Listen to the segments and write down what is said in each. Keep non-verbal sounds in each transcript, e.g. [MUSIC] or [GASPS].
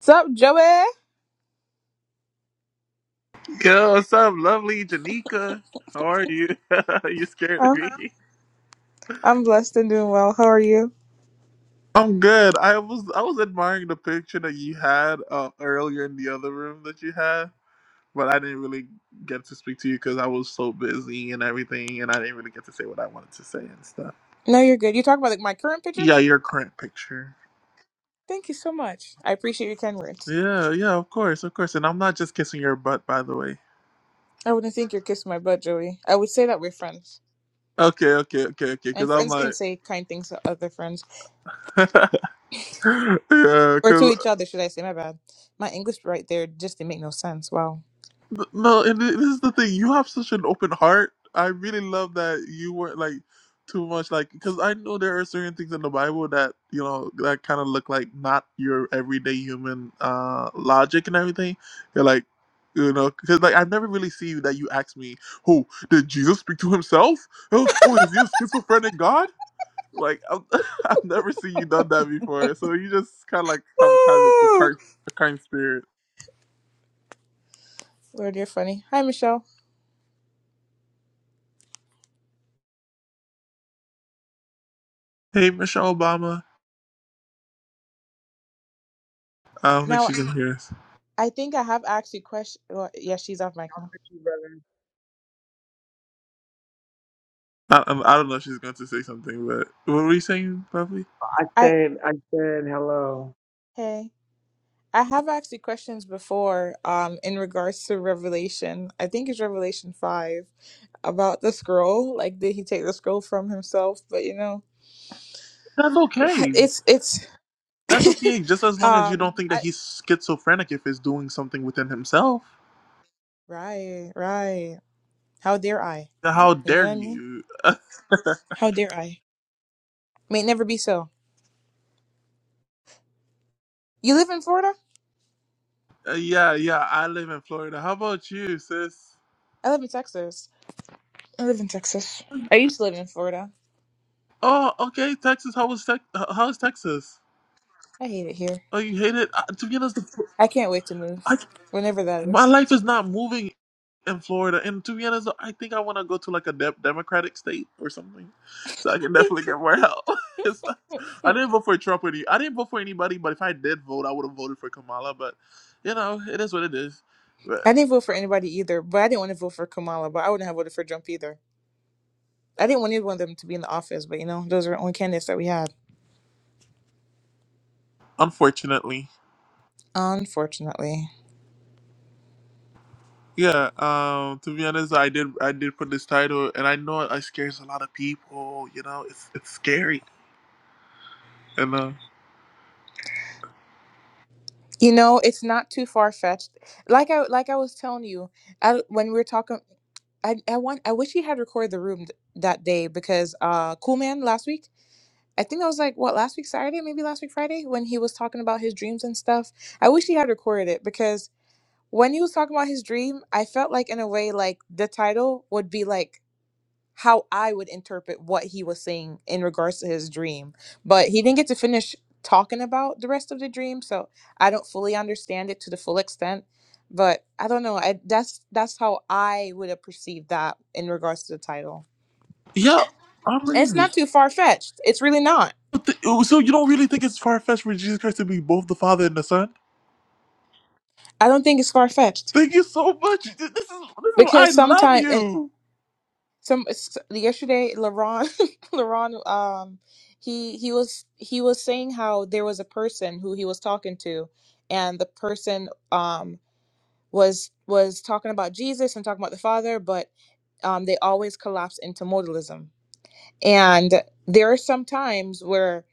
What's up, Joey? Yo, what's up, lovely Janika? How are you? [LAUGHS] Are you scared of Oh, me? I'm blessed and doing well. How are you? I'm good. I was I was admiring the picture that you had uh, earlier in the other room that you had, but I didn't really get to speak to you because I was so busy and everything, and I didn't really get to say what I wanted to say and stuff. No, you're good. You talking about like my current picture? Yeah, your current picture. Thank you so much. I appreciate your kind words. Yeah, yeah, of course, of course. And I'm not just kissing your butt, by the way. I wouldn't think you're kissing my butt, Joey. I would say that we're friends. Okay, okay, okay, okay. Because And I'm friends can like, say kind things to other friends. [LAUGHS] yeah, Or to because each other, should I say. My bad. My English right there just didn't make no sense. Wow. Th- No, and it- this is the thing. You have such an open heart. I really love that you weren't like too much like because I know there are certain things in the Bible that you know that kind of look like not your everyday human uh logic and everything. You're like, you know, because like I've never really seen that you ask me, "Oh, did Jesus speak to himself? Oh, oh, is he a schizophrenic God?" Like I've, [LAUGHS] I've never seen you done that before. So you just kind of like have kind of like a Ah, kind a kind spirit. Lord, you're funny. Hi, Michelle. Hey, Michelle Obama. I don't think Now, she's in here. I think I have asked you question. Well, yeah, she's off mic now. you, brother. I, I'm- I don't know if she's going to say something, but what were you saying, Pavli? I I, said, I said hello. hey. I have asked you questions before um, in regards to Revelation. I think it's Revelation 5 about the scroll. Like, did he take the scroll from himself? But you know, That's [LAUGHS] okay. it's, it's, [LAUGHS] That's okay, just as long as you don't um, think that I, he's schizophrenic if he's doing something within himself. right, right. How dare I? How You know dare what I mean? you? [LAUGHS] How dare I? May it never be so. You live in Florida? Uh, yeah, yeah, I live in Florida. How about you, sis? I live in Texas. I live in Texas. I used to live in Florida. Oh, okay, Texas. How was Tex? How is Texas? I hate it here. Oh, you hate it? Uh, to be honest, the, I can't wait to move, whenever that My is. life is not moving in Florida, and to be honest, I think I want to go to like a de- Democratic state or something, so I can [LAUGHS] definitely get more help. [LAUGHS] it's like, I didn't vote for Trump or any, I didn't vote for anybody, but if I did vote, I would have voted for Kamala. But you know, it is what it is. But I didn't vote for anybody either, but I didn't want to vote for Kamala, but I wouldn't have voted for Trump either. I didn't want either one of them to be in the office, but you know, those are the only candidates that we had. unfortunately, Unfortunately. yeah. Um, to be honest, I did I did put this title, and I know it scares a lot of people. You know, it's it's scary, and uh, You know, it's not too far fetched. Like I like I was telling you, I, when we were talking I, I want I wish he had recorded the room th- that day because uh Cool Man last week I think that was like what last week Saturday maybe last week Friday when he was talking about his dreams and stuff I wish he had recorded it because when he was talking about his dream I felt like in a way like the title would be like how I would interpret what he was saying in regards to his dream. But he didn't get to finish talking about the rest of the dream, so I don't fully understand it to the full extent. But I don't know. I, that's that's how I would have perceived that in regards to the title. yeah. I'm And it's ready. not too far fetched. It's really not. Th- oh, So you don't really think it's far fetched for Jesus Christ to be both the Father and the Son? I don't think it's far fetched Thank you so much. Th- This is this is I because love sometimes, you. some s- yesterday LaRon [LAUGHS] LaRon um he he was he was saying how there was a person who he was talking to and the person um was was talking about Jesus and talking about the Father but um they always collapse into modalism and there are some times where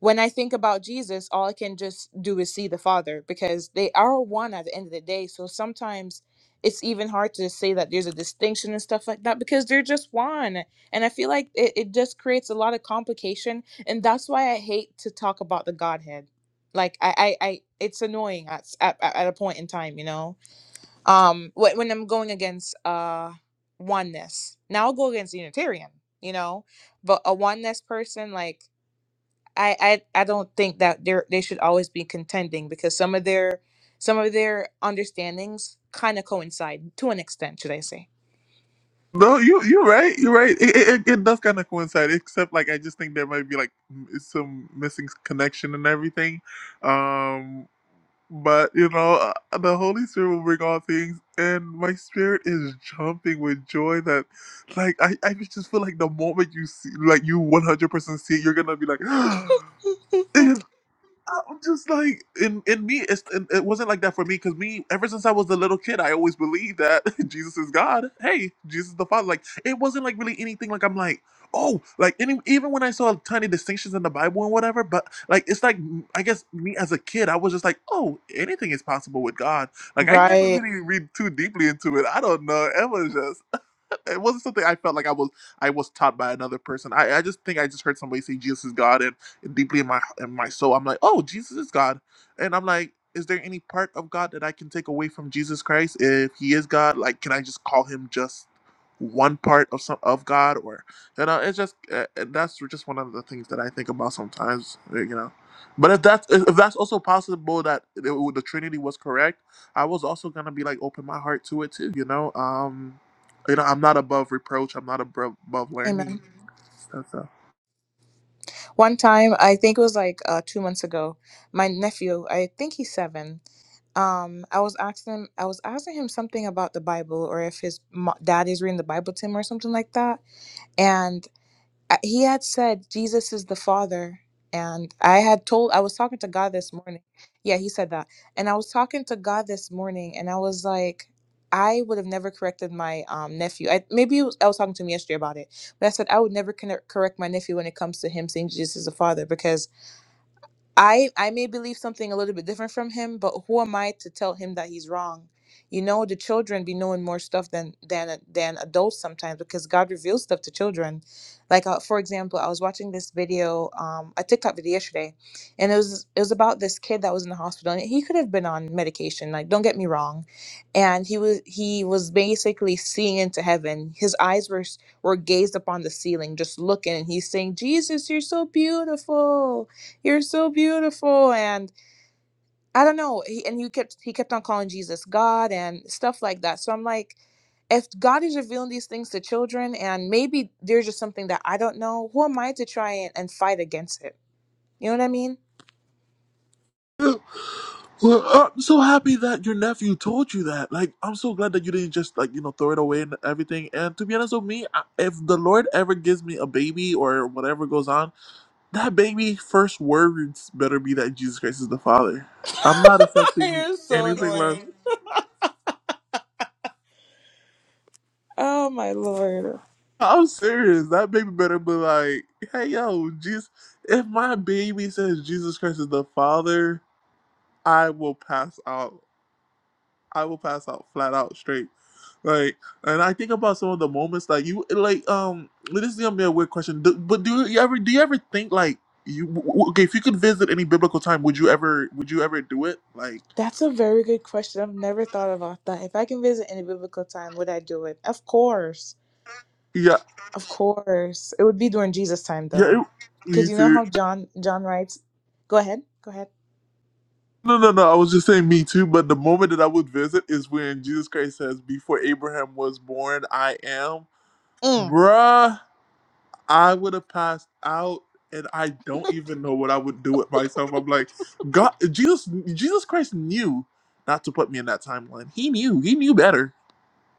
when I think about Jesus, all I can just do is see the Father because they are one at the end of the day. So sometimes it's even hard to say that there's a distinction and stuff like that because they're just one. And I feel like it, it just creates a lot of complication. And that's why I hate to talk about the Godhead. Like I, I, I it's annoying at, s- at at at a point in time, you know. Um, when when I'm going against uh oneness, now I'll go against Unitarian, you know, but a oneness person like I I, I don't think that they they should always be contending because some of their some of their understandings kind of coincide to an extent, should I say? No, you you're right. You're right. It, it, it it does kind of coincide, except like I just think there might be like m- some missing connection and everything. Um, but you know, uh, the Holy Spirit will bring all things, and my spirit is jumping with joy that, like, I I just feel like the moment you see, like, you one hundred percent see, it, you're gonna be like. [GASPS] I'm just like in in me. It's, it, it wasn't like that for me because me ever since I was a little kid, I always believed that [LAUGHS] Jesus is God. Hey, Jesus is the Father. Like it wasn't like really anything. Like I'm like oh, like any, even when I saw tiny distinctions in the Bible and whatever, but like it's like mm, I guess me as a kid, I was just like oh, anything is possible with God. Like I never Right. really read too deeply into it. I don't know. It was just it wasn't something I felt like I was I was taught by another person. I, I just think I just heard somebody say Jesus is God, and, and deeply in my in my soul, I'm like, oh, Jesus is God, and I'm like, is there any part of God that I can take away from Jesus Christ if He is God? Like, can I just call Him just one part of some of God, or you know, it's just uh, uh, that's just one of the things that I think about sometimes, uh, you know. But if that's if if that's also possible that it, the Trinity was correct, I was also gonna be like open my heart to it too, you know. Um, you know, I'm not above reproach. I'm not above, above learning. Amen. So, One time, I think it was like uh, two months ago, my nephew, I think he's seven. Um, I was asking him, I was asking him something about the Bible or if his mo- dad is reading the Bible to him or something like that. I- he had said Jesus is the Father, and I had told I was talking to God this morning. Yeah, he said that, and I was talking to God this morning, and I was like, I would have never corrected my um, nephew. I, maybe it was, I was talking to him yesterday about it, but I said I would never connect, correct my nephew when it comes to him saying Jesus is the Father because I I may believe something a little bit different from him, but who am I to tell him that he's wrong? You know, the children be knowing more stuff than than than adults sometimes because God reveals stuff to children. Like uh, for example, I was watching this video, um, a TikTok video yesterday, and it was it was about this kid that was in the hospital, and he could have been on medication. Like, don't get me wrong, and he was he was basically seeing into heaven. His eyes were s- were gazed upon the ceiling, just looking, and he's saying, "Jesus, you're so beautiful." you're so beautiful and i don't know he, and he kept he kept on calling jesus god and stuff like that so i'm like if god is revealing these things to children and maybe there's just something that i don't know who am i to try and, and fight against it you know what i mean so. Well, I'm so happy that your nephew told you that. Like, I'm so glad that you didn't just like you know throw it away and everything. And to be honest with me, I- if the Lord ever gives me a baby or whatever goes on, that baby first words better be that Jesus Christ is the Father. [LAUGHS] I'm not accepting You're so anything less. annoying. oh my lord [LAUGHS] I'm serious. That baby better be like, hey yo, Jesus. If my baby says Jesus Christ is the Father, I will pass out. I will pass out flat out straight. Like, and I think about some of the moments that you like. Um, this is gonna be a weird question, do, but do you ever do you ever think like you? w- w- Okay, if you could visit any biblical time, would you ever would you ever do it? Like, that's a very good question i've never thought about that if i can visit any biblical time would i do it of course yeah, Of course. It would be during Jesus' time yeah, though. it, me Cuz you know too. how John John writes Go ahead. Go ahead. No, no, no. I was just saying me too. But the moment that I would visit is when Jesus Christ says, "Before Abraham was born, I am." Mm. Bruh. I would have passed out, and I don't even know what I would do with myself. I'm like, God, Jesus, Jesus Christ knew not to put me in that timeline. He knew, he knew better.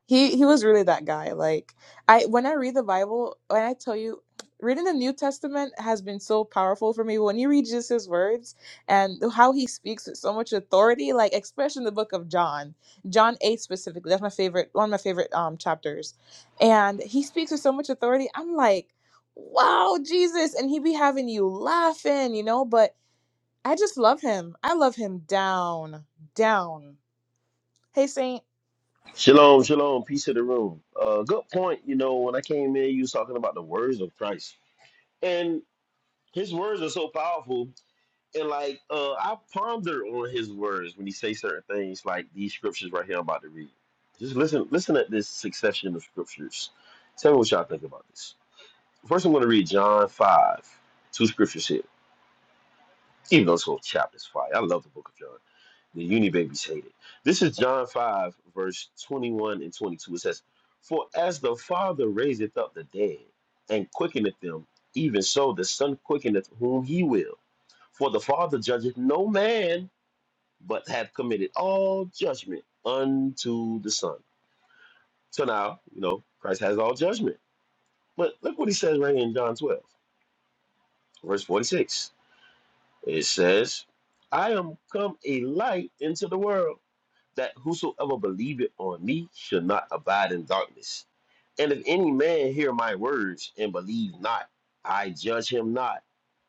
He he was really that guy. Like I when I read the Bible, when I tell you reading the New Testament has been so powerful for me when you read Jesus' words and how he speaks with so much authority, like especially in the book of John. John 8 specifically. That's my favorite one of my favorite um chapters. And he speaks with so much authority. I'm like, "Wow, Jesus." And he be having you laughing, you know, but I just love him. I love him down, down. Hey, Saint. Shalom, shalom, peace to the room. Uh, good point. You know, when I came in, you was talking about the words of Christ, and his words are so powerful. And like, uh, I ponder on his words when he say certain things, like these scriptures right here I'm about to read. Just listen, listen at this succession of scriptures. Tell me what y'all think about this. First, I'm going to read John five, two scriptures here, even though this whole chapter's fire. I love the book of John. The uni babies hate it. This is John 5, verse 21 and 22. It says, For as the Father raiseth up the dead and quickeneth them, even so the Son quickeneth whom he will. For the Father judgeth no man, but hath committed all judgment unto the Son. So now, you know, Christ has all judgment. But look what he says right here in John 12, verse 46. It says, I am come a light into the world that whosoever believeth on me shall not abide in darkness. And if any man hear my words and believe not, I judge him not,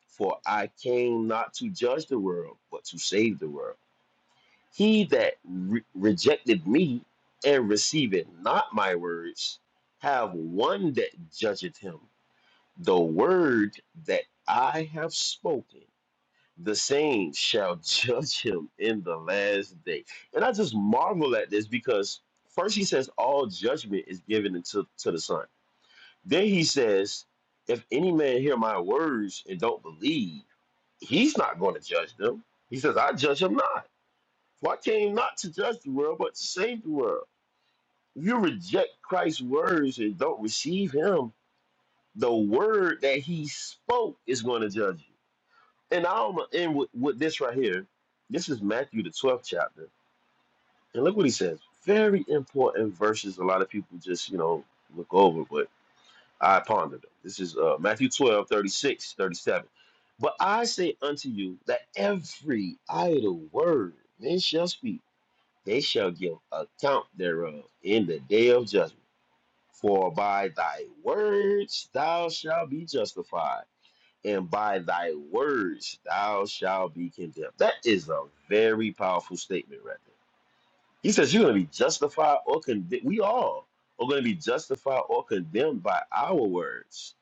for I came not to judge the world, but to save the world. He that re- rejected me and receiveth not my words, have one that judgeth him. The word that I have spoken, the saints shall [LAUGHS] judge him in the last day. And I just marvel at this because first he says all judgment is given unto to the Son. Then he says, if any man hear my words and don't believe, he's not going to judge them. He says, I judge him not. For I came not to judge the world, but to save the world. If you reject Christ's words and don't receive him, the word that he spoke is going to judge you. And I want to end with, with this right here. This is Matthew the twelfth chapter, and look what he says. Very important verses. A lot of people just you know look over, but I pondered them. This is uh, Matthew 12, thirty-six, 37. But I say unto you that every idle word men shall speak, they shall give account thereof in the day of judgment. For by thy words thou shalt be justified and by thy words thou shalt be condemned. That is a very powerful statement right there. He says you're going to be justified or condemned. We all are going to be justified or condemned by our words.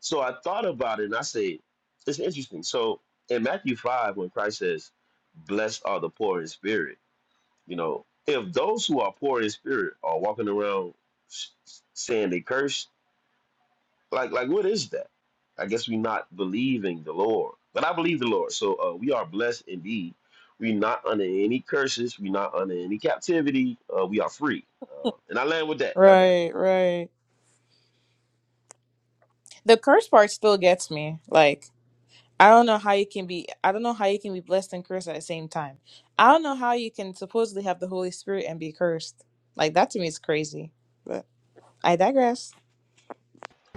So I thought about it and I said, it's interesting. So in Matthew 5, when Christ says, Blessed are the poor in spirit, you know, if those who are poor in spirit are walking around s- saying they curse, like like what is that i guess we're not believing the lord but i believe the lord so uh, we are blessed indeed we're not under any curses we're not under any captivity uh, we are free uh, and i land with that y'all got it Right, right. The curse part still gets me. Like, I don't know how you can be. I don't know how you can be blessed and cursed at the same time. I don't know how you can supposedly have the Holy Spirit and be cursed. Like that to me is crazy. But I digress.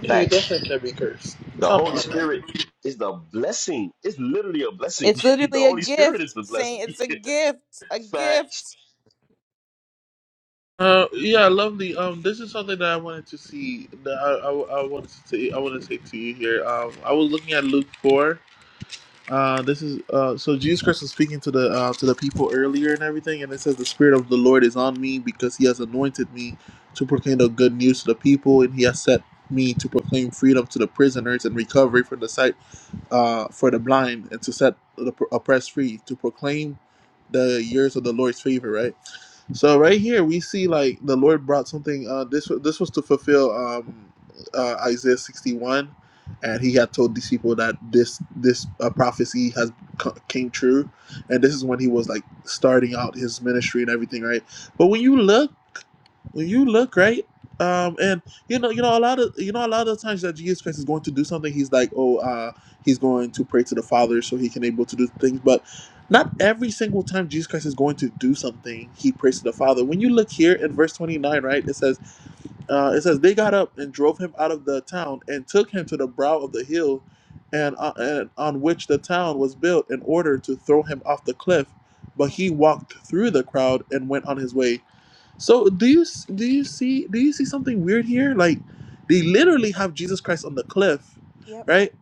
You facts definitely can be cursed. the Come holy on. now. spirit is the blessing it's literally a blessing It's [LAUGHS] the literally a holy spirit is gift, the blessing Saint. It's a gift, [LAUGHS] a facts gift. Uh, yeah, lovely. Um, this is something that I wanted to see. That I, I, I wanted to say, I want to say to you here. Um, I was looking at Luke four. Uh, this is uh, so Jesus Christ was speaking to the uh, to the people earlier and everything, and it says the Spirit of the Lord is on me because He has anointed me to proclaim the good news to the people, and He has set me to proclaim freedom to the prisoners and recovery for the sight uh, for the blind, and to set the oppressed free, to proclaim the years of the Lord's favor, right? So right here we see like the Lord brought something. Uh, this wa- this was to fulfill um, uh, Isaiah sixty one, and He had told these people that this this uh, prophecy has co- came true, and this is when He was like starting out His ministry and everything, right? But when you look well, you look great. Um, and you know, you know, a lot of you know, a lot of the times that Jesus Christ is going to do something, he's like, oh, uh, he's going to pray to the Father so he can able to do things. But not every single time Jesus Christ is going to do something, he prays to the Father. When you look here in verse twenty nine, right, it says, uh, it says they got up and drove him out of the town and took him to the brow of the hill, and, uh, and on which the town was built in order to throw him off the cliff. But Mm, he walked through the crowd and went on his way. So do you do you see do you see something weird here? Like they literally have Jesus Christ on the cliff, Yep. right?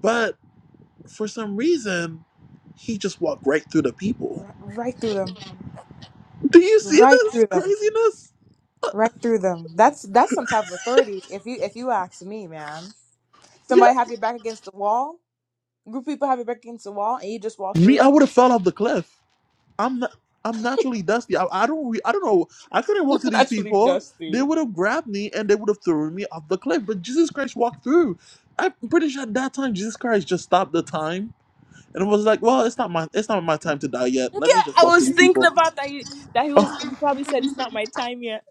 But for some reason, he just walked right through the people. Ri- right through them. Do you see Right this through them. craziness? right through them. That's that's some type of authority. If you if you ask me, man, Yeah, somebody have your back against the wall. Group of people have your back against the wall, and you just walk through me, I would them. have fell off the Wow, cliff. I'm not. I'm naturally dusty. I, I don't. Re, I don't know. I couldn't walk to [LAUGHS] these that's really people. They dusty. would have grabbed me and they would have thrown me off the cliff. But Jesus Christ walked through. I'm pretty sure at that time Jesus Christ just stopped the time And I was like, well, it's not my it's not my time to die yet. Yeah, Let me just I fuck was these thinking people. about that. He, that he was Oh, he probably said it's not my time yet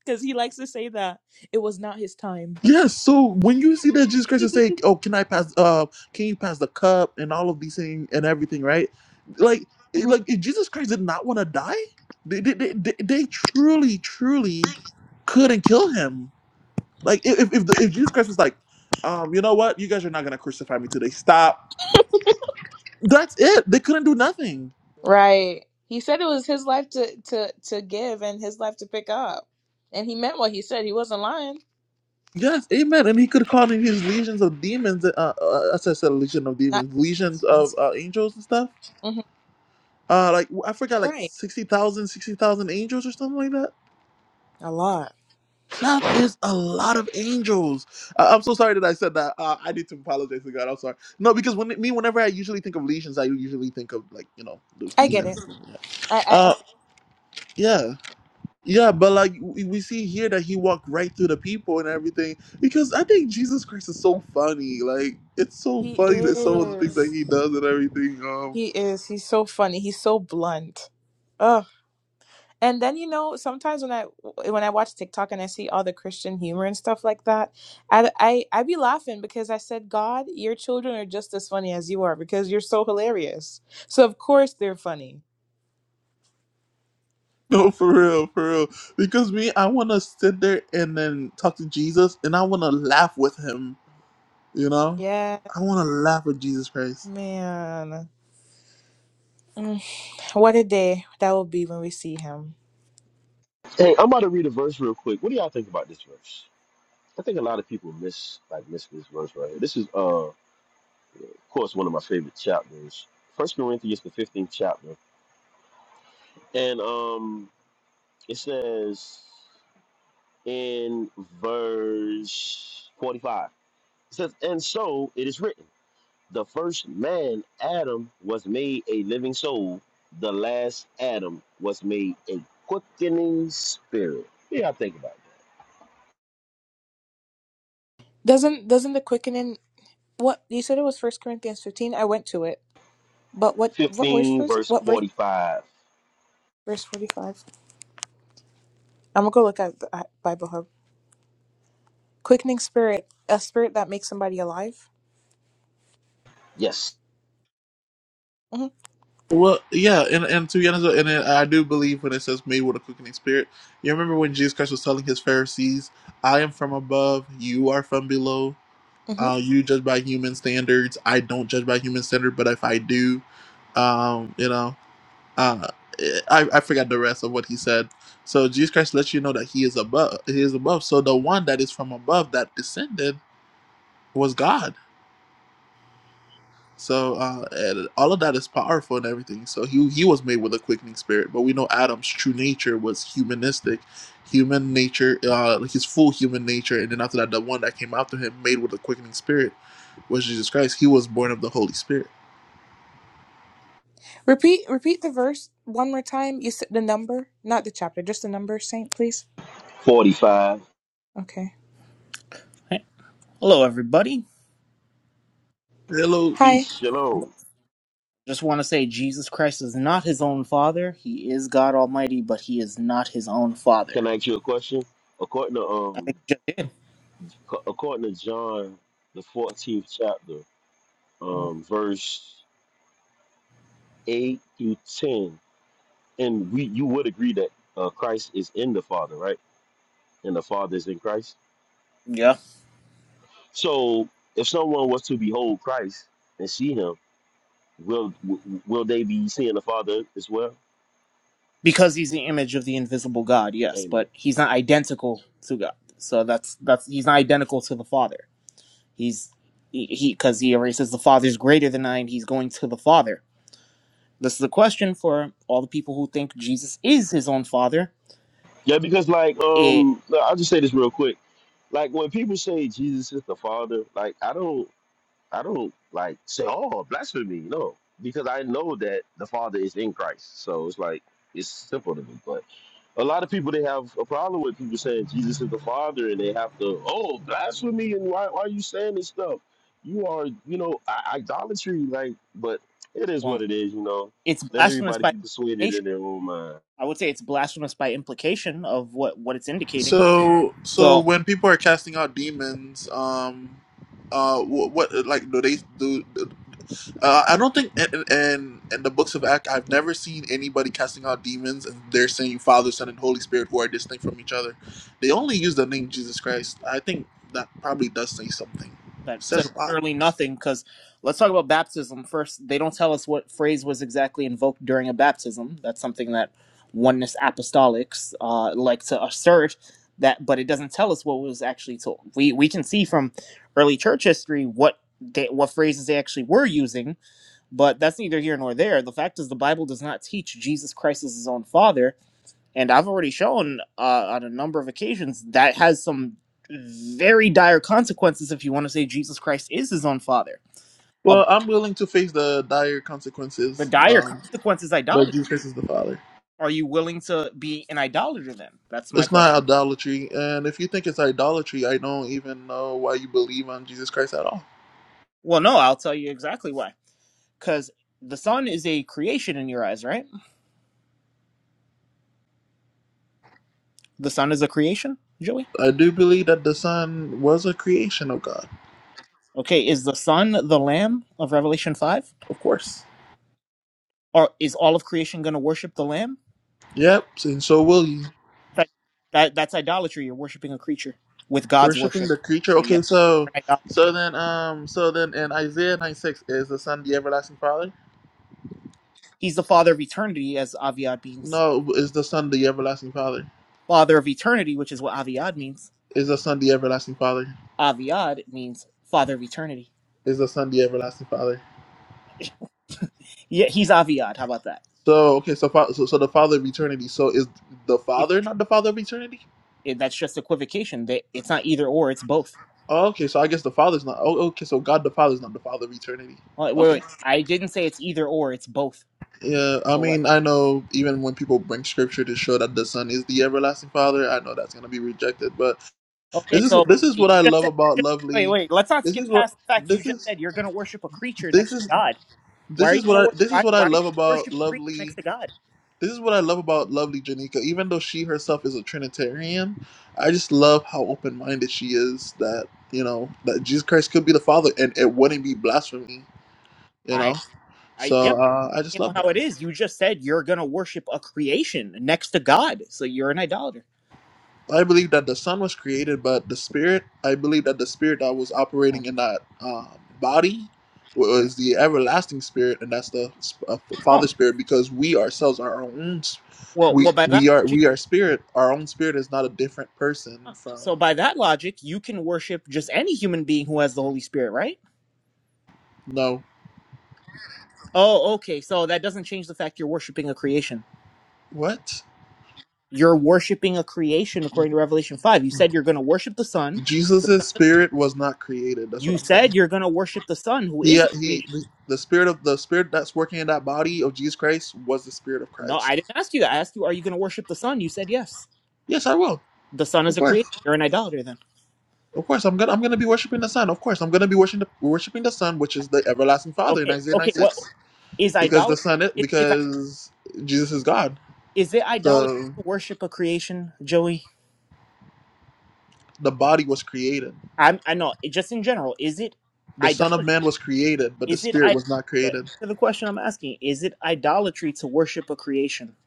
because he likes to say that it was not his time. yes. So when you see that Jesus Christ [LAUGHS] is saying, oh, can I pass? Uh, can you pass the cup and all of these things and everything, right? Like, it- Mhm. like if Jesus Christ did not want to die, they they, they they they truly truly couldn't kill him. Like if if, the, if Jesus Christ was like, um, you know what, you guys are not gonna crucify me today. Stop. That's it. They couldn't do nothing Right. He said it was his life to to to give and his life to pick up, and he meant what he said. He wasn't lying. Yes, amen. And he could call in his legions of demons. Uh, uh, as I said, legion of Not. demons, legions of uh, hmm angels and stuff. Uh, like I forgot, like Right. 60,000, 60,000 angels or something like that. A lot. That is a lot of angels. I- I'm so sorry that I said that. Uh, I need to apologize to God. I'm sorry. No, because when me, whenever I usually think of legions, I usually think of like you know those I get it. demons. I, I, I Uh, think yeah. Yeah, but like we we see here that he walked right through the people and everything because I think Jesus Christ is so funny. Like it's so he funny that some of the things that is. he does and everything. Um, He is. He's so funny. He's so blunt. Ugh. And then you know, sometimes when I when I watch TikTok and I see all the Christian humor and stuff like that, I I I be laughing because I said, God, your children are just as funny as you are because you're so hilarious. So of course they're funny. [LAUGHS] no, for real, for real. Because me, I want to sit there and then talk to Jesus and I want to laugh with him. You know, Yeah, I want to laugh with Jesus Christ. man. Mm, What a day that will be when we see him. hey i'm about to read a verse real quick what do y'all think about this verse i think a lot of people miss like miss this verse right here this is uh of course one of my favorite chapters First Corinthians, the fifteenth chapter. And um, it says in verse 45, it says, And so it is written, the first man, Adam, was made a living soul, the last Adam was made a quickening spirit. Yeah, I think about that. Doesn't doesn't the quickening? What you said it was First Corinthians fifteen. I went to it. But what what verse 15, was it? verse What verse? 45. verse 45. I'm gonna go look at the at Bible Hub. Quickening spirit, a spirit that makes somebody alive. Yes, hmm Well, yeah, and, and to be honest, and then I do believe when it says made with a quickening spirit. You remember when Jesus Christ was telling his Pharisees, "I am from above, you are from below." hmm Uh, you judge by human standards. I don't judge by human standard, but if I do, um, you know, uh, I, I forgot the rest of what he said. So Jesus Christ lets you know that he is above. He is above. So the one that is from above that descended was God so uh, and all of that is powerful and everything. So he he was made with a quickening spirit, but we know Adam's true nature was humanistic, human nature, uh, like his full human nature. And then after that, the one that came after him, made with a quickening spirit, was Jesus Christ. He was born of the Holy Spirit. Repeat, repeat the verse one more time. You said the number, not the chapter, just the number, Saint, please. 45. Okay. Hey, Hello, everybody. Hello. Peace, Hi. I shalom. just want to say Jesus Christ is not his own father. He is God Almighty, but he is not his own Can father. I ask you a question? According to I um, think you according to John, the 14th chapter, just, um, verse 8 through 10. And we you would agree that uh, Christ is in the Father, right? And the Father is in Christ. yeah, So if someone was to behold Christ and see him, will w- will they be seeing the Father as well? because he's the image of the invisible God. Yes, Amen. but he's not identical to God. So that's that's he's not identical to the Father. He's he because he, 'cause he already says the Father's greater than I, and he's going to the Father. This is a question for all the people who think Jesus is his own father. Yeah, because like It um I'll just say this real quick. Like when people say Jesus is the Father, like I don't I don't like say, Oh, blasphemy, no. Because I know that the Father is in Christ. So it's like it's simple to me. But a lot of people they have a problem with people saying Jesus is the Father, and they have to oh blasphemy, and why, why are you saying this stuff? You are you know i- idolatry, like. But it is well, what it is, you know. it's Let blasphemous everybody by be implication persuaded in their own mind. I would say it's blasphemous by implication of what what it's indicating. So so So when people are casting out demons, um, uh, what, what like do they do? Uh, I don't think in, in in the books of Act, I've never seen anybody casting out demons and they're saying Father, Son, and Holy Spirit who are distinct from each other. They only use the name Jesus Christ. I think that probably does say something. that says says a lot. literally nothing. Because let's talk about baptism first. They don't tell us what phrase was exactly invoked during a baptism. That's something that oneness apostolics uh, like to assert that, but it doesn't tell us what was actually told. We we can see from early church history what. They, what phrases they actually were using, but that's neither here nor there. The fact is, the Bible does not teach Jesus Christ is his own father and I've already shown uh, on a number of occasions that has some very dire consequences if you want to say Jesus Christ is his own father. A, Well, I'm willing to face the dire the consequences, dire um, consequences but idolatry. Jesus Christ is the Father. Are you willing to be an idolater then? That's my It's not question. idolatry, and if you think it's idolatry, I don't even know why you believe on Jesus Christ at all. Well, no, I'll tell you exactly why. Because the sun is a creation in your eyes, right? The sun is a creation, Joey? I do believe that the Son was a creation of God, Okay, is the sun the lamb of Revelation 5? of course. Or is all of creation going to worship the lamb? Yep, and so will you. That, that that's idolatry. You're worshiping a creature with God's Worshipping worship. the creature. So yeah, Okay, you're so an idol- so then um so then in Isaiah nine six is the son the everlasting father? he's the father of eternity, as Aviad means. No, is the son the everlasting father? Father of eternity, which is what Aviad means. Is the son the everlasting father? Aviad means father of eternity. Is the son the everlasting father? [LAUGHS] Yeah, he's Aviad. How about that? So okay, so fa- so, so the father of eternity. So is the Equ- father not the father of eternity? That's just equivocation. They- It's not either or. It's both. Oh, okay, so I guess the father's not. Oh, okay, so God the father's not the father of eternity. Wait, wait, Okay. wait. I didn't say it's either or. It's both. Yeah, I So what? mean, I know even when people bring scripture to show that the son is the everlasting father, I know that's gonna be rejected, but Okay, This is so this is you what I just love said. about Just, wait, Lovely. wait. Let's not This skip is what past the fact you this just is said you're going to worship a creature this next to is God. Why this are you is what gonna I work? this is Why what I why are you love about worship a creature next Lovely. to God? This is what I love about Lovely Janika. Even though she herself is a Trinitarian, I just love how open minded she is. That you know that Jesus Christ could be the Father, and it wouldn't be blasphemy. You know, I I yep. so uh, I just You know love that. how it is. You just said you're gonna worship a creation next to God, so you're an idolater. I believe that the son was created, but the spirit, I believe that the spirit that was Oh, operating in that um, body no. was the everlasting spirit, and that's the, sp- uh, Father oh. spirit, because we ourselves are our own. s- well, We well. By that we are logic, we are spirit. Our own spirit is not a different person from so by that logic, you can worship just any human being who has the Holy Spirit, right? no Oh, okay. So that doesn't change the fact you're worshiping a creation. what You're worshiping a creation according to Revelation five. You said you're gonna worship the Son. The Jesus's Son. spirit was not created. That's You what I'm saying. said you're gonna worship the Son, who He is a uh, creation. he the spirit of the spirit that's working in that body of Jesus Christ was the spirit of No, I Christ. didn't ask you that. I asked you, are you going to worship the sun? You said yes. Yes, I will. The sun of is a course. creator. You're an idolater then. Of course, I'm gonna I'm gonna be worshiping the Son. Of course, I'm gonna be worshiping the, worshiping the Son, which Right. is the everlasting Father in Okay, Isaiah okay. What 96, is because the idolatry? Son, is, Is is, i- because Jesus is God. is it idolatry The to worship a creation, Joey? the body was created. I'm I know. Just in general, is it The Son of idolatry? Man was created, but the Is it I? Spirit was not created. To the question I'm asking, is it idolatry to worship a creation?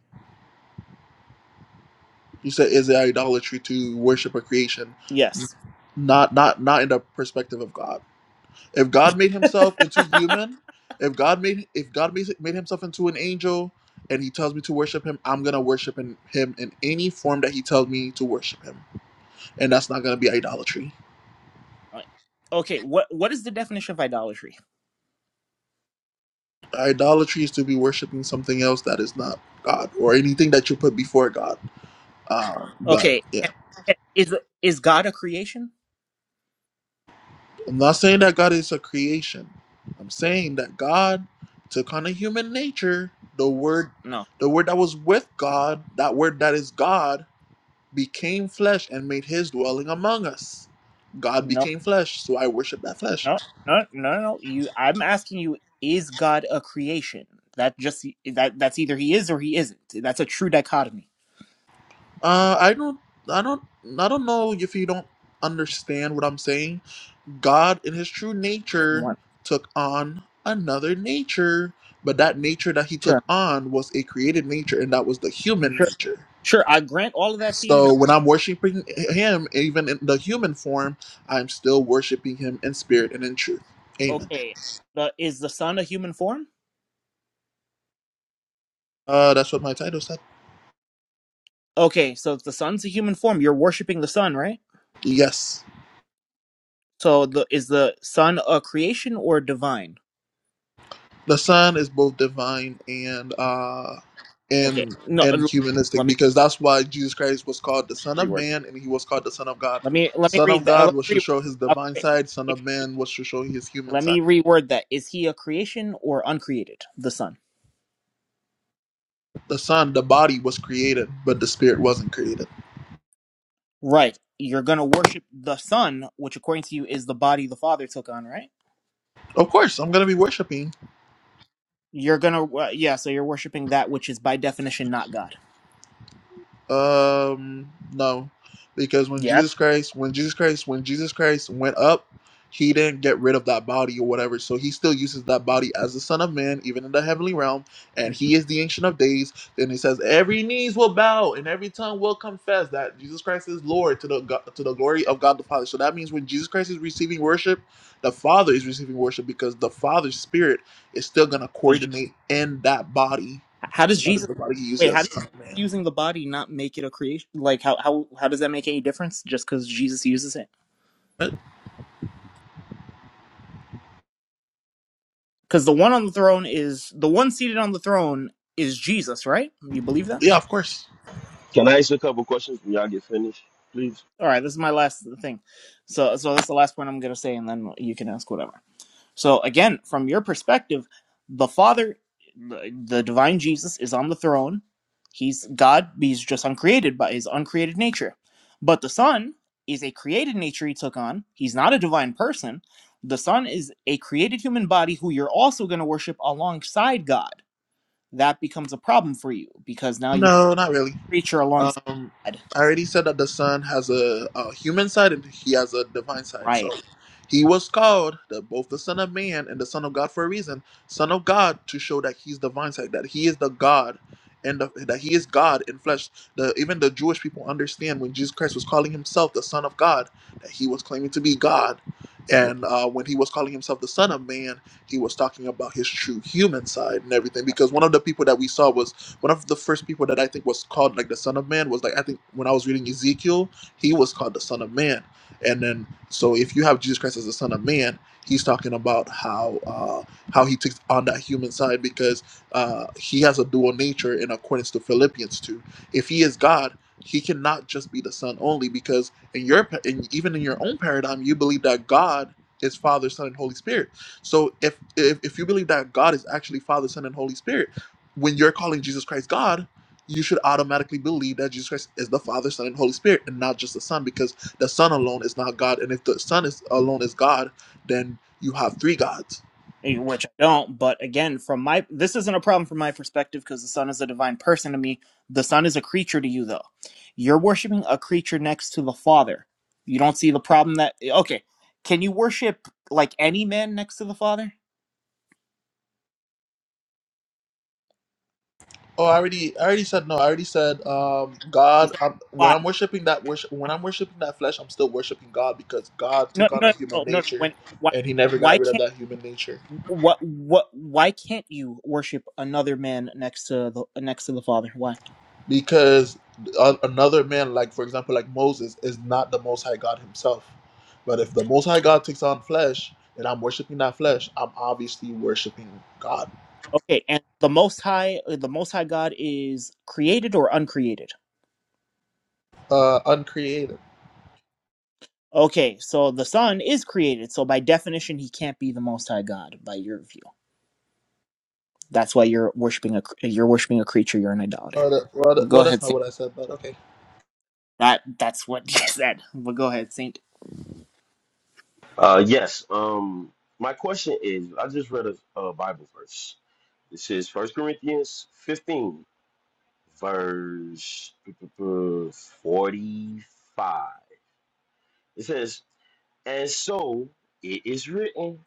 You said, is it idolatry to worship a creation? Yes. Not not not in the perspective of God. If God made himself into [LAUGHS] human, if God made if God made, made himself into an angel and he tells me to worship him, I'm going to worship in, him in any form that he tells me to worship him. And that's not going to be idolatry. Right. okay. What what is the definition of idolatry? Idolatry is to be worshiping something else that is not God or anything that you put before God. Um, but Okay. yeah, and- and Is is God a creation? I'm not saying that God is a creation. I'm saying that God took on a human nature. The word No. the word that was with God, that word that is God became flesh and made his dwelling among us. God No. became flesh, so I worship that flesh. No, no, no, no. no. You, I'm asking you: Is God a creation? That just that that's either he is or he isn't. That's a true dichotomy. Uh, I don't, I don't, I don't know if you don't understand what I'm saying. God, in His true nature, One, took on another nature, but that nature that He sure, took on was a created nature, and that was the human sure, nature. sure. I grant all of that to you. Now, So when I'm worshiping Him, even in the human form, I'm still worshiping Him in spirit and in truth. Amen. okay, the, is the sun a human form? Uh, that's what my title said. Okay, so if the sun's a human form, you're worshiping the sun, right? Yes. So the is the sun a creation or divine? the son is both divine and uh Okay, and no. and l- Let humanistic me because that's why jesus christ was called the son of reword. man and he was called the son of god Let me let me son read of that. god Let was me to show his reword. divine Okay. side son of man was to show his human Let me side reword that. Is he a creation or uncreated? The sun. the son the body was created but the spirit wasn't created Right. You're going to worship the Son, which according to you is the body the Father took on, right? of course i'm gonna be worshiping You're going to, uh, yeah, so you're worshiping that which is by definition not God. Um, no, because when Yes. Jesus Christ, when Jesus Christ, when Jesus Christ went up, he didn't get rid of that body or whatever. So he still uses that body as the Son of Man, even in the heavenly realm, and Mhm. he is the Ancient of Days. Then he says, every knees will bow and every tongue will confess that Jesus Christ is Lord to the go- to the glory of God the Father. So that means when Jesus Christ is receiving worship, the Father is receiving worship because the Father's Spirit is still gonna How, is Je- coordinate in that body. how does And that is Jesus, the body he uses wait, as how the does Son of Man. using the body not make it a creation? Like, how, how, how does that make any difference just because Jesus uses it? Because the one on the throne is, the one seated on the throne is Jesus, right? You believe that? Yeah, of course. Can I ask a couple questions when y'all get finished, please? All right, this is my last thing. So, so that's the last point I'm going to say, and then you can ask whatever. So again, from your perspective, the Father, the the divine Jesus, is on the throne. He's God. He's just uncreated by his uncreated nature. But the Son is a created nature he took on. He's not a divine person. The Son is a created human body who you're also going to worship alongside God. That becomes a problem for you because now you're No, not really. a creature alongside Um, God. I already said that the Son has a, a human side and he has a divine side. Right. So he was called the, both the Son of Man and the Son of God for a reason. Son of God to show that he's divine side, that he is the God, and the, that he is God in flesh. The even the Jewish people understand when Jesus Christ was calling himself the Son of God that he was claiming to be God, and uh, when he was calling himself the Son of Man, he was talking about his true human side and everything. Because one of the people that we saw was one of the first people that I think was called like the Son of Man was like I think when I was reading Ezekiel, he was called the Son of Man. And then so if you have Jesus Christ as the Son of Man, he's talking about how uh, how he takes on that human side because uh, he has a dual nature in accordance to Philippians two. If he is God, he cannot just be the Son only because in your pa- in, even in your own paradigm, you believe that God is Father, Son, and Holy Spirit. So if, if if you believe that God is actually Father, Son, and Holy Spirit when you're calling Jesus Christ God, you should automatically believe that Jesus Christ is the Father, Son, and Holy Spirit, and not just the Son, because the Son alone is not God. And if the Son is alone is God, then you have three gods. eh, which I don't. But again, from my this isn't a problem from my perspective because the Son is a divine person to me. The Son is a creature to you, though. You're worshiping a creature next to the Father. You don't see the problem that eh, okay? Can you worship like any man next to the Father? Oh, I already, I already said no. I already said um, He God. said, i when "Why? I'm worshiping that worship, when I'm worshiping that flesh, I'm still worshiping God because God No, took on no, no, a human no. no. no. nature, When why? and He never Why got rid can't?" of that human nature. what what why can't you worship another man next to the next to the father why because a- another man like for example like moses is not the most high god himself but if the most high god takes on flesh and i'm worshiping that flesh i'm obviously worshiping god okay and the most high uh, the most high god is created or uncreated uh uncreated okay so the son is created so by definition he can't be the most high god by your view that's why you're worshiping a cr- you're worshiping a creature you're an idolater well, that, well, well that- go well that's ahead not saint what i said but okay that that's what [LAUGHS] he said well go ahead saint Uh, yes. Um, my question is, I just read a, a Bible verse. This is First Corinthians 15, verse 45. It says, And so it is written,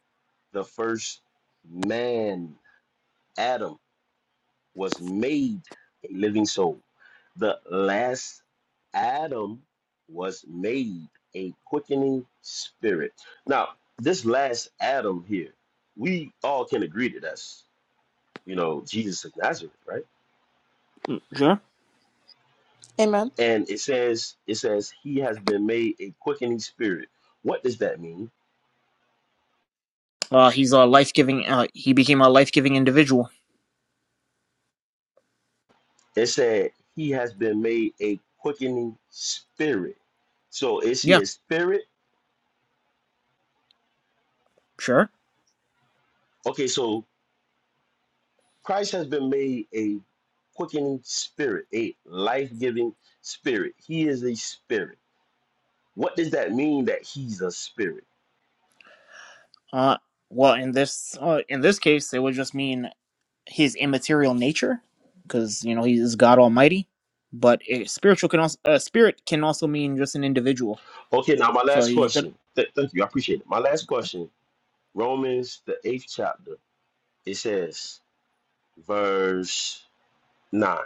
the first man, Adam, was made a living soul. The last Adam was made a quickening spirit. Now, this last Adam here, we all can agree that that's, you know, Jesus of Nazareth, right? sure Amen. And it says, it says, he has been made a quickening spirit. What does that mean? uh he's a life-giving uh he became a life-giving individual It said he has been made a quickening spirit. So is yeah he a spirit? sure Okay, so Christ has been made a quickening spirit, a life-giving spirit. He is a spirit. What does that mean that he's a spirit? Uh, well, in this uh, in this case, it would just mean his immaterial nature, because you know he is God Almighty. But a spiritual can also uh, spirit can also mean just an individual. Okay, now my So last you could question. Th- thank you, I appreciate it. My last question, Romans the eighth chapter. It says, verse 9.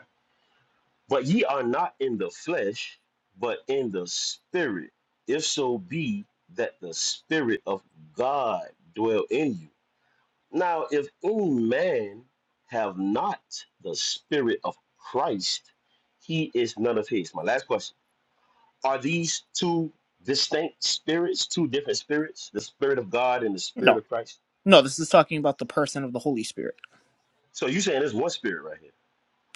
But ye are not in the flesh, but in the spirit, if so be that the spirit of God dwell in you. Now, if any man have not the spirit of Christ, he is none of his. My last question Are these two distinct spirits, two different spirits, the spirit of God and the spirit no of Christ? no. This is talking about the person of the Holy Spirit. So you're saying there's one spirit right here.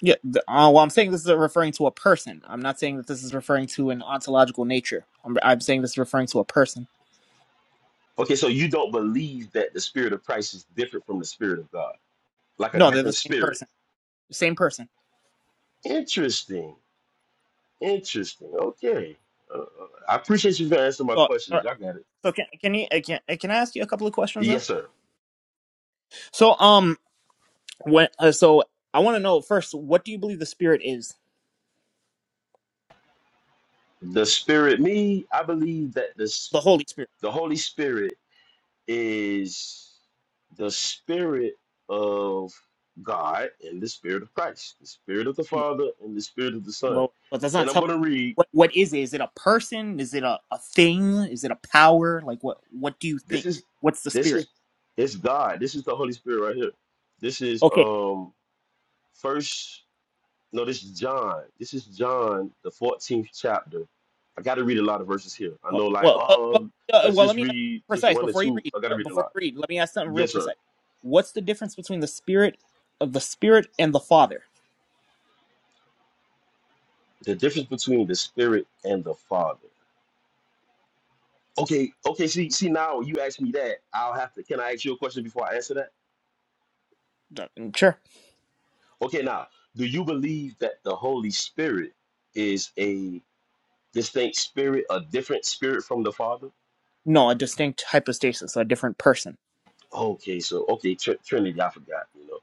Yeah. The, uh, well, I'm saying this is referring to a person. I'm not saying that this is referring to an ontological nature. I'm I'm saying this is referring to a person. Okay, so you don't believe that the spirit of Christ is different from the spirit of God, like a No, they're the different same spirit. person. Same person. Interesting. Interesting. Okay. Uh, uh, I appreciate you for answering my So all right. questions. I got it. so can can you uh, can, uh, can I ask you a couple of questions though? Yes, sir. So um When, uh, so I want to know first, what do you believe the Spirit is? The Spirit, me, I believe that this, The Holy Spirit. the Holy Spirit is the Spirit of God and the Spirit of Christ, the Spirit of the Father and the Spirit of the Son. But, but that's not And I'm telling. going to read. What what is it? Is it a person? Is it a, a thing? Is it a power? Like what what do you This think? is, What's the this Spirit? is, it's God. This is the Holy Spirit right here. This is Okay. um first. No, this is John. This is John, the 14th chapter. I got to read a lot of verses here. I Well, know, like, well, well, well, oh, uh, let's well just let me ask read just precise one or before you two. read. I got to uh, read a Before lot. you read, let me ask something real Yes, sir. precise. What's the difference between the Spirit of the Spirit and the Father? The difference between the Spirit and the Father. Okay, okay. See, see, now you ask me that. I'll have to. Can I ask you a question before I answer that? Uh, Sure. Okay, now, do you believe that the Holy Spirit is a distinct spirit, a different spirit from the Father? No, a distinct hypostasis, a different person. Okay, so okay, Tr- Trinity. I forgot. You know.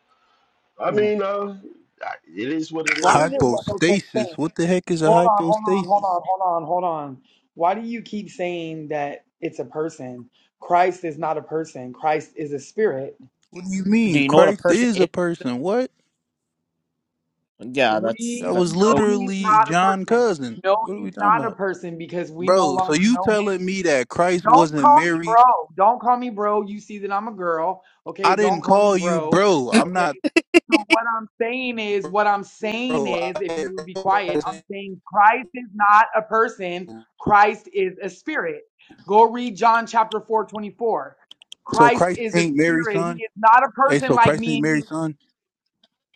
I Mhm. mean, uh, I- it is what it Why is, did you it know. what kept Hypostasis? saying? What the heck is a Hold on, hold on, hold hypostasis? on, hold on, hold on. Why do you keep saying that it's a person? Christ is not a person. Christ is a spirit. What do you Do mean? you know what a Christ person is a is? person. What? Yeah, that's That We that's. was know he's literally not a John person. Cousin. No, What are he's we talking not a about? person because we no Bro, so longer you know him. telling me that Christ Don't wasn't call me Mary? bro. Don't call me bro. You see that I'm a girl. Okay. I Don't didn't call me call you bro. bro. I'm Okay. not So what I'm saying is, what I'm saying bro. is, if I- you would be quiet, I'm saying Christ is not a person. Christ is a spirit. Go read John chapter 4 24. So Christ Christ is a ain't Mary's spirit. son? He is not a Hey, person so like Christ me ain't and you. Mary's son?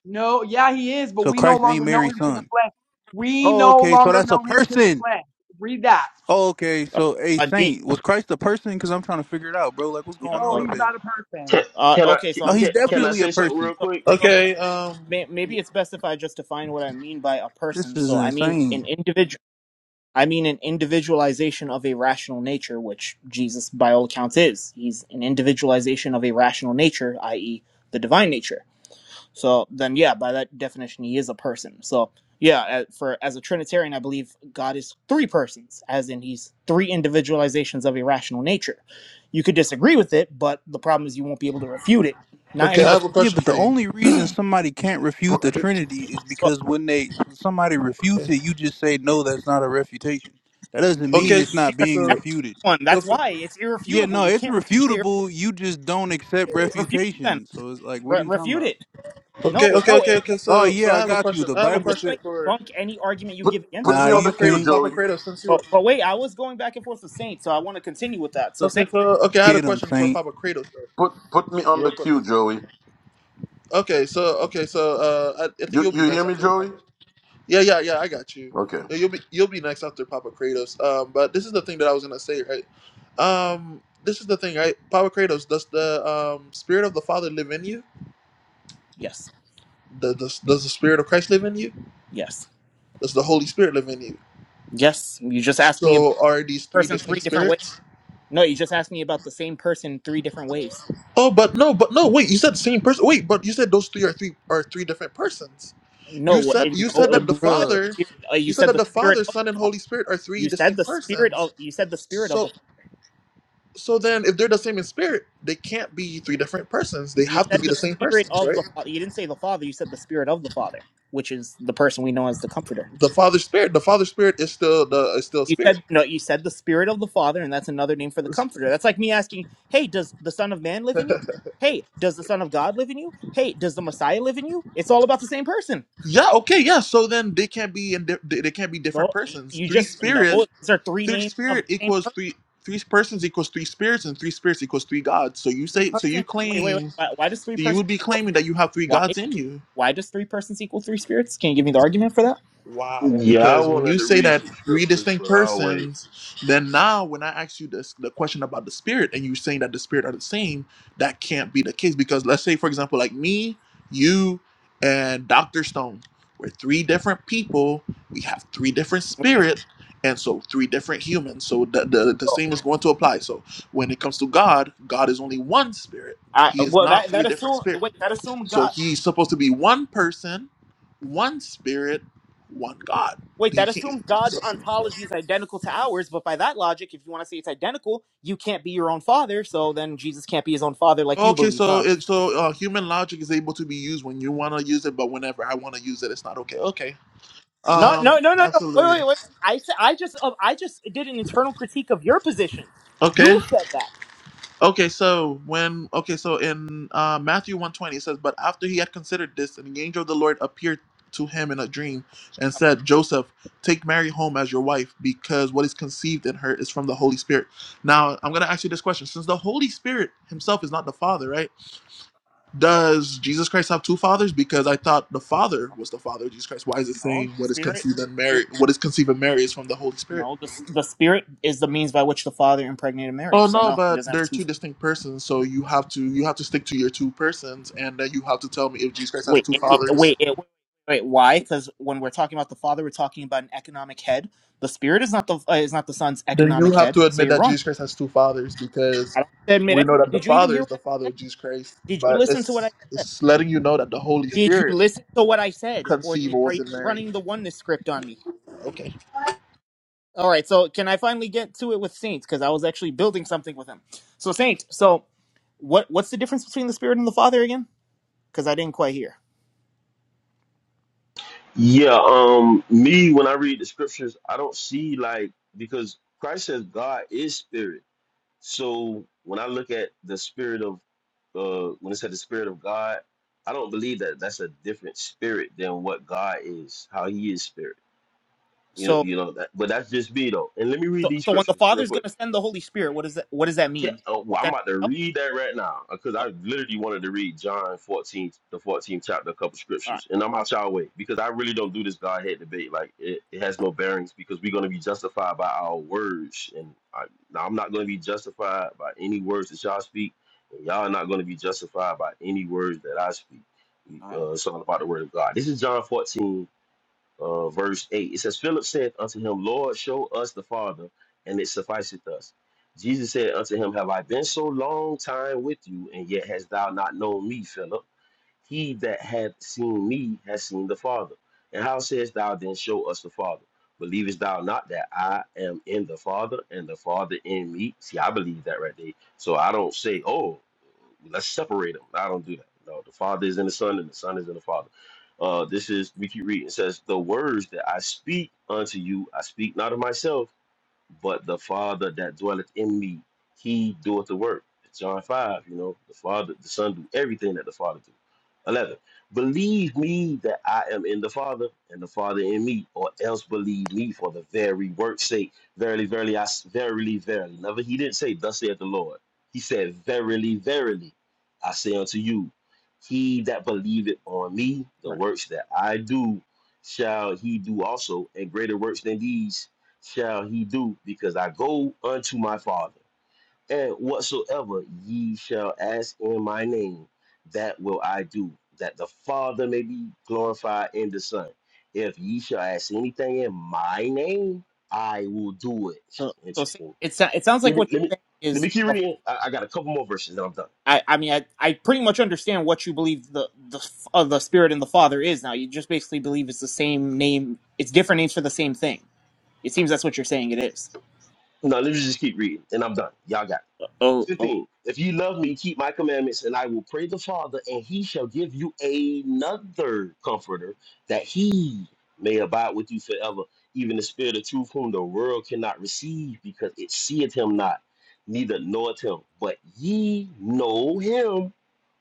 No, yeah, he is, but So we no Christ ain't longer know Mary's him to the son. flesh. We Oh, no okay. So longer that's a know him to the person. flesh. Read that. Oh, okay. All right. So, hey, Uh, do you- Saint, was Christ a person? Because I'm trying to figure it out, bro. Like, what's yeah, going No, on so, up he's here? not a Can, person. uh, can I okay, so No, I'm he's can, let can me I definitely a say something person. real so, quick? so, uh, okay wait, um may, maybe it's best if I just define what I mean by a This person. is So I mean insane. an individual. I mean an individualization of a rational nature, which Jesus, by all accounts, is. He's an individualization of a rational nature, i.e., the divine nature. So then, yeah, by that definition, he is a person. So yeah, for as a Trinitarian, I believe God is three persons, as in he's three individualizations of irrational nature. You could disagree with it, but the problem is you won't be able to refute it. Not okay i anywhere. have from a the Yeah, question but for the you only reason somebody can't refute Put, I the do. Trinity is book. because when they when somebody refutes okay it, you just say no, that's not a refutation. That doesn't It- mean okay it's not Because being every so, refuted. one, so that's for, why it's Yeah, irrefutable. no, You it's can't refute the refutable. You just don't accept refute them. refutation. So it's like, what Re- are you talking refute about? it. No, okay okay no. okay It, okay Oh so so yeah, i I have a got you. question The i have a I'm Bible just question going said, to for debunk any argument you put give against put since it. Nah, me on the you papa Cra- queue, can't papa Joey. kratos since you were But but wait, I was going back and forth with Saint, so I want to continue with that. So okay Saint, so okay i had a get them, question for Saint. papa kratos though, Put put me on real the quick queue, Joey. Okay, so okay, so uh, I, I think You you'll you be hear next me, after Joey? Papa. Yeah, yeah, yeah. I got you. Okay. Yeah, You'll be you'll be next after Papa Kratos. Um, but this is the thing that I was gonna say, right? Um, this is the thing, right? Papa Kratos, does the um spirit of the Father live in you? yes, Does does, does the spirit of Christ live in you? yes. Does the Holy Spirit live in you? Yes, you just asked me about So are these the three person three distinct different ways. spirits? No, you just asked me about the same person three different ways. Oh, but no, but no. Wait, you said the same person. Wait, but you said those three are three are three different persons. You No, said it- you said The no. that the wait, You said the Father, bugs. spirit. Uh, you you said that said the the spirit Father, of Son, and the father. Holy Spirit are three You said the distinct spirit of. persons. You said the spirit of So the father. so then, if they're the same in spirit, they can't be three different persons. They You have to said be the the same spirit persons, of right? the father. You didn't say the father. You said the spirit of the father, which is the person we know as the comforter. The Father Spirit, the Father Spirit is still the is still You Spirit. said no. You said the spirit of the father, and that's another name for the comforter. That's like me asking, "Hey, does the Son of Man live in you?" Hey, does the Son of God live in you? Hey, does the Messiah live in you? It's all about the same person. Yeah. Okay. Yeah. So then they can't be in di- they they can't be different No, persons. you Three just no. Spirit, Those are three three names of Spirit the same equals person. three. Three persons equals three spirits, and three spirits equals three gods. So you Three say, so persons. you Wait, wait, wait. claim, Why, why does so three you persons? would be equal- claiming that you have three Why? gods in you. Why does three persons equal three spirits? Can you give me the argument for that? Wow, Yeah, I because when you wanted to say read that some three scriptures, distinct but I'll wait. persons, then now when I ask you this the question about the spirit and you're saying that the spirit are the same, that can't be the case because let's say for example like me, you and Dr. Stone, we're three different people, we have three different Okay. spirits and so three different humans. So the, the the So, same is going to apply. So when it comes to God, God is only one spirit. I, He is well, not that three that different assume spirits. wait that assume So God he's supposed to be one person, one spirit, one God. wait He that can't. assumes God's so- ontology is identical to ours. But by that logic, if you want to say it's identical, you can't be your own father. So then Jesus can't be his own father, like you okay, believe, so huh? it, so uh, human logic is able to be used when you want to use it, but whenever I want to use it, it's not okay. Okay. No, no, Um. no, no, no. Wait, Absolutely. wait, wait. I said I just uh, I just did an internal critique of your position. Okay. You said that. Okay, so when okay, so in uh, Matthew one twenty it says, but after he had considered this, an angel of the Lord appeared to him in a dream and said, 'Joseph, take Mary home as your wife, because what is conceived in her is from the Holy Spirit. Now I'm gonna ask you this question: since the Holy Spirit himself is not the Father, right? Does Jesus Christ have two fathers? Because I thought the Father was the Father of Jesus Christ. Why is it No, saying the what is spirit, conceived the in spirit. Mary, what is conceived in Mary is from the Holy Spirit? No, the the spirit is the means by which the father impregnated Mary. Oh So no, no, he but doesn't have they're two. two distinct persons, so you have to you have to stick to your two persons, and then you have to tell me if Jesus Christ has Wait, two it, it- fathers. wait, it, wait, wait. Why? Because when we're talking about the father, we're talking about an economic head. The spirit is not the uh, is not the son's Then economic you have head. to So admit you're that wrong. Jesus Christ has two fathers because I don't have to admit we it. know that the Did you even Father hear is what the I Father said? of Jesus Christ, Did you but listen to what I it's said? it's letting you know that the Holy Did you Spirit listen to what I said, or conceived did, are was you in Mary. running the oneness script on me? Okay, All right, so can I finally get to it with Saint? Because I was actually building something with him. So Saint, so what what's the difference between the Spirit and the Father again? Because I didn't quite hear. Yeah, um, me when I read the scriptures, I don't see like because Christ says God is spirit. So when I look at the spirit of, uh, when it said the spirit of God, I don't believe that that's a different spirit than what God is, how He is spirit. You know, So you know that. But that's just me though. And let me read so these so when the scriptures real Father's quick. going to send the Holy Spirit, what does that what does that Yeah, mean? oh, well, I'm Sending about to help? read that right now because So- I literally wanted to read John 14, the 14th chapter, a couple All right, scriptures, and I'm out y'all way because I really don't do this Godhead debate. Like it, it has no bearings because we're going to be justified by our words, and I, now I'm not going to be justified by any words that y'all speak, and y'all are not going to be justified by any words that I speak. all right, Uh, it's all about the word of God. This is John 14, uh, verse 8. It says, Philip said unto him, Lord, show us the Father, and it sufficeth us. Jesus said unto him, Have I been so long time with you, and yet hast thou not known me, Philip? He that hath seen me has seen the Father. And how sayest thou then, Show us the Father? Believest thou not that I am in the Father and the Father in me? See, I believe that right there. So I don't say, oh, let's separate them. I don't do that. No, the Father is in the Son and the Son is in the Father. Uh, this is, we keep reading. It says, The words that I speak unto you, I speak not of myself but the Father that dwelleth in me, he doeth the work. John 5, you know, the Father, the Son do everything that the Father do. 11. Believe me that I am in the Father and the Father in me, or else believe me for the very work's sake. Verily, verily, I s- verily, verily. Never, he didn't say, Thus saith the Lord. He said, Verily, verily, I say unto you, he that believeth on me, all the right. works that I do, shall he do also, and greater works than these shall he do, because I go unto my Father. And whatsoever ye shall ask in my name, that will I do, that the Father may be glorified in the Son. If ye shall ask anything in my name, I will do it. So so Saint, Interesting. it sou- it sounds Let like me what let me you're saying let me is. keep reading. I, I got a couple more verses and I'm done. I, I mean I, I pretty much understand what you believe the the uh, the spirit and the father is now you just basically believe it's the same name it's different names for the same thing it seems that's what you're saying it is No, let me just keep reading and I'm done. Y'all got it. oh, 15. If ye love me, keep my commandments, and I will pray the Father, and he shall give you another comforter that he may abide with you forever, even the Spirit of truth, whom the world cannot receive, because it seeth him not, neither knoweth him. But ye know him,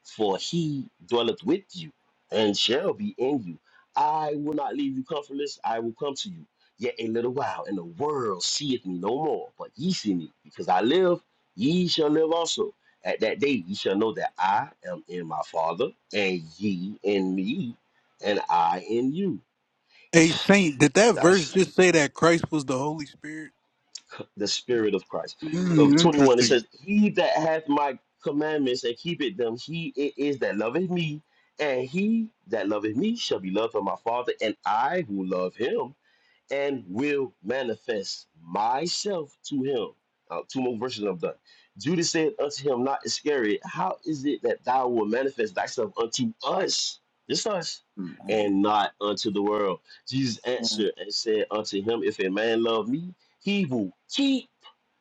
for he dwelleth with you and shall be in you. I will not leave you comfortless, I will come to you. Yet a little while, and the world seeth me no more, but ye see me, because I live Ye shall live also. At that day ye shall know that I am in my Father, and ye in me, and I in you. Hey, Saint, did that verse That's just say that Christ was the Holy Spirit? the Spirit of Christ. Of Mm, 21, it interesting. says, He that hath my commandments and keepeth them, he it is that loveth me, and he that loveth me shall be loved of my Father, and I will love him and will manifest myself to him. Uh, two more verses I'm done. Judas said unto him, Not Iscariot, how is it that thou wilt manifest thyself unto us, just us, oh. and not unto the world? Jesus Mm. answered and said unto him, If a man love me, he will keep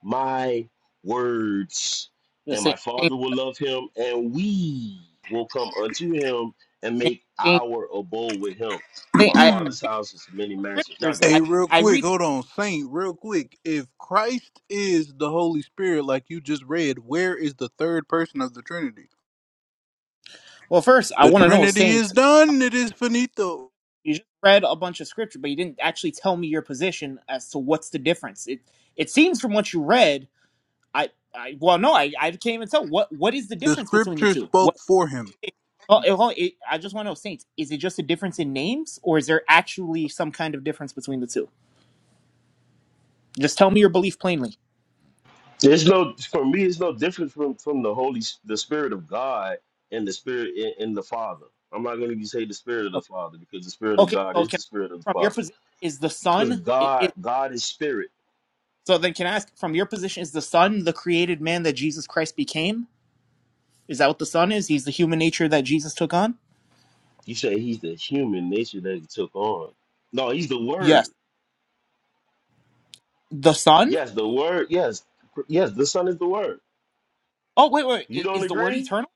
my words, Just and saying, my saying, Father will love him, and we will come unto him and saying, make saying, our abode with him. In saying my I, I [CLEARS THROAT] Father's appreciate house is many mansions. Y'all scriptures. got I, Hey, it. real I quick, read. hold on, Saint, real quick. If Christ is the Holy Spirit, like you just read, where is the third person of the Trinity? Well, first, I The want to know, Trinity is saints. done, it is finito. You just read a bunch of scripture, but you didn't actually tell me your position as to what's the difference. It, it seems from what you read, I, I, well, no, I, I can't even tell what, what is the The difference between the scripture two. What? spoke for him. Well, it, well, it, I just want to know, saints. Is it just a difference in names, or is there actually some kind of difference between the two? Just tell me your belief plainly. There's no for me. It's no different from from the Holy, S- the Spirit of God and the Spirit in, in the Father. I'm not going to say the Spirit of the Okay. Father because the Spirit of Okay. God So, is can, the Spirit of the from your Father. position, is the Because son? God, God is Spirit. So then, can I ask from your position, is the Son the created man that Jesus Christ became? Is that what the Son is? He's the human nature that Jesus took on? You say He's the human nature that He took on. No, He's the Yes. Word. The Son? Yes, the Word. Yes, yes, the Son is the Word. Oh, wait, wait. You Is, don't is the word agree? eternal?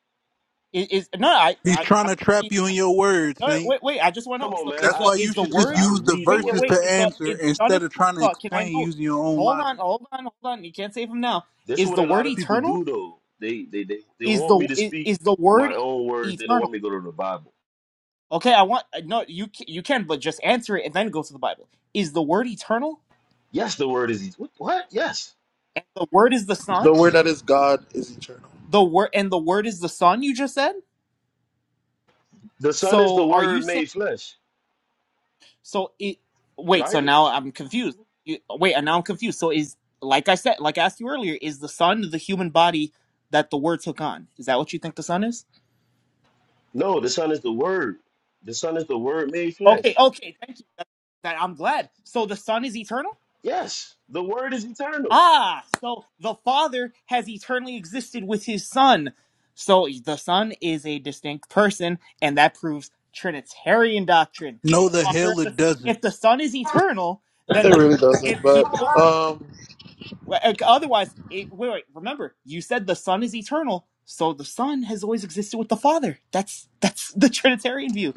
Is, is no, I, He's I, trying I to trap you in your words, no, Saint. wait, wait. I just want to know. Come on, So man. is That's I the why is you the should listen. just word? I use the read the Wait, eh, verses Word. wait. to Is the answer is the Son instead of of the word? trying to So can I explain know? using your own Hold on, logic. hold on, hold on. You can't save him now. That's Is what the a word lot of people eternal? do, though. They they they, they Is want the me to is, speak is the word my own words. They don't want eternal? me to go to the Bible. Okay, I want no. You ca- you can, but just answer it and then go to the Bible. Is the word eternal? Yes, the word is what? what? Yes. And the word is the son? the word that is God is eternal. The word and the word is the son you just said? The son is the So are you word saying made flesh, so it wait, so right? now I'm confused. You, wait, and now I'm confused. So is like I said, like I asked you earlier, is the son the human body that the word took on? Is that what you think the son is? No, the son is the word. The son is the word made Okay, flesh. okay, thank you. That I'm glad. So the son is eternal? Yes, the word is eternal. Ah, so the Father has eternally existed with his Son. So the Son is a distinct person, and that proves Trinitarian doctrine. No, The the Father, hell and it the, doesn't. if the Son is eternal, It then there, really if doesn't, he but um, otherwise, it, wait, wait, remember you said the Son is eternal, so the Son has always existed with the Father. That's that's the Trinitarian view.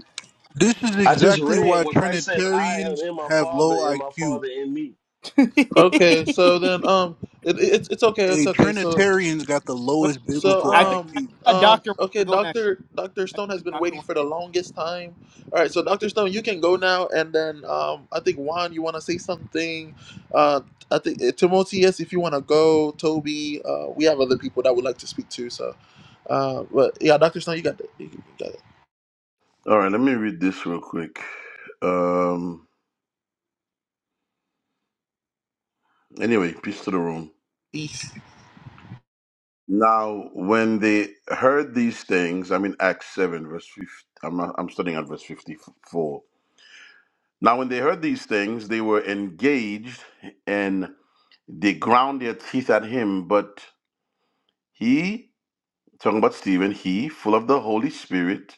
This is I just exactly read why what Christ says, I am Trinitarians in my have father low and my IQ. father in me. [LAUGHS] okay. So then um, it, it, it's it's okay, A it's okay. So Trinitarian's got the But lowest So biblical I think I IQ. um think uh, um Doctor wanted to okay, go next. Doctor Doctor I Stone think has been Doctor waiting wanted for the to longest time. All go. right, so hmm. Doctor Stone, you can go now, and then um I think Juan, you want to say something. Uh, I think uh, Timotheus, if you want to go, Toby, uh, we have other people that would like to speak to. So uh, but yeah, Doctor Stone, you got the you got it. All right. Let me read this real quick. Um. Anyway, peace to the room. Peace. Now, when they heard these things, I mean Acts seven verse fifty. I'm I'm studying at verse fifty four. Now, when they heard these things, they were engaged and they ground their teeth at him. But he, talking about Stephen, he, full of the Holy Spirit,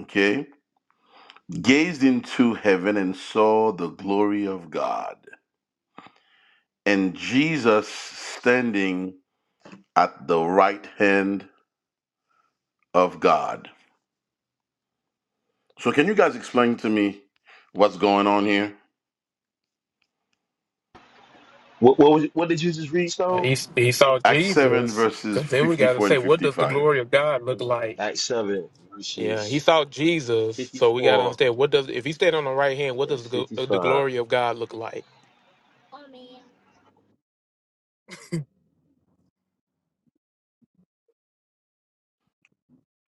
okay, gazed into heaven and saw the glory of God, and Jesus standing at the right hand of God. So, can you guys explain to me what's going on here? What what, was, what did you just read, Stone? He, he saw Acts 7, Jesus. verses 'Cause then we got to 54 say, and what does the 55. glory of God look like? Acts 7, Yeah, he verses saw Jesus. So we got to 54 understand what does if he stayed on the right hand, what and does the, gl- uh, the 55. glory of God look like?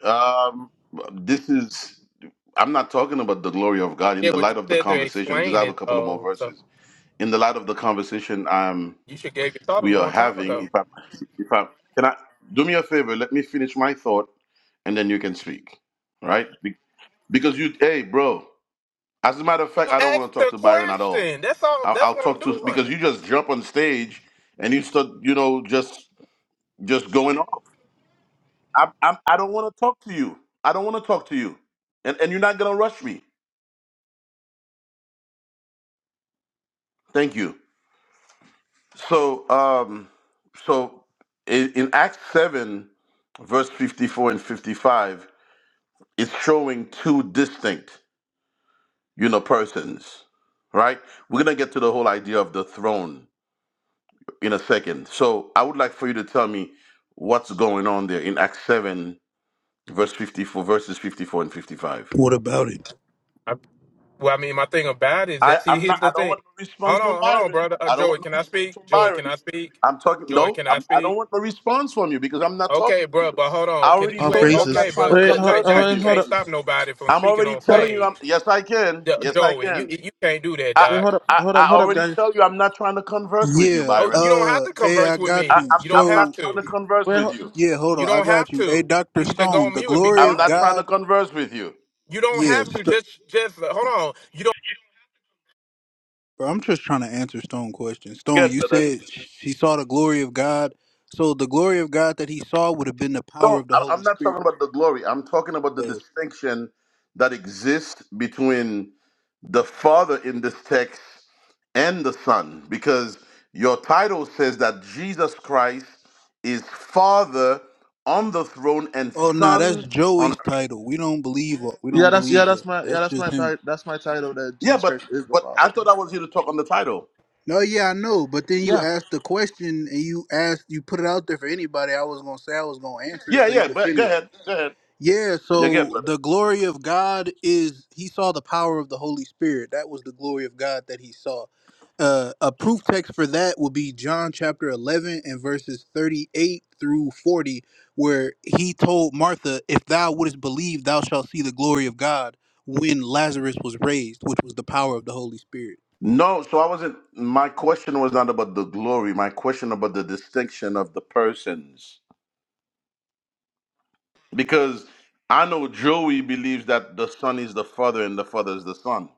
Um, this is, I'm not talking about the glory of God in Yeah, the but light you of the said to conversation because I explain have a it couple of more though, so verses. In the light of the conversation, I'm you should gave your thought a we are long time having. ago. If I, if I can, I do me a favor. Let me finish my thought, and then you can speak. All right? Be- Because you, hey, bro. As a matter of fact, You I don't asked want to talk the to Byron at all. question. That's all. I'll, That's I'll what I'm talk to because doing. you just jump on stage and you start, you know, just just going off. I, I'm, I don't want to talk to you. I don't want to talk to you, and and you're not gonna rush me. Thank you. So, um, so in, in Acts seven, verse fifty-four and fifty-five. It's showing two distinct, you know, persons, right? We're gonna get to the whole idea of the throne in a second. So I would like for you to tell me what's going on there in Acts seven, verse fifty-four, verses fifty-four and fifty-five. What about it? I, well, I mean, my thing about it is I, that see, I'm here's not. I the don't thing. want no response Hold from on, hold on, Byron. brother. Uh, I don't want Joey, no can I response speak? from Joey, can Byron. I speak? I'm talking. Joey, No, can I I'm, I speak? don't want no response from you because I'm not talking Okay, to bro, you. but hold I on. Can already you All ain't told you I'm okay, not praises. trying to but Wait, li- hold, like converse with Doc, you hold, you. hold can't up, stop nobody from I'm speaking already on hold up. telling you. I'm, stage. yes, I can. Jo- Yes, I Joey, you can. you can't do that, I, Wait, Doc. hold up, I hold up, I hold up, already guys. tell you I'm not trying to converse with you, Yeah, Oh, you Byron. don't have uh, to hey, I converse with got I, me. you. I'm You I'm don't have not So, trying to to. converse Wait, with hold, you. yeah, hold You on, I don't have got you. Hey, to. Dr. You can just go Stone, on the mute and be glory I'm of not quiet. trying to God. converse with you. You don't Yeah, have to st- just just hold on. You don't bro, I'm just trying to answer Stone question. Stone, Good, you brother. said she saw the glory of God. So, the glory of God that he saw would have been the power No, of the I, Holy I'm not Spirit. talking about the glory. I'm talking about the So, distinction that exists between the Father in this text and the Son, because your title says that Jesus Christ is Father on the throne and oh, nah, that's Son on earth. Joey's title. We don't believe we yeah, don't that's yeah, believe that's that. my yeah, That's that's my just him. ti- that's my title. That Yeah, Jesus but Christ is the but I Father. thought I was here to talk on the title. No, yeah, I know. But then you Yeah. asked the question and you asked, you put it out there for anybody. I was gonna say I was gonna answer it Yeah, so you yeah, could but go finish. ahead. Go ahead. Yeah, Yeah, go ahead, so brother. the glory of God is he saw the power of the Holy Spirit. That was the glory of God that he saw. Uh, a proof text for that would be John chapter 11 and verses 38 through 40, where he told Martha, If thou wouldst believe, thou shalt see the glory of God when Lazarus was raised, which was the power of the Holy Spirit. No, so I wasn't my question was not about the glory. My question about the distinction of the persons. Because I know Joey believes that the son is the father and the father is the son.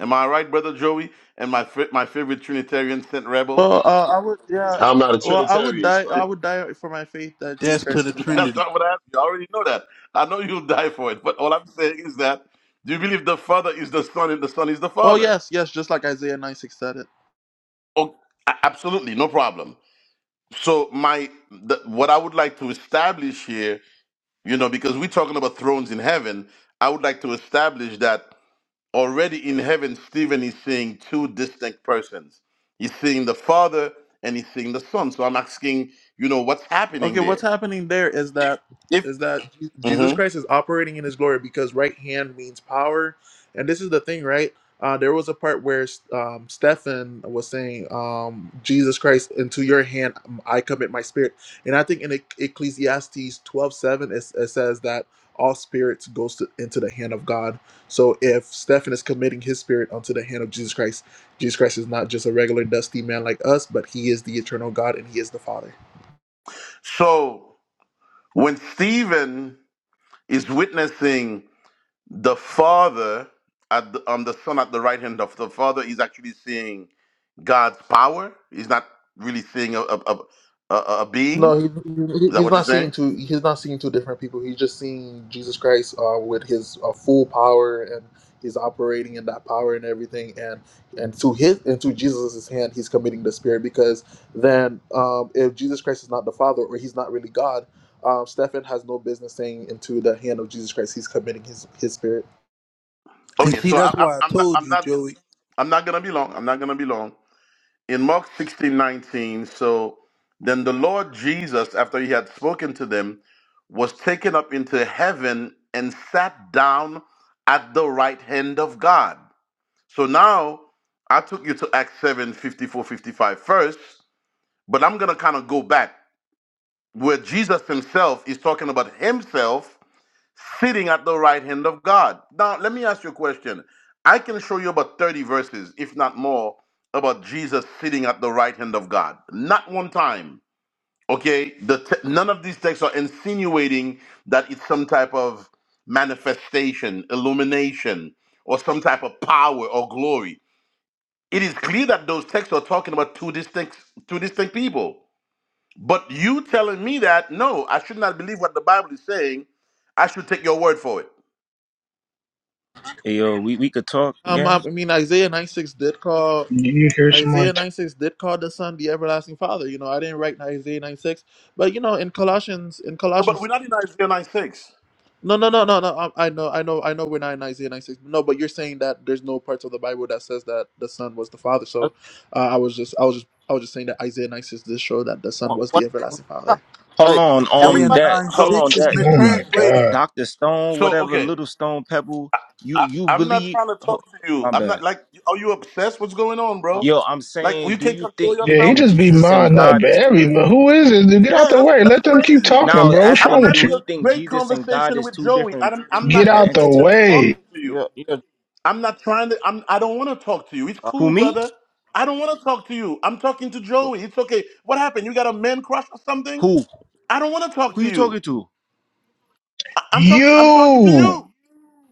Am I right, brother Joey? And my fa- my favorite Trinitarian Saint Rebel? Well, uh, I would, yeah. I'm not a Well, I would Trinitarian, die. I Stone. would die for my faith that Jesus Death to Christ the is the [LAUGHS] Father. That's Trinity. not what I asked you. I already know that. I know you'll die for it. But all I'm saying is that do you believe the father is the son and the son is the Oh father? yes, yes, just like Isaiah nine six said it. Oh, a- absolutely, no problem. so my the, what i would like to establish here you know because we're talking about thrones in heaven i would like to establish that already in heaven stephen is seeing two distinct persons he's seeing the father and he's seeing the son so i'm asking you know what's happening Okay, what's there happening there is that if is that Je- Jesus Mhm. Christ is operating in His glory because right hand means power, and this is the thing, right? Uh, there was a part where um, Stephen was saying, um, "Jesus Christ, into Your hand um, I commit my spirit," and I think in Ec- Ecclesiastes twelve seven it, it says that all spirits goes to, into the hand of God. So if Stephen is committing his spirit onto the hand of Jesus Christ, Jesus Christ is not just a regular dusty man like us, but He is the eternal God and He is the Father. so when stephen is witnessing the father at the, um the son at the right hand of the father is actually seeing god's power he's not really seeing a a, a, a a being No, he, he- is that he's what you're not saying seeing two. He's not seeing two different people. He's just seeing Jesus Christ uh, with his uh, full power, and he's operating in that power and everything. And and to his and to Jesus's hand, he's committing the Spirit because then, um, if Jesus Christ is not the Father or he's not really God, um, Stephen has no business saying into the hand of Jesus Christ he's committing his his Spirit. And okay see, so I, that's I, why I i'm not told i'm you, not Joey. i'm not gonna be long i'm not gonna be long in mark 16 19. so then the lord jesus after he had spoken to them was taken up into heaven and sat down at the right hand of god So now I took you to Acts 7 54 55 first, but I'm going to kind of go back where Jesus himself is talking about himself sitting at the right hand of God. Now, let me ask you a question. I can show you about 30 verses, if not more, about Jesus sitting at the right hand of God. Not one time. Okay? The te- none of these texts are insinuating that it's some type of manifestation, illumination, or some type of power or glory. It is clear that those texts are talking about two distinct two distinct people. But you telling me that no, I should not believe what the Bible is saying. I should take your word for it. Hey, yo, we, we could talk, Um, gang. I mean Isaiah 96 did call You hear somebody Isaiah talk. 96 did call the Son the everlasting Father. You know, I didn't write Isaiah 96, but you know, in Colossians, in No, But Colossians we're not in Isaiah 9 6. no, no, no, no, no. I, I know, I know, I know. We're not in Isaiah 96. No, but you're saying that there's no parts of the Bible that says that the Son was the Father. So, uh, I was just, I was just, I was just saying that Isaiah 96 did show that the Son One, was one, the one everlasting comment. Father. Hold Uh, on, just Isaiah um, everybody. that 9 So hold on, 6 is that Oh my mistranslated. god. Doctor Stone, so whatever, okay. Little Stone Pebble. You I, you I'm not believe? trying to ho- talk to you. my I'm not bad. like are you obsessed? What's going on, Oh, bro? Yo, I'm Like you saying, do can't you control think you Yeah, he yourself? think just be Jesus and modding up God is two every. But different? who is it? Dude, Get out Yeah, the that's way. that's Let them keep crazy. talking, Now bro. What's I'm wrong asking, with do having you? he a think great Jesus and God conversation is with two Joey. and different I'm I'm two Get not different out the interested entities? in way. talking to you. yeah, yeah. All I'm not trying to. I'm. I don't want to talk to you. It's Who cool, me? brother. I don't want to talk to you. I'm talking to Joey. It's okay. What happened? You got a man crush or something? Who? I don't want to talk Who to you you. talking to? I- I'm talking. I'm talking to You you.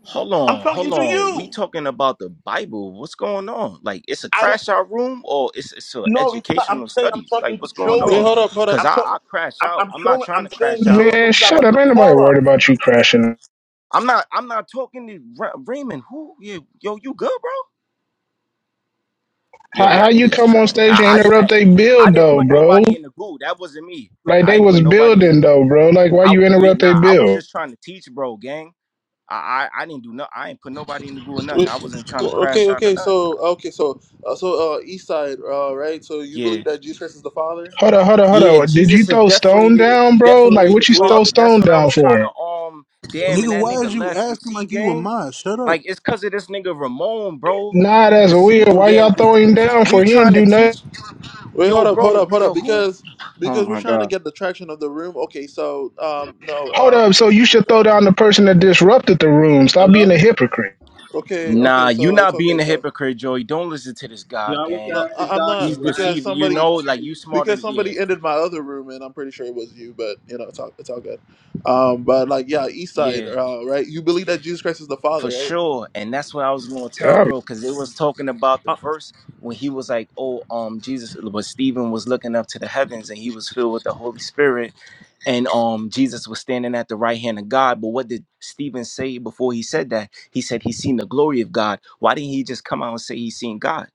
Hold I'm on, talking hold to on. We you. talking about the Bible. What's going on? Like it's a I don't. crash out room or it's it's a No, it's not. I'm educational saying I'm studies. Like talking what's to going Wait, on? Joey. hold up, hold up. Cause I'm I, talking. I crash I'm, out. I'm I'm not showing. trying I'm to saying crash out show on man, some you, type shut gang. of up. Ain't nobody decorum. I'm worried about I'm, you crashing. I'm not I'm not talking to Ra- Raymond. Who Yeah, yo you good, bro? Yo, How y'all how you niggas come on tripping. stage I I, and di- interrupt I they I build didn't though, put bro? nobody in the group. That wasn't me. Like I they didn't put was nobody in. The, building though, bro. Like why I you yeah interrupt they nah. I was build? just trying to teach, bro, gang. I, I I didn't do no. I ain't put nobody in the goo or nothing. Wait. I wasn't trying to well, crash Okay, out or okay. nothing. So, okay, so, uh, so, uh, East Side, uh, right? So, you believe Yeah. that Jesus Christ is the Father? Hold up, hold up, hold Yeah, up. Did you Jesus is throw definitely stone the, down, bro? Like definitely the what you throw father. That's stone what I down was trying to for? um damn and Nigga, that why is nigga you left. You asking see, like you a gang? mod? Shut up. Like it's cause of this nigga Ramon, bro. Nah, You that's weird. deceiving Why y'all gang. We, throwing down for? we He didn't trying to do nothing. teach Wait, yo, hold up, hold bro, up, hold up, yo, who is because Oh because we're my trying to god. get the traction of the room. Okay, so um, no, Hold up. um, So you should throw down the person that disrupted the room. Stop Hello? being a hypocrite. okay, okay, Nah, you so it's not okay. being a So hypocrite, Joey. Don't listen to this You guy, always no, gang. ask the I, I'm doctor He's not what because happened. deceiving. You somebody know, like you smarter because than yeah, somebody ended my other room, and I'm pretty sure it was you, but you know, it's all it's all good. Um, but like, yeah, East Side, yeah. uh, right? You believe that Jesus Christ is the For Father, right? sure. And that's what I was gonna tell, All bro, because it was talking about the Uh, verse when he was like, Oh, um, Jesus, but Stephen was looking up to the heavens and he was filled with the Holy Spirit, and um Jesus was standing at the right hand of God. But what did Stephen say before he said that? He said he seen the glory of God. Why didn't he just come out and say he seen God?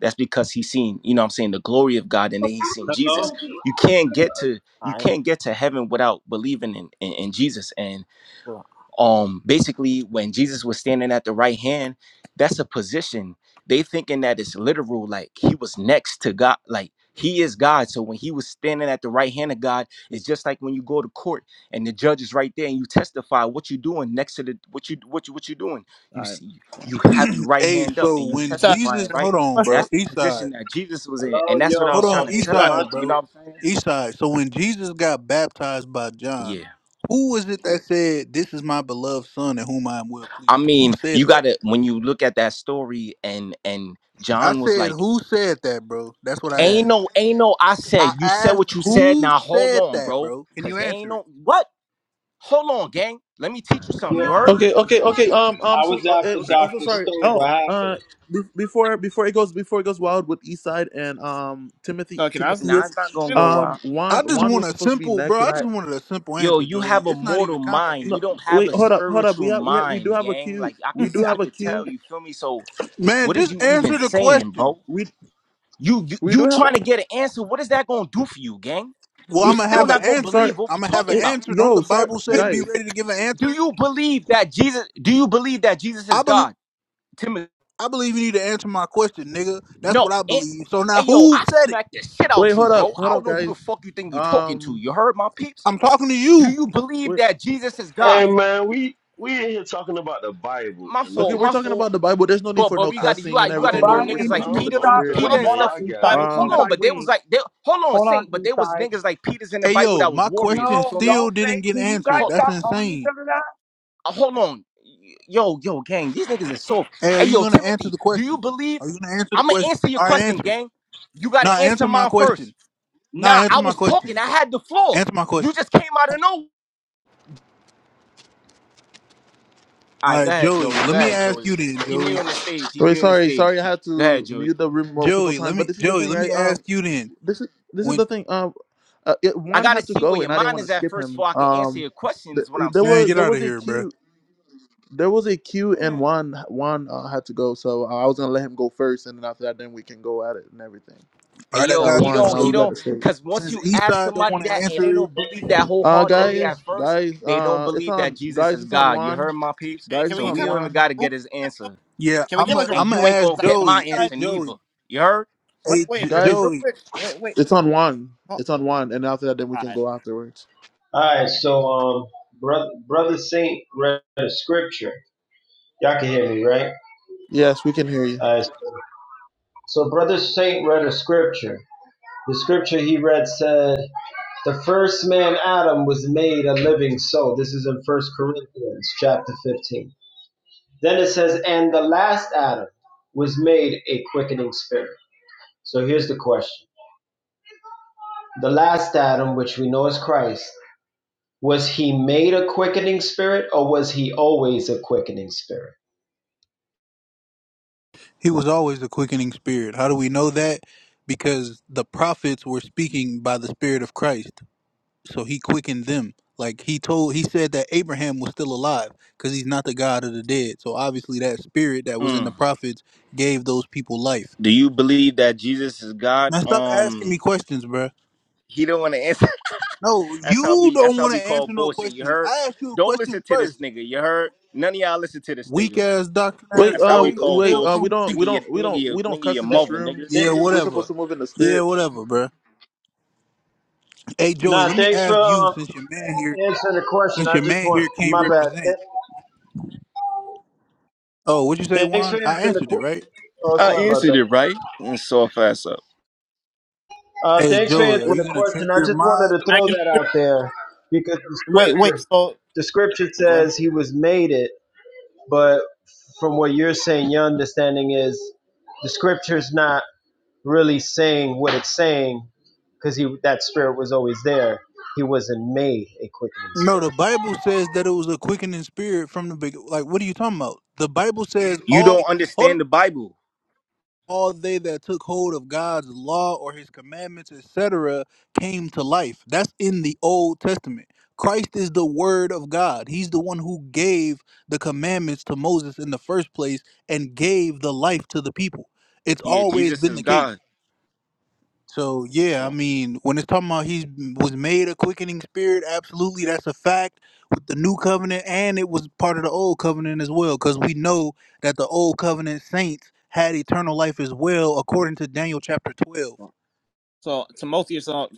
That's because he seen, you know what I'm saying, the glory of God and then he seen Jesus. Hello? You can't get to you right. can't get to heaven without believing in, in, in Jesus. And Cool. um basically when jesus was standing at the right hand that's a position they thinking that it's literal like he was next to god like he is god so when he was standing at the right hand of god it's just like when you go to court and the judge is right there and you testify what you doing next to the what you what you what you doing All you right. see Cool. you have your [CLEARS THROAT] right Hey, hand up so and you when Eastside, Jesus, testifying hold right on, question. bro, that's the East Side, position that jesus was in Hello? and that's Yo, what i hold was trying on, um, to is East it tell Eastside. my Side, them you know bro, turn? what i'm saying East Side. So when Jesus got baptized by John, Yeah. who was it that said, "This is my beloved son, in whom I am well I pleased"? Who mean, you said that? gotta when you look at that story and and I John was said, like, "Who said that, bro?" That's what I Ain't asked. no, ain't no, I I said, you said asked, what you said. "Who Now hold said on, that, bro. bro?" Can you Cause ain't answer it? no what? Hold on, gang. Let me teach you something. You Yeah. heard? okay, okay, okay. Um, I'm I was so uh, eh, after I'm so Dr. Oh, sorry. Stone. no. What Uh, happened? be- before before it goes before it goes wild with Eastside and um Timothy so can I? s- Nah, it's not Timotheus, gonna go well. um Juan I just Juan want was a supposed to be simple, bro. next, and I I just wanted a simple Yo, answer, you Joey. have a It's not even mortal mind. no You complicated, don't have wait a hold up hold up we spiritual have we have, we do mind, have a gang. queue Like I we could do I have a could queue tell, you feel me? So man. what is Just you even answer the saying, question. bro? we You you, we do you have trying to get an answer. What is that gonna do for you, gang? Well, You we I'm gonna we still have s- an not gonna answer. sorry believe what we I'm gonna have an talking Eh, about. answer. Don't the yo sorry Bible say be guys ready to give an Do answer? you believe that Jesus? Do you believe that Jesus I is believe God, Timothy? I believe you need to answer my question, nigga. That's No. what I Eh, believe. So now Hey, yo, who I said it? smacked the shit wait out you, hold up bro. hold I don't up know who the guys fuck you think you're talking to. um You heard my peeps? I'm talking to Do you. you believe wait that Jesus is God? Hey man, we we in here talking about the Bible My and look okay fault. at we're My talking this. fault. about the Bible there's no need But for but no we I, got to you cussing and got you got to everything know I'm we're we're niggas Brian, supposed Can like to can you move I'm in Peter, the I'm stop? spirit Peter Wait, done, and man. hold on, stuff. Y'all got it. Bible Eastside. Hold discussion. um on, Eastside, but they was wait. like they, hold on, Hold on, Saint. But there was Eastside. niggas like Peters in the Hey Bible yo, that was my warriors. You question No, feel me? still don't say. didn't get Can you guys answered. Hold. That's stop calling each insane. other that? Uh, hold on. Yo, yo, gang, these niggas is soft. Hey, are Hey, you yo, gonna answer Timothy, the do you question? believe? Are you gonna answer the I'm gonna question? answer your All right, question, answer it. gang. You gotta Now answer answer my mine question. first. Now Nah, answer I my was question. talking. I had the floor. Answer my You question. just came out of nowhere. All All right, go right, ahead, Joey. Joey. Let Go me ahead, ask you Joey. then, He Joey. muting the stage. He Wait, muting the sorry, stage. sorry, I had Go ahead, to Joey. mute the room multiple Joey, let times. But me this is the Joey, thing, let right? me Um, ask you then. This is this is When the thing. Um, uh, it, I one gotta had to see go, where your and I didn't mind want to is at skip first him. before I can answer Um, your question. th- Is what I'm there man, was saying. get there out was of a here, bro. queue. There was a queue, and Juan Juan uh, had to go. So I was gonna let him go first, and then after that, then we can go at it and everything. All Hey, right, I Yeah, Yo, got he you. Juan, uh, don't, So he you got don't, the stage. because once Since you ask Eastside don't somebody want that to and they answer it, don't believe that Uh, wholeheartedly guys, at first, guys, they don't uh, it's believe that on. Jesus Guys, is it's on God. You Juan. heard my peeps? Can, Guys, can we it's So get on we kind of don't like even Juan. got a to room? get his reset, though? answer. yeah, Can we I'm get like a a room And I'm gonna you ain't reset? going ask 'Cause to get I my Joey. thought Eastside. Hey answer neither. Joey, You heard? Wait, hey wait, J- real, Guys, real Joey. quick. Wait, wait. it's on Juan. Oh, It's all on Juan, and after that, then we can right. go afterwards. All right, so, um, brother, brother Saint read a scripture. Y'all can hear me, right? Yes, we can hear you. All right, so, so brother Saint read a scripture. The scripture he read said, the first man, Adam, was made a living soul. This is in First Corinthians chapter 15. Then it says, and the last Adam was made a quickening spirit. So here's the question The last Adam, which we know is Christ, was he made a quickening spirit or was he always a quickening spirit? He was always the quickening spirit. How do we know that? Because the prophets were speaking by the spirit of Christ, so he quickened them. Like he told, he said that Abraham was still alive because he's not the God of the dead. So obviously, that spirit that was in the Mm. prophets gave those people life. Do you believe that Jesus is God? Now stop asking me Um, questions, bruh. he don't want to answer. No, [LAUGHS] that's how you we, don't that's how want we to call answer no bullshit. You questions. heard? I asked you a Don't question listen to this first. nigga. You heard? None of y'all listen to this Weak nigga. ass, doctor ass Wait, That's how uh, we boy. call wait, Hell uh, bullshit. wrong we with don't, you? Nigga, we your, don't, we nigga, don't, your, we don't nigga, cuss your in Th- this mother, nigga. room. Yeah, This is we're whatever. supposed to move in the Yeah, spirit. whatever, bruh. Hey, Joey, Nah, let me thanks for ask you, um, since your man here, answering the question. since I your just man want, here can't my bad. represent. Th- Oh, what'd you say, Thanks for Juan? answering I the answered it question. right. Oh, I sorry about answered that. it right and saw fast up. Uh, Hey, thanks for Joey, are answering Wait, the you gonna check question. I your just mod? wanted to can I throw get? that out there because the Wait, wait. scripture, So, the scripture go ahead. says he was made it, but from what you're saying, your understanding is the scripture's not really saying what it's saying because he that spirit was always there. He wasn't made a quickening No, spirit. the Bible says that it was a quickening spirit from the big. Like, what are you talking about? The Bible says You all. don't Hold on. understand the Bible. all they that took hold of God's law or his commandments, etc., came to life. That's in the Old Testament. Christ is the word of God. He's the one who gave the commandments to Moses in the first place and gave the life to the people. It's Yeah, always Jesus been is the case. God. So yeah, I So, mean, when it's talking about he was made a quickening spirit, absolutely, that's a fact with the new covenant, and it was part of the old covenant as well, because we know that the old covenant saints had eternal life as well, according to Daniel chapter twelve. so Timothy, so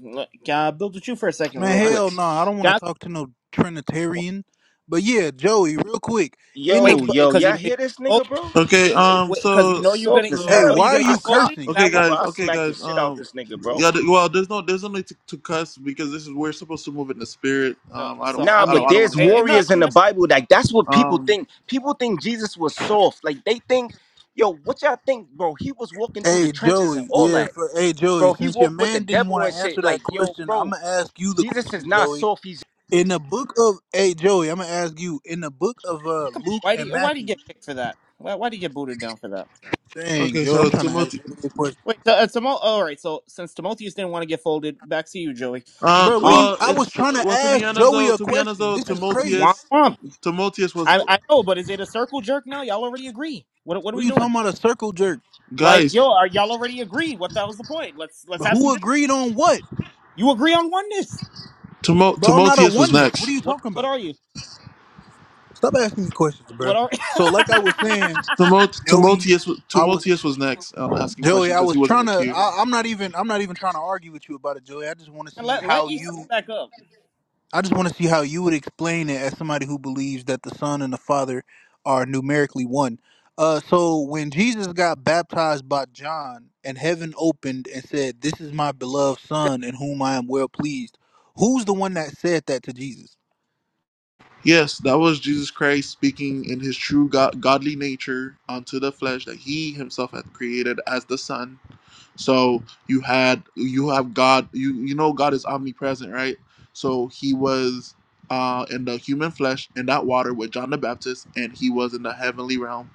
can I build with you for a second, Man, real quick? hell no, What? I don't want Can to I? talk to no Trinitarian. But yeah, Joey, real quick, in the Wait, Yo, bu- yo, because y'all you hear this know. nigga, bro? Okay, He's yo um, wait, because you so, know you're soft gonna as you hey, so, know why you're hell. are gonna I you get saw folded. Is cursing? okay, that why? yo, bro. guys, I okay, smacked the guys, shit out um, this nigga, bro. yeah, th- well, there's no, there's no need to, to cuss because this is we're supposed to move in the spirit. So, Um, I don't so want, I Nah, I mean, but don't, I don't want there's to hear eh, eh, any no, warriors cussing in in the this. Bible. Like that's what room. people Um, think. People think Jesus was soft. Like they think, yo, what y'all think, bro? He was walking through the Hey trenches and Joey, all yeah, that, for, hey Joey, bro. He since your walked with the man didn't devil want and to answer shit. that Like yo, question, I'm bro, gonna ask you the Jesus is question, not Joey soft. He's In the book of hey Joey, I'm gonna ask you in the book of uh come on. Luke Why do and you why do you Matthew. get kicked for that? Why why do you get booted down for that? Dang, okay, Joe, I'm so trying to ask Timothy, Joey a question, Wait, so, uh, Timo, oh, all right. So since Timotheus didn't want to get folded, back to you, Joey. uh, bro. What are Um, you? well, I was it's trying to well to be ask honest Joey though, a to be honest question. though, This is crazy. womp Timotheus, womp. Timotheus was I I know, but is it a circle jerk now? Y'all already agree. What what are What we are you talking doing? about? A circle jerk? Like, guys, yo, are y'all already agree? What the hell's the point? Let's let's have some. Who dis- agreed on what, You agree on oneness. Timo, bro? I'm not a Timotheus was oneness. next. What are you What talking what about? are you? Stop asking me questions, bro. What are? So, like I was saying, Timot- Joey, Timotheus, I was Timotheus was next on asking Joey. question I because was he was in trying the to. queue. I, I'm not even. I'm not even trying to argue with you about it, Joey. I just want to [LAUGHS] see let let how Eastside you back up. I just want to see how you would explain it as somebody who believes that the Son and the Father are numerically one. Uh, so when Jesus got baptized by John and heaven opened and said, "This is my beloved Son in whom I am well pleased," who's the one that said that to Jesus? Yes, that was Jesus Christ speaking in his true God, godly nature unto the flesh that he himself had created as the Son. So you had you have God. You you know God is omnipresent, right? So he was uh, in the human flesh in that water with John the Baptist, and he was in the heavenly realm,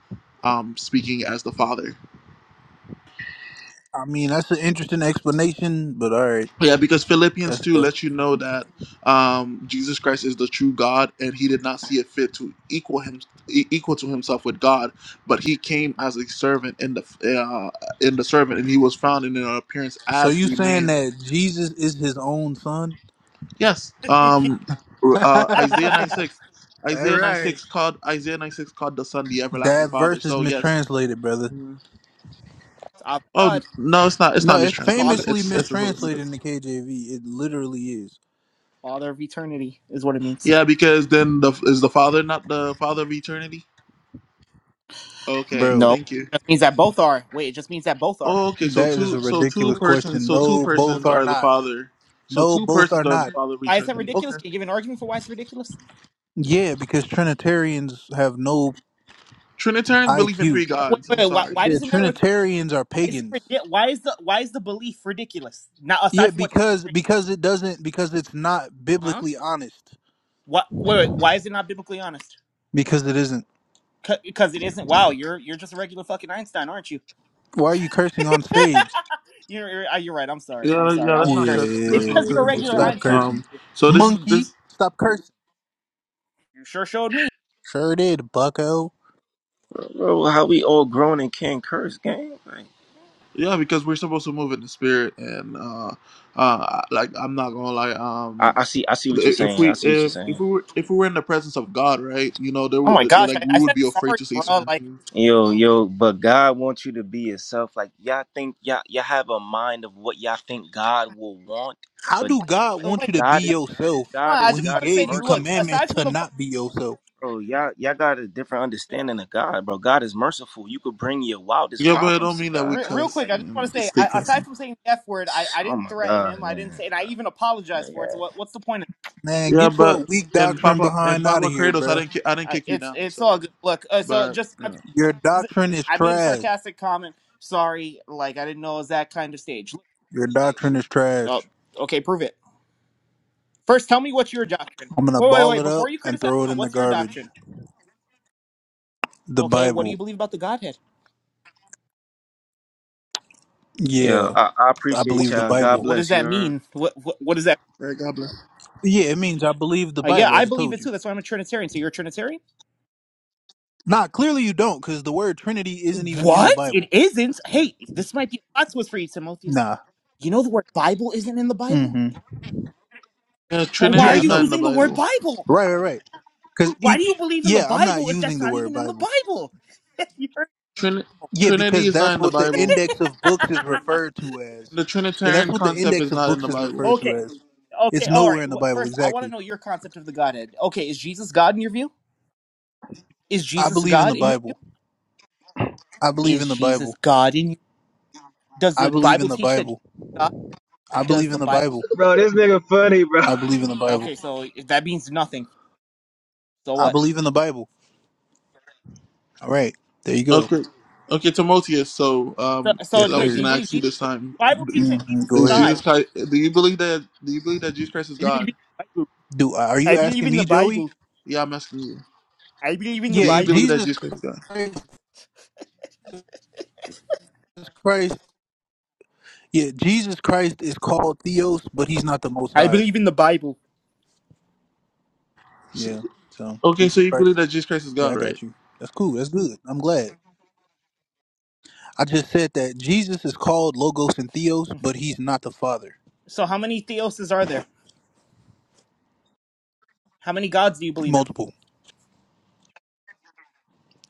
um, speaking as the Father. I mean, that's an interesting explanation, but all right, Yeah, because Philippians that's 2 that's. lets you know that um, Jesus Christ is the true God, and he did not see it fit to equal him e- equal to himself with God, but he came as a servant in the uh, in the servant, and he was found in an appearance So as you a saying man. that Jesus is his own Son? Yes, um, [LAUGHS] uh, Isaiah 9 [LAUGHS] 6. All Isaiah 9 right, 6 called Isaiah 9 6 called the Son the everlasting that Father. verse is So yes. mistranslated, brother. Mhm. Oh Aviad, no, it's not. It's No, not it's father, mistranslated. famously It's this is what it mistranslated in says. the KJV. It literally is. father of eternity is what it means. Yeah, because then the is the Father not the Father of eternity? Okay, Bro, No, thank you. it just means that both are. Wait, it just means that both are. Oh, okay, so that is two a so two ridiculous persons question. so two No, both persons are are the not. Father. So No, two both are persons are the not. Father Why is that returning. ridiculous? Okay. Can you give an argument for why it's ridiculous? Yeah, because Trinitarians have no Trinitarians believe in IQ. three Wait, gods. wait, I'm wait, why, sorry. why Yeah, does it matter what? Trinitarians are Why is it? pagans. ridi- Why is the? Why is the belief ridiculous? Now, Yeah, aside from what? because because it doesn't because it's not Huh? biblically honest. What? Wait, wait, why is it not biblically honest? Because it isn't. Because it isn't. Wow, you're you're just a regular fucking Einstein, aren't you? Why are you cursing on stage? [LAUGHS] you're you're uh, you're right. I'm sorry. I'm Yeah, sorry. yeah, I Yeah, let's won't not curse. cuss yeah, It's yeah, let's because not you're cuss a yeah, on the yeah. regular stage. stop Einstein, aren't cursing. Um you? so this is Monkey, this stop cursing. You sure showed me. Sure did, bucko. Bro, how we all grown and can't curse, gang? Like, yeah, because we're supposed to move in the spirit and uh uh like I'm not gonna lie, I, um I see, I see i- what you're if saying. I we see what you're if if saying. we were if we were in the presence of God, right, you know, there Oh my would gosh, I, like we I would said be afraid sorry, to say bro. certain Like. things. Yo, yo, but God wants you to be yourself. Like y'all think y'all y'all have a mind of what y'all think God will want, How but do Like, God uh, want wait, you to like, be God uh, is yourself hold God on, I is when just He God want to is gave say, you look, merciful. commandments aside from to the, fu- not be yourself? Bro, y'all y'all got a different you know, understanding of God, bro. God is merciful. You could bring your wildest Yeah, you know, but it problems don't to mean that we God. re- re- Like, real what- cuss quick, like, I just want to and say, stay I, cussing. aside from saying the F word, I, I oh didn't my threaten God, him. I didn't man. say, and I even apologized Yeah, for it. So what, what's the point of Man, Yeah, get your but weak in doctrine Papa in behind out of Papa here, Kratos, I bruh. didn't ki- I didn't that? I, kick you it's, down. it's all So, good. Look, uh, so but just you my know, point my Your point is, that doctrine is I made a trash. sarcastic comment. Sorry, like, I didn't know it was that kind of stage. Your doctrine is Oh, trash. okay, prove it. First, tell me what's your doctrine. I'm gonna Wait, wait, ball wait. it Before up you and criticize, throw it no, in the what's your garbage. doctrine? The Okay, what do you Bible. believe about the Godhead? yeah. Yeah, I, I I What, appreciate believe the y'all. what, God Bible. what does bless you. that heard? mean? What, what, what does that? yeah, Hey, God bless. Yeah, it means I believe the Uh, yeah, Bible. I I just believe told it you. too. That's why I'm a Trinitarian. So you're a Trinitarian? Nah, clearly you don't, because the word Trinity isn't even in the What? It Bible. isn't. Hey, this might be a plot twist for you, Timotheus. Nah. You know the word Bible isn't in the Bible. Mm-hmm. Yeah, Well, why are Trinity Yeah, I is you not know. in the using the word Bible. Bible? Right, right, right. Because Why do you each. believe in the Yeah, I'm not Bible if using that's the not word even in the Bible. Bible? [LAUGHS] You're- Trin- Yeah, Trinity because is not that's in the what the Bible. index of books is referred to as. The Yeah, that's Trinitarian what the concept index is of not in the books is [LAUGHS] Bible. referred okay, to as. okay, It's all right. nowhere in the Wh- Bible, First, I want to exactly. know your concept of the Godhead. Okay, is Jesus God in your view? Is I Jesus believe in God the in your view? Bible. I believe Is in the Jesus Bible. God in? you? Does I the believe Bible in the teach that Jesus Bible. is God? I Does believe the in the Bible? Bible. Bro, this nigga funny, bro. I believe in the Bible. Okay, so that means nothing. So I what? believe in the Bible. All right, there you go. Okay, okay, Timotheus. So, So, um, so Yes, I'm wait, just do you sir. gonna believe ask you Jesus? this time: Bible teacher, hmm Jesus is Go Is ahead. Jesus God. Christ? Do you believe that? Do you believe that Jesus Christ is I believe God? Do are you I believe asking in the me, Joey? Bible. Yeah, I'm asking you. I believe in the Do Yeah, you Bible. believe that Jesus Jesus Christ is God? Christ. Jesus Christ. Yeah, Jesus Christ is called Theos, but he's not the Most I High. Bible. Yeah. So Okay, so Jesus you believe Christ. that Jesus Christ is Yeah, I God, right? got you. That's cool. That's good. I'm glad. I just said that Jesus is called Logos and Theos, but he's not the Father. So, how many theoses are there? How many gods do you believe in? Multiple.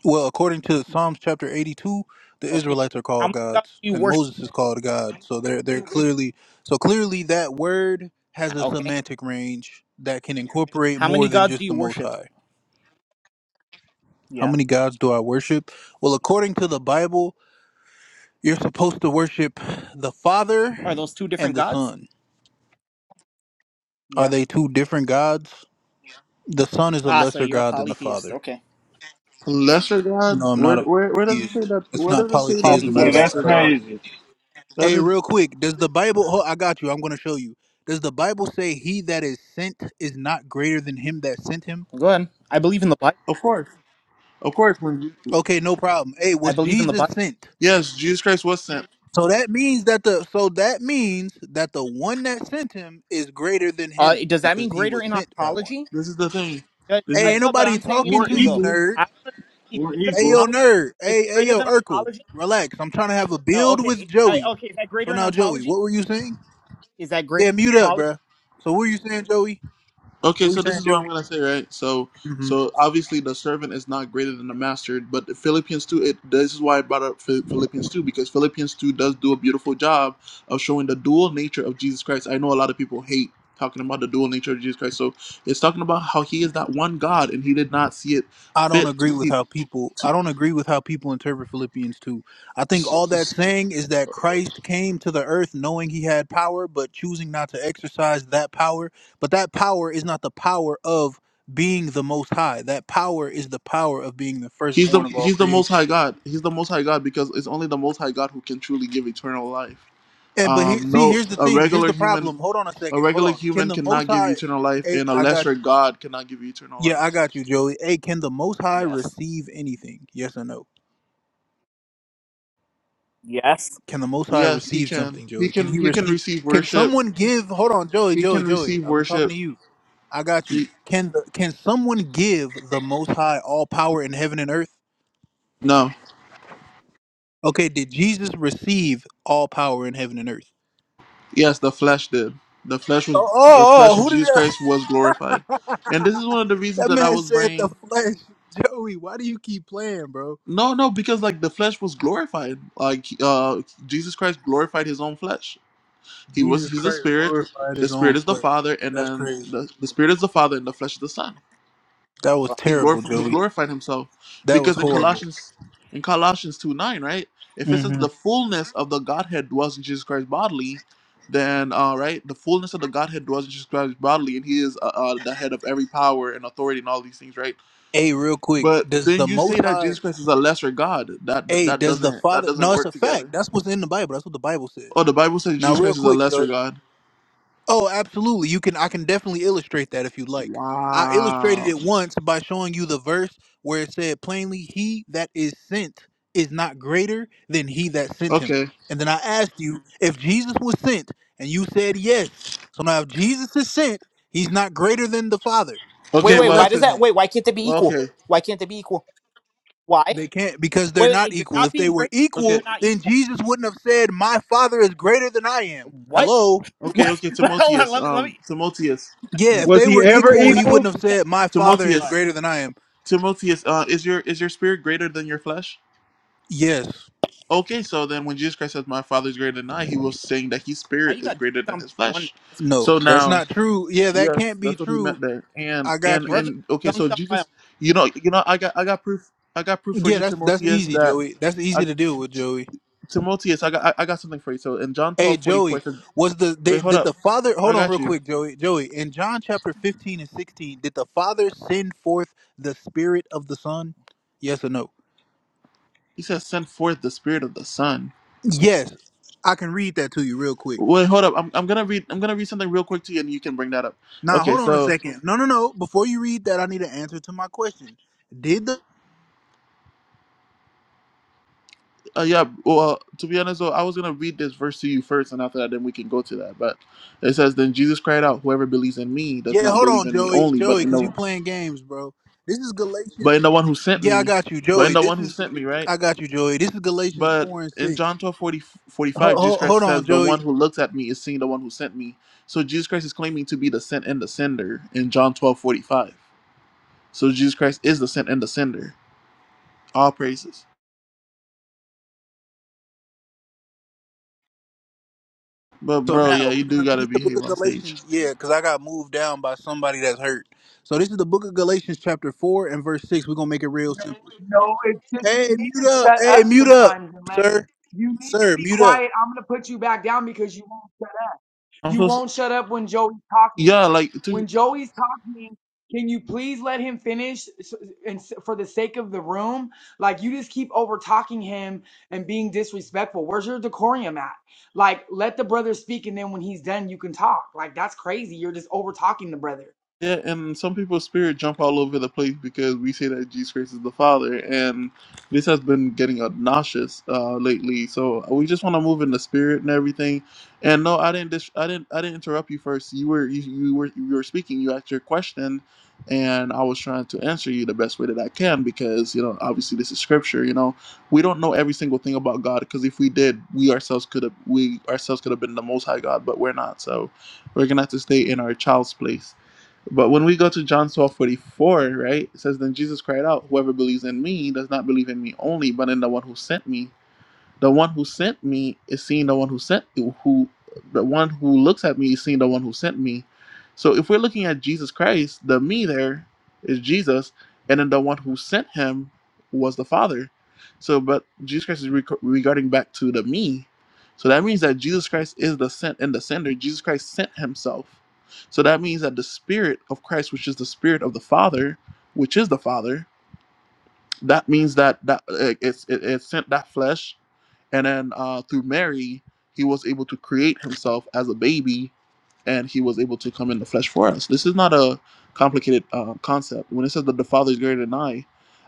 Well, according to Psalms chapter 82, the Okay. Israelites are How called many gods gods, do you and worship? Moses is called God. So they're they're clearly so clearly that word has a Okay. semantic range that can incorporate How many more than gods do just you the Most worship? High. How Yeah. many gods do I worship? Well, according to the Bible, you're supposed to worship the Are Father those two and different the gods? Son. Are Yeah. they two different gods? The Son is a Ah, so lesser you're a God than the polytheist. Father. Okay. Lesser god? No, I'm Where, not a where where does it say polytheist. that? It's Where not does it say that he's polytheism a Hey, at all. that's Polytheist. lesser At all. god? crazy. That Hey, is, real quick, does the Bible? Oh, I got you. I'm going to show you. Does the Bible say he that is sent is not greater than him that sent him? Go ahead. I believe in the Bible. of course, of course. When Je- Okay, no problem. Hey, I was believe in the Jesus Bible. sent? yes, Jesus Christ was sent. So that means that the so that means that the one that sent him is greater than Uh, him does that mean because he greater was in sent by one. ontology? This is the thing. Uh, This Hey, is I, ain't no, but nobody I'm saying it to talking Or to you you, though. equal. nerd. I want to be Or greater than Hey equal. yo, ontology. nerd. Is it Hey, hey greater yo, than Urkel. ontology? Relax. I'm trying to have a Oh, build with okay. Uh, Joey. okay, is that So greater in now, Joey, ontology? what were you saying? Is that greater Yeah, mute in up, ontology? bruh. So what were you saying, Joey? okay. What were you So this saying, is what I'm Joey? gonna say, right? So hmm so obviously the servant is not greater than the master, but the Philippians two. It this is why I brought up Phil- Philippians two because Philippians two does do a beautiful job of showing the dual nature of Jesus Christ. I know a lot of people hate talking about the dual nature of Jesus Christ. So it's talking about how he is that one God and he did not see it I don't fit agree to with keep how people. I don't agree with how people interpret Philippians two. I think all that's saying is that Christ came to the earth knowing he had power, but choosing not to exercise that power. But that power is not the power of being the Most High. That power is the power of being the He's firstborn the of all he's the creation. most high God. He's the most high God because it's only the most high God who can truly give eternal life. And but here, Um, see, no, here's the a thing. Here's regular the human, problem. Hold on a a second. Hold regular on. Can human the cannot Most give you High? eternal life, Hey, and a I got lesser you. God cannot give you eternal Yeah, life. I got you, Joey. Hey, can the Most High Yes. receive anything? Yes or no? Yes. Can the Most High Yes, he receive can. something, He Joey? Can he can. He can receive? receive Can worship. someone give? Hold on, Joey, He Joey, can Joey. receive I'm talking to worship. you. I got you. He Can the can someone give the Most High all power in heaven and earth? no. Okay, did Jesus receive all power in heaven and earth? Yes, the flesh did. The flesh was Oh, the oh, flesh oh of who did Jesus that? Christ was glorified, and this is one of the [LAUGHS] reasons that that I man was said the bringing. flesh, Joey? Why do you keep playing, bro? No, no, because like the flesh was glorified. Like uh, Jesus Christ glorified his own flesh He was Jesus he's the Christ spirit. glorified The his spirit own is the flesh. father, and That's then crazy. the, the spirit is the father, and the flesh is the son. That was He terrible, glorified he Joey. glorified himself That was because in horrible. Colossians in Colossians two nine right, if it says hmm the fullness of the Godhead dwells in Jesus Christ bodily, then uh, right the fullness of the Godhead dwells in Jesus Christ bodily, and he is uh, uh, the head of every power and authority and all these things right. Hey, real quick, But does then the you Most say that High? Jesus Christ is a lesser God. That Hey, that does the doesn't that Father? doesn't No, it's a work fact. together. That's what's in the Bible. That's what the Bible Oh, says. the Bible says Now, Jesus real Christ is a quick, Joey. lesser God. Oh, absolutely. You can I can definitely illustrate that if you would like. I illustrated Wow. it once by showing you the verse where it said plainly, "He that is sent is not greater than he that sent him." Okay. And then I asked you if Jesus was sent, and you said yes. So now if Jesus is sent, he's not greater than the Father. Wait, Okay, He's wait. well, Why does lesser that? than. Wait, why can't they be well, equal? okay, Why can't they be equal? Why? Wait, They can't because they're not wait, it- equal. not If being they were great does mean you're equal, okay, not then equal. Jesus wouldn't have said, "My Father is greater than I am." What? [LAUGHS] Hello. okay, What? okay. [LAUGHS] Hold on. Timotheus, Let me. Let um, me. Timotheus, Yeah, if Was they he were ever Wait. equal, Let, let he me. equal? wouldn't have Can, said, "My I? Okay. father is Go ahead. Timotheus, greater than I am." Timotheus. Uh, is your is your spirit greater than your flesh? Yes, Okay, so then when Jesus Christ says, "My Father is greater than I," he was saying that his How spirit you is got greater dunked than on by his a oneness? flesh. no, So that's now, not true. Yeah, that yes, can't be that's what he true. meant there. And I got and you. Brother and okay, dunked so on by a Jesus, you know, you know, I got I got proof, I got proof for Yeah, you, that's that's Timotheus, easy, that Joey. That's easy I, to deal with, Joey. Timotheus, I got I, I got something for you. So in John Hey, twelve forty four, Joey, it says, was the "Wait, they, hold did up, the father? I Hold on, got real you." quick, Joey. Joey, in John chapter fifteen and sixteen, did the father send forth the spirit of the son? Yes or no? He says, "Send forth the spirit of the Son." Yes, I can read that to you real quick. Wait, hold up. I'm, I'm gonna read. I'm gonna read something real quick to you, and you can bring that up. Now, Okay, hold on a so second. No, no, no. Before you read that, I need an answer to my question. Did the uh, yeah. Well, to be honest, though, I was gonna read this verse to you first, and after that, then we can go to that. But it says, "Then Jesus cried out, 'Whoever believes in me does Yeah, not hold believe on, in me Joey. only, but Joey, in because you the playing games, bro. This is but in Galatians. the one who sent Yeah, I me, got you, but in Joey. the This one who is, sent me, right? I got you, Joey. This is Galatians But 4 and in 6. John 12 40 forty Ho five, ho Jesus hold Christ on, says, "The one Joey. who looks at me is seeing the one who sent me." So Jesus Christ is claiming to be the sent and the sender in John 12 45. So Jesus Christ is the sin and the sender. All praises. But So bro, now yeah, we're you going do to gotta read the book behave of on stage. Galatians. Yeah, because I got moved down by somebody that's hurt. So this is the book of Galatians, chapter 4 and verse 6. We're going to make it real simple. No, it's just Hey, you need mute to up. shut Hey, up mute up, sometimes and let sir. you need to Sir, be mute up. quiet. I'm gonna put you back down because you won't shut up. I'm You so s- won't shut up when Joey's yeah, talking. like to When Joey's talking, can you please let him finish? s- And s- for the sake of the room, like you just keep over talking him and being disrespectful. Where's your decorum at? Like, let the brother speak, and then when he's done, you can talk. Like that's crazy. You're just over talking the brother. Yeah, and some people's spirit jump all over the place because we say that Jesus Christ is the Father, and this has been getting obnoxious uh, lately. So we just want to move in the spirit and everything. And no, I didn't. Dis- I didn't. I didn't interrupt you first. You were. You, you were. You were speaking. You asked your question, and I was trying to answer you the best way that I can because you know, obviously, this is scripture. You know, we don't know every single thing about God because if we did, we ourselves could have. We ourselves could have been the Most High God, but we're not. So we're gonna have to stay in our child's place but when we go to John twelve forty four, right, it says, Then Jesus cried out, Whoever believes in me does not believe in me only, but in the one who sent me. The one who sent me is seeing the one who sent who the one who looks at me is seeing the one who sent me. So if we're looking at Jesus Christ, the me there is Jesus, and then the one who sent him was the Father. So, but Jesus Christ is rec- regarding back to the me. So that means that Jesus Christ is the sent and the sender. Jesus Christ sent himself. So that means that the Spirit of Christ, which is the Spirit of the Father, which is the Father, that means that that uh, it's it, it sent that flesh and then uh, through mary he was able to create himself as a baby and he was able to come in the flesh for us this is not a complicated uh, concept when it says that the father is greater than i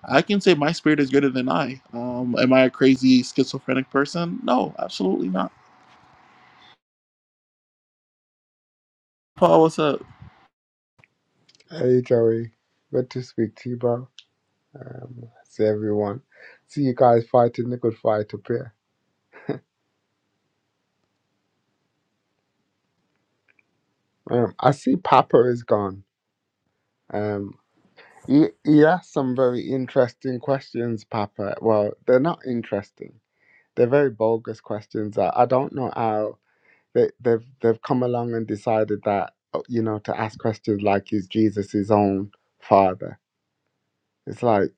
i can say my spirit is greater than i um, am i a crazy schizophrenic person no absolutely not paul what's up Hey Joey, good to speak to you, bro. Um, see everyone. See you guys fighting the good fight up here. Um, I see Papa is gone. Um, he he asked some very interesting questions, Papa. Well, they're not interesting. They're very bogus questions. I, I don't know how they they've they've come along and decided that oh, you know to ask questions like is Jesus his own father? It's like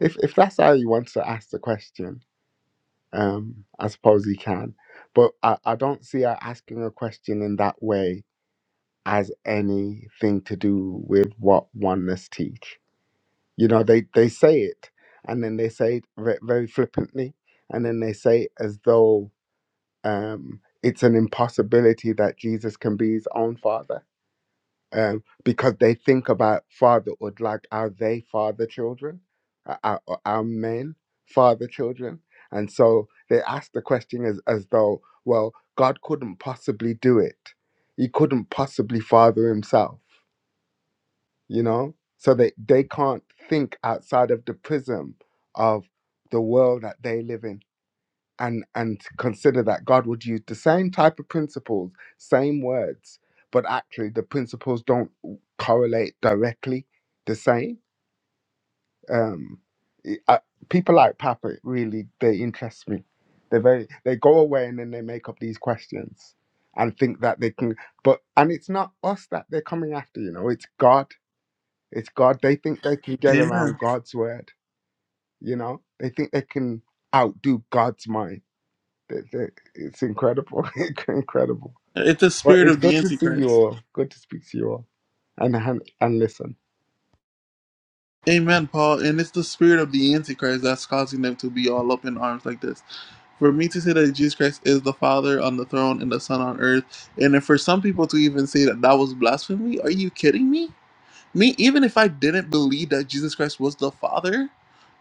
if if that's how you want to ask the question Um, I suppose he can, but I, I don't see her asking a question in that way as anything to do with what oneness teach. You know, they they say it, and then they say it ve- very flippantly, and then they say it as though um, it's an impossibility that Jesus can be his own father um, because they think about fatherhood like how they father children, uh, our, our men father children. And so they ask the question as, as though, well, God couldn't possibly do it. He couldn't possibly father himself, you know? So they, they can't think outside of the prism of the world that they live in and and consider that God would use the same type of principles, same words, but actually the principles don't correlate directly the same. Um, it- I, people like Papa really they interest me. They very they go away and then they make up these questions and think that they can. But and it's not us that they're coming after. You know, it's God. It's God. They think they can get around amen God's word. You know, they think they can outdo God's mind that- that- It's incredible, [LAUGHS] incredible. it's the Well, spirit it's of the good to see you antichrist all. Good to speak to you all, and han- and listen. amen paul and it's the spirit of the antichrist that's causing them to be all up in arms like this For me to say that Jesus Christ is the Father on the throne and the Son on earth, and then for some people to even say that that was blasphemy, are you kidding me? Me, even if I didn't believe that Jesus Christ was the Father,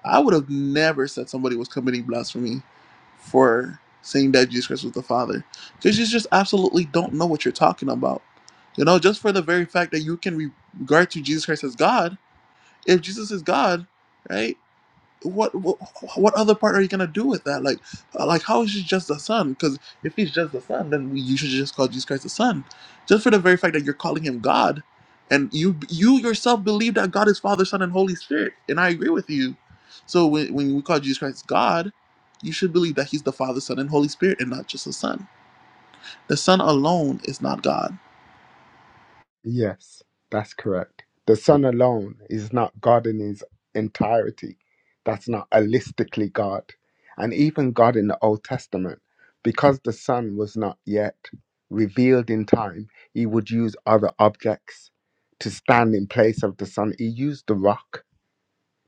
I would have never said somebody was committing blasphemy for saying that Jesus Christ was the Father. Because you just absolutely don't know what you're talking about. You know, just for the very fact that you can regard to Jesus Christ as God, if Jesus is God, right? what what what other part are you gonna do with that? Like, uh, like how is he just the son? Because if he's just the son, then we, you should just call Jesus Christ the son, just for the very fact that you're calling him God, and you you yourself believe that God is Father, Son, and Holy Spirit, and I agree with you. So when when we call Jesus Christ God, you should believe that he's the Father, Son, and Holy Spirit, and not just the Son. The Son alone is not God. Yes, that's correct. The Son alone is not God in His entirety. That's not holistically God, and even God in the Old Testament, because the Son was not yet revealed in time, He would use other objects to stand in place of the Son. He used the rock.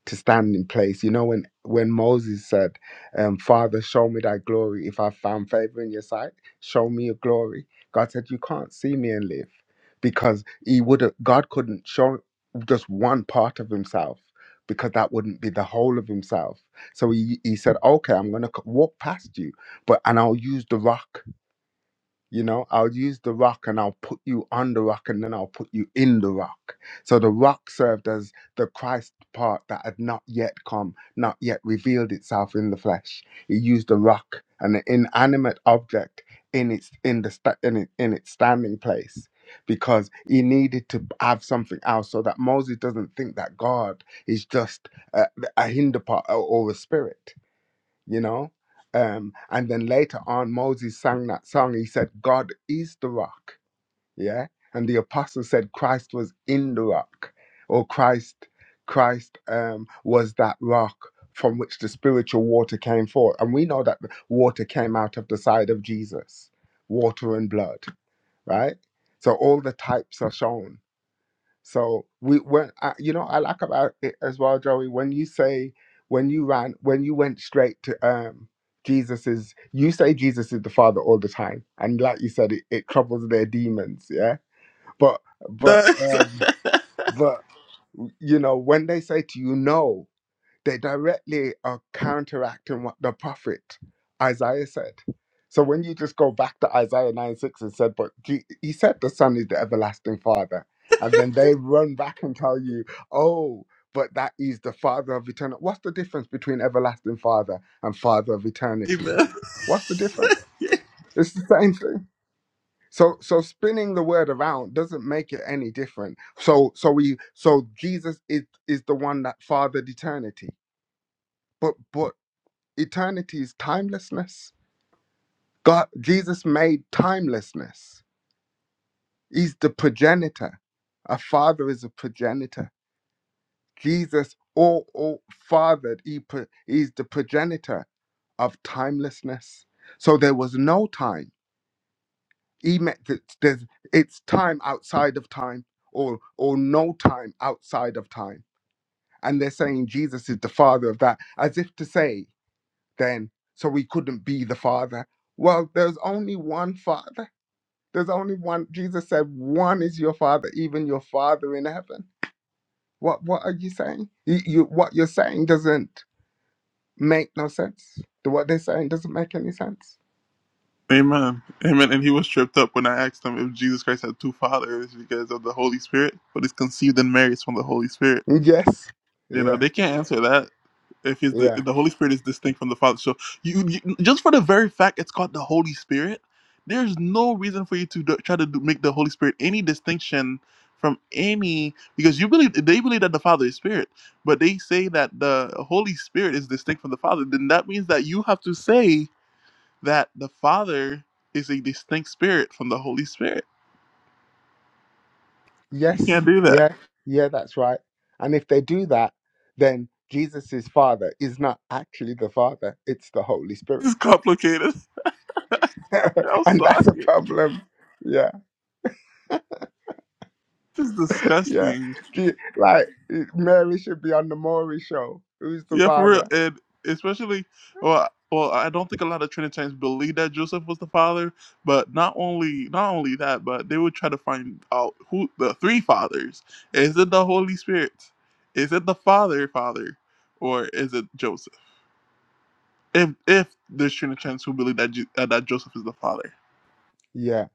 to stand in place. You know, when when Moses said, um, "Father, show me thy glory. If I found favor in your sight, show me your glory." God said, "You can't see me and live," because He would have. God couldn't show just one part of Himself because that wouldn't be the whole of Himself. So He He said, "Okay, I'm going to walk past you, but and I'll use the rock." You know, I'll use the rock and I'll put you on the rock and then I'll put you in the rock. So the rock served as the Christ part that had not yet come, not yet revealed itself in the flesh. He used the rock, an inanimate object, in its in the sta- in, it, in its standing place, because he needed to have something else, so that Moses doesn't think that God is just a, a hinder part or or a spirit you know. Um, and then later on, Moses sang that song. He said, God is the rock, yeah. And the apostle said Christ was in the rock, or Christ, Christ um, was that rock from which the spiritual water came forth. And we know that the water came out of the side of Jesus, water and blood, right? So all the types are shown so we when I, you know I like about it as well, Joey. When you say when you ran when you went straight to um Jesus is you say Jesus is the Father all the time, and like you said, it, it troubles their demons. Yeah, but [LAUGHS] but That's- um but you know when they say to you no they directly are counteracting what the prophet Isaiah said. So when you just go back to Isaiah 9 6 and said, but Je- he said the Son is the everlasting Father. And then they run back and tell you, oh, but that is the Father of eternity. What's the difference between everlasting Father and Father of eternity? Amen. What's the difference? It's the same thing. So so spinning the word around doesn't make it any different. So so we so Jesus is is the one that fathered eternity. But but eternity is timelessness. God, Jesus made timelessness. He's the progenitor. A father is a progenitor. Jesus, all, all fathered, he, pro- he's the progenitor of timelessness. So there was no time. He meant that there's, it's time outside of time or, or no time outside of time. And they're saying Jesus is the father of that, as if to say, then, so we couldn't be the father. Well, there's only one father There's only one. Jesus said, "One is your Father, even your Father in heaven." What What are you saying? You, you what you're saying doesn't make no sense. What they're saying doesn't make any sense. Amen. Amen. And he was tripped up when I asked him if Jesus Christ had two fathers because of the Holy Spirit, but he's conceived in Mary it's from the Holy Spirit. Yes. You know, Yeah. they can't answer that if he's the, Yeah. the Holy Spirit is distinct from the Father. So you, you just for the very fact it's called the Holy Spirit, there's no reason for you to do, try to do, make the Holy Spirit any distinction from any because you believe they believe that the Father is Spirit, but they say that the Holy Spirit is distinct from the Father. Then that means that you have to say that the Father is a distinct spirit from the Holy Spirit. You Yes. can't do that. Yeah. Yeah. That's right. And if they do that, then Jesus's Father is not actually the Father; it's the Holy It's Spirit, complicated. [LAUGHS] I'm [LAUGHS] and sorry. that's a problem. Yeah. This is Yeah. disgusting. Je- Like Mary should be on the Maury show. Who's the Yeah, for real. Father? And especially, well, well, I don't think a lot of Trinitarians believe that Joseph was the father. But not only, not only that, but they would try to find out who the three fathers. Is it the Holy Spirit? Is it the Father, Father, or is it Joseph? If if there's Trinitarians who believe that Ju- uh, that Joseph is the father. Yeah,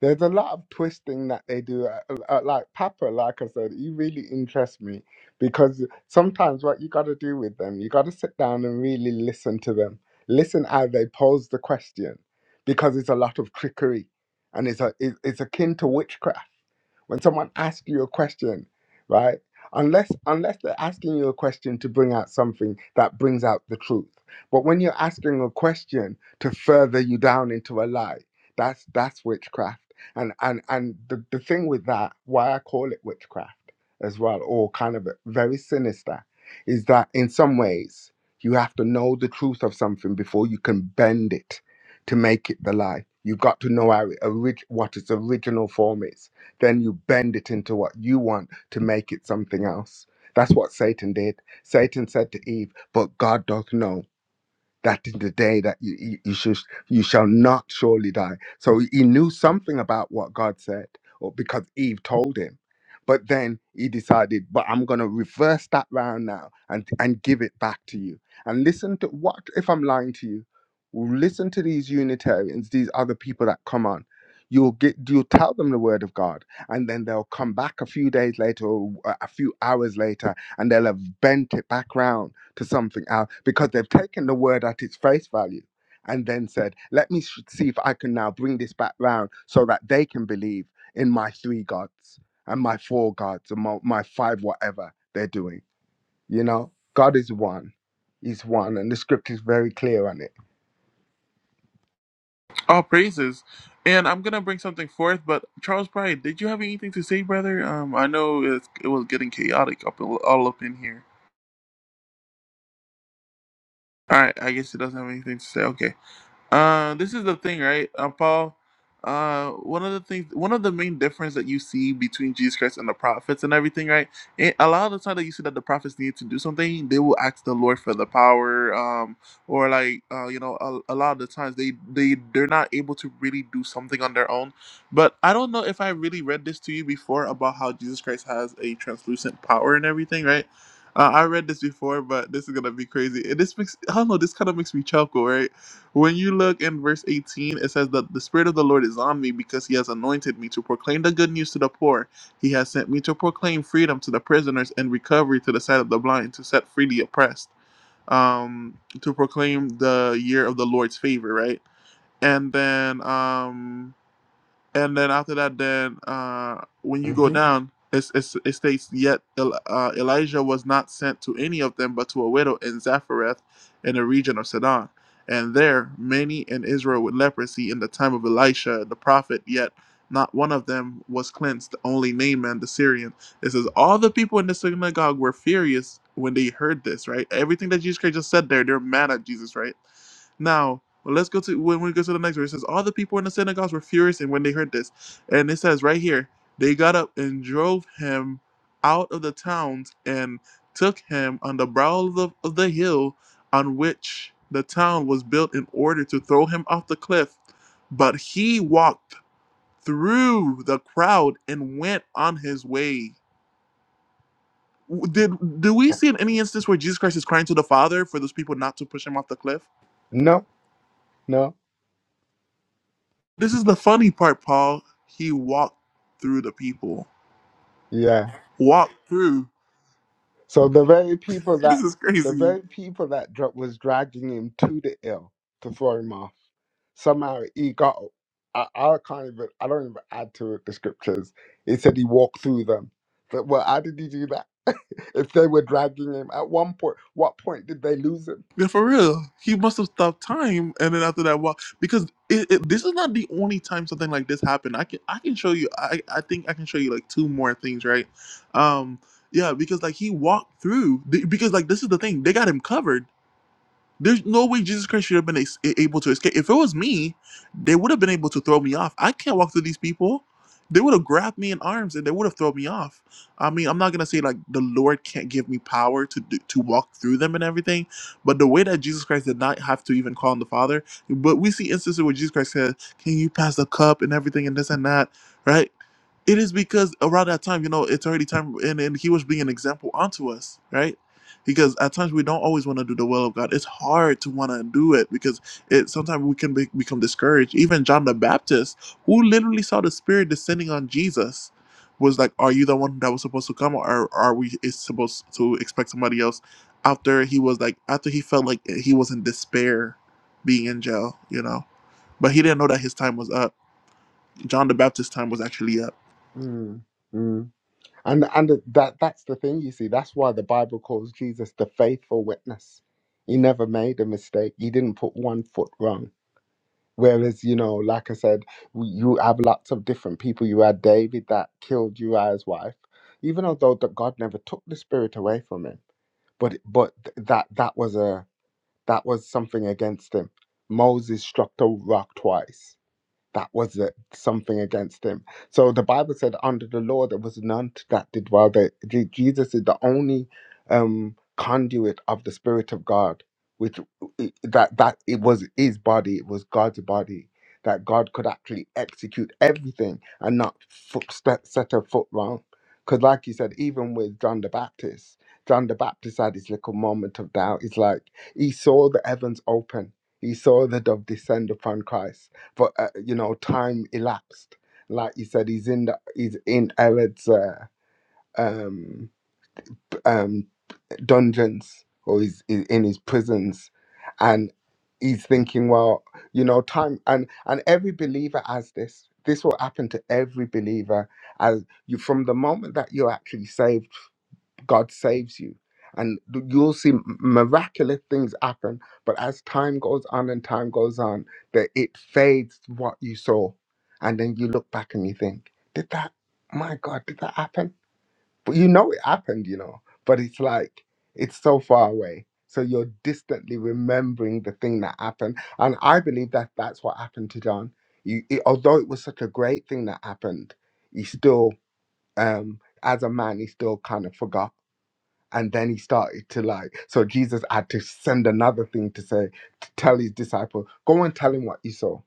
there's a lot of twisting that they do. Uh, uh, like Papa, like I said, he really interests me because sometimes what you got to do with them, you got to sit down and really listen to them. Listen how they pose the question because it's a lot of trickery and it's a it, it's akin to witchcraft. When someone asks you a question, right? Unless unless they're asking you a question to bring out something that brings out the truth. But when you're asking a question to further you down into a lie, that's that's witchcraft. And and and the, the thing with that, why I call it witchcraft as well, or kind of very sinister, is that in some ways you have to know the truth of something before you can bend it to make it the lie. You've got to know how it orig- what its original form is then you bend it into what you want to make it something else. That's what Satan did. Satan said to Eve, But God doth know that in the day that you, you, you should you shall not surely die. So he knew something about what God said, or because Eve told him. But then he decided, but I'm gonna reverse that round now and and give it back to you. And listen to what if I'm lying to you? Listen to these Unitarians, these other people that come on. You'll get you'll tell them the word of God, and then they'll come back a few days later or a a few hours later, and they'll have bent it back round to something out because they've taken the word at its face value and then said, let me sh- see if I can now bring this back round so that they can believe in my three gods and my four gods and my, my five whatever they're doing. You know, God is one. He's one. And the script is very clear on it. All praises. And I'm gonna bring something forth, but Charles Pride, did you have anything to say, brother? Um, I know it, it was getting chaotic up all up in here. All right, I guess he doesn't have anything to say. Okay. Uh, this is the thing, right, uh, Paul? Uh, one of the things, one of the main difference that you see between Jesus Christ and the prophets and everything, right? It, a lot of the time that you see that the prophets need to do something, they will ask the Lord for the power, um, or like, uh, you know, a, a lot of the times they they they're not able to really do something on their own. But I don't know if I really read this to you before about how Jesus Christ has a translucent power and everything, right? Uh, I read this before, but this is gonna be crazy. And this makes I don't know. This kind of makes me chuckle, right? When you look in verse 18, it says that the Spirit of the Lord is on me because He has anointed me to proclaim the good news to the poor. He has sent me to proclaim freedom to the prisoners and recovery to the sight of the blind, to set free the oppressed, um, to proclaim the year of the Lord's favor, right? And then, um, and then after that, then uh, when you go hmm down, it's, it's, it states, Yet El- uh, Elijah was not sent to any of them, but to a widow in Zarephath, in the region of Sidon. And there, many in Israel with leprosy in the time of Elisha the prophet, yet not one of them was cleansed, only Naaman the Syrian. It says, All the people in the synagogue were furious when they heard this, right? Everything that Jesus Christ just said there, they're mad at Jesus, right? Now, well, let's go to when we go to the next verse. It says, All the people in the synagogues were furious and when they heard this. And it says right here, they got up and drove him out of the towns and took him on the brow of the, of the hill on which the town was built in order to throw him off the cliff. But he walked through the crowd and went on his way. W- Did do we see in any instance where Jesus Christ is crying to the Father for those people not to push him off the cliff? No, no. This is the funny part, Paul. He walked through the people. Yeah. Walked through. So the very people This that is the crazy. very people that dra- was dragging him to the hill to throw him off, somehow he got. I, I can't even. I don't even add to it the scriptures. It said he walked through them. But well, how did he do that? [LAUGHS] if they were dragging him, at one point, what point did they lose him? Yeah, for real. He must have stopped time, and then after that walk, because it, it, this is not the only time something like this happened. I can I can show you. I I think I can show you like two more things, right? Um, yeah, because like he walked through. th- Because like this is the thing, they got him covered. There's no way Jesus Christ should have been ex- able to escape. If it was me, they would have been able to throw me off. I can't walk through these people. They would have grabbed me in arms and they would have thrown me off. I mean, I'm not gonna say like the Lord can't give me power to do, to walk through them and everything, but the way that Jesus Christ did not have to even call on the Father, but we see instances where Jesus Christ said, "Can you pass the cup and everything and this and that," right? It is because around that time, you know, it's already time, and, and He was being an example unto us, right? because at times we don't always want to do the will of God. It's hard to want to do it because it sometimes we can be, become discouraged. Even John the Baptist, who literally saw the Spirit descending on Jesus, was like, "Are you the one that was supposed to come, or are we is supposed to expect somebody else?" After he was like, after he felt like he was in despair, being in jail, you know, but he didn't know that his time was up John the Baptist time was actually up. Mm, mm. And and th- that that's the thing you see. That's why the Bible calls Jesus the faithful witness. He never made a mistake. He didn't put one foot wrong Whereas, you know, like I said, w- you have lots of different people. You had David that killed Uriah's wife, even although that God never took the spirit away from him. But but th- that that was a that was something against him. Moses struck the rock twice that was it, something against him. So the Bible said, under the law, there was none that did well. That Je- Jesus is the only um, conduit of the Spirit of God, which that that it was his body, it was God's body. That God could actually execute everything and not foot, set, set a foot wrong. Because, like you said, even with John the Baptist, John the Baptist had his little moment of doubt. It's like he saw the heavens open, he saw the dove descend upon Christ for uh, you know time elapsed like you said he's in the he's in herod's uh, um p- um dungeons or he's, he's in his prisons and he's thinking well you know time and and every believer has this this will happen to every believer as you from the moment that you're actually saved God saves you. And you'll see miraculous things happen. But as time goes on and time goes on, that it fades what you saw. And then you look back and you think, did that, my God, did that happen? But you know it happened, you know. But it's like, it's so far away. So you're distantly remembering the thing that happened. And I believe that that's what happened to John. You, it, although it was such a great thing that happened, he still, um, as a man, he still kind of forgot and then he started to like so jesus had to send another thing to say to tell his disciple go and tell him what you saw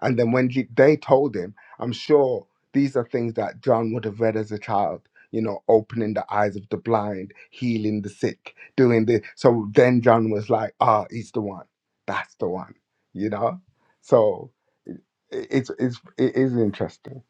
and then when he, they told him i'm sure these are things that john would have read as a child you know opening the eyes of the blind healing the sick doing this so then john was like ah he's the one that's the one you know so i- it's it's it is interesting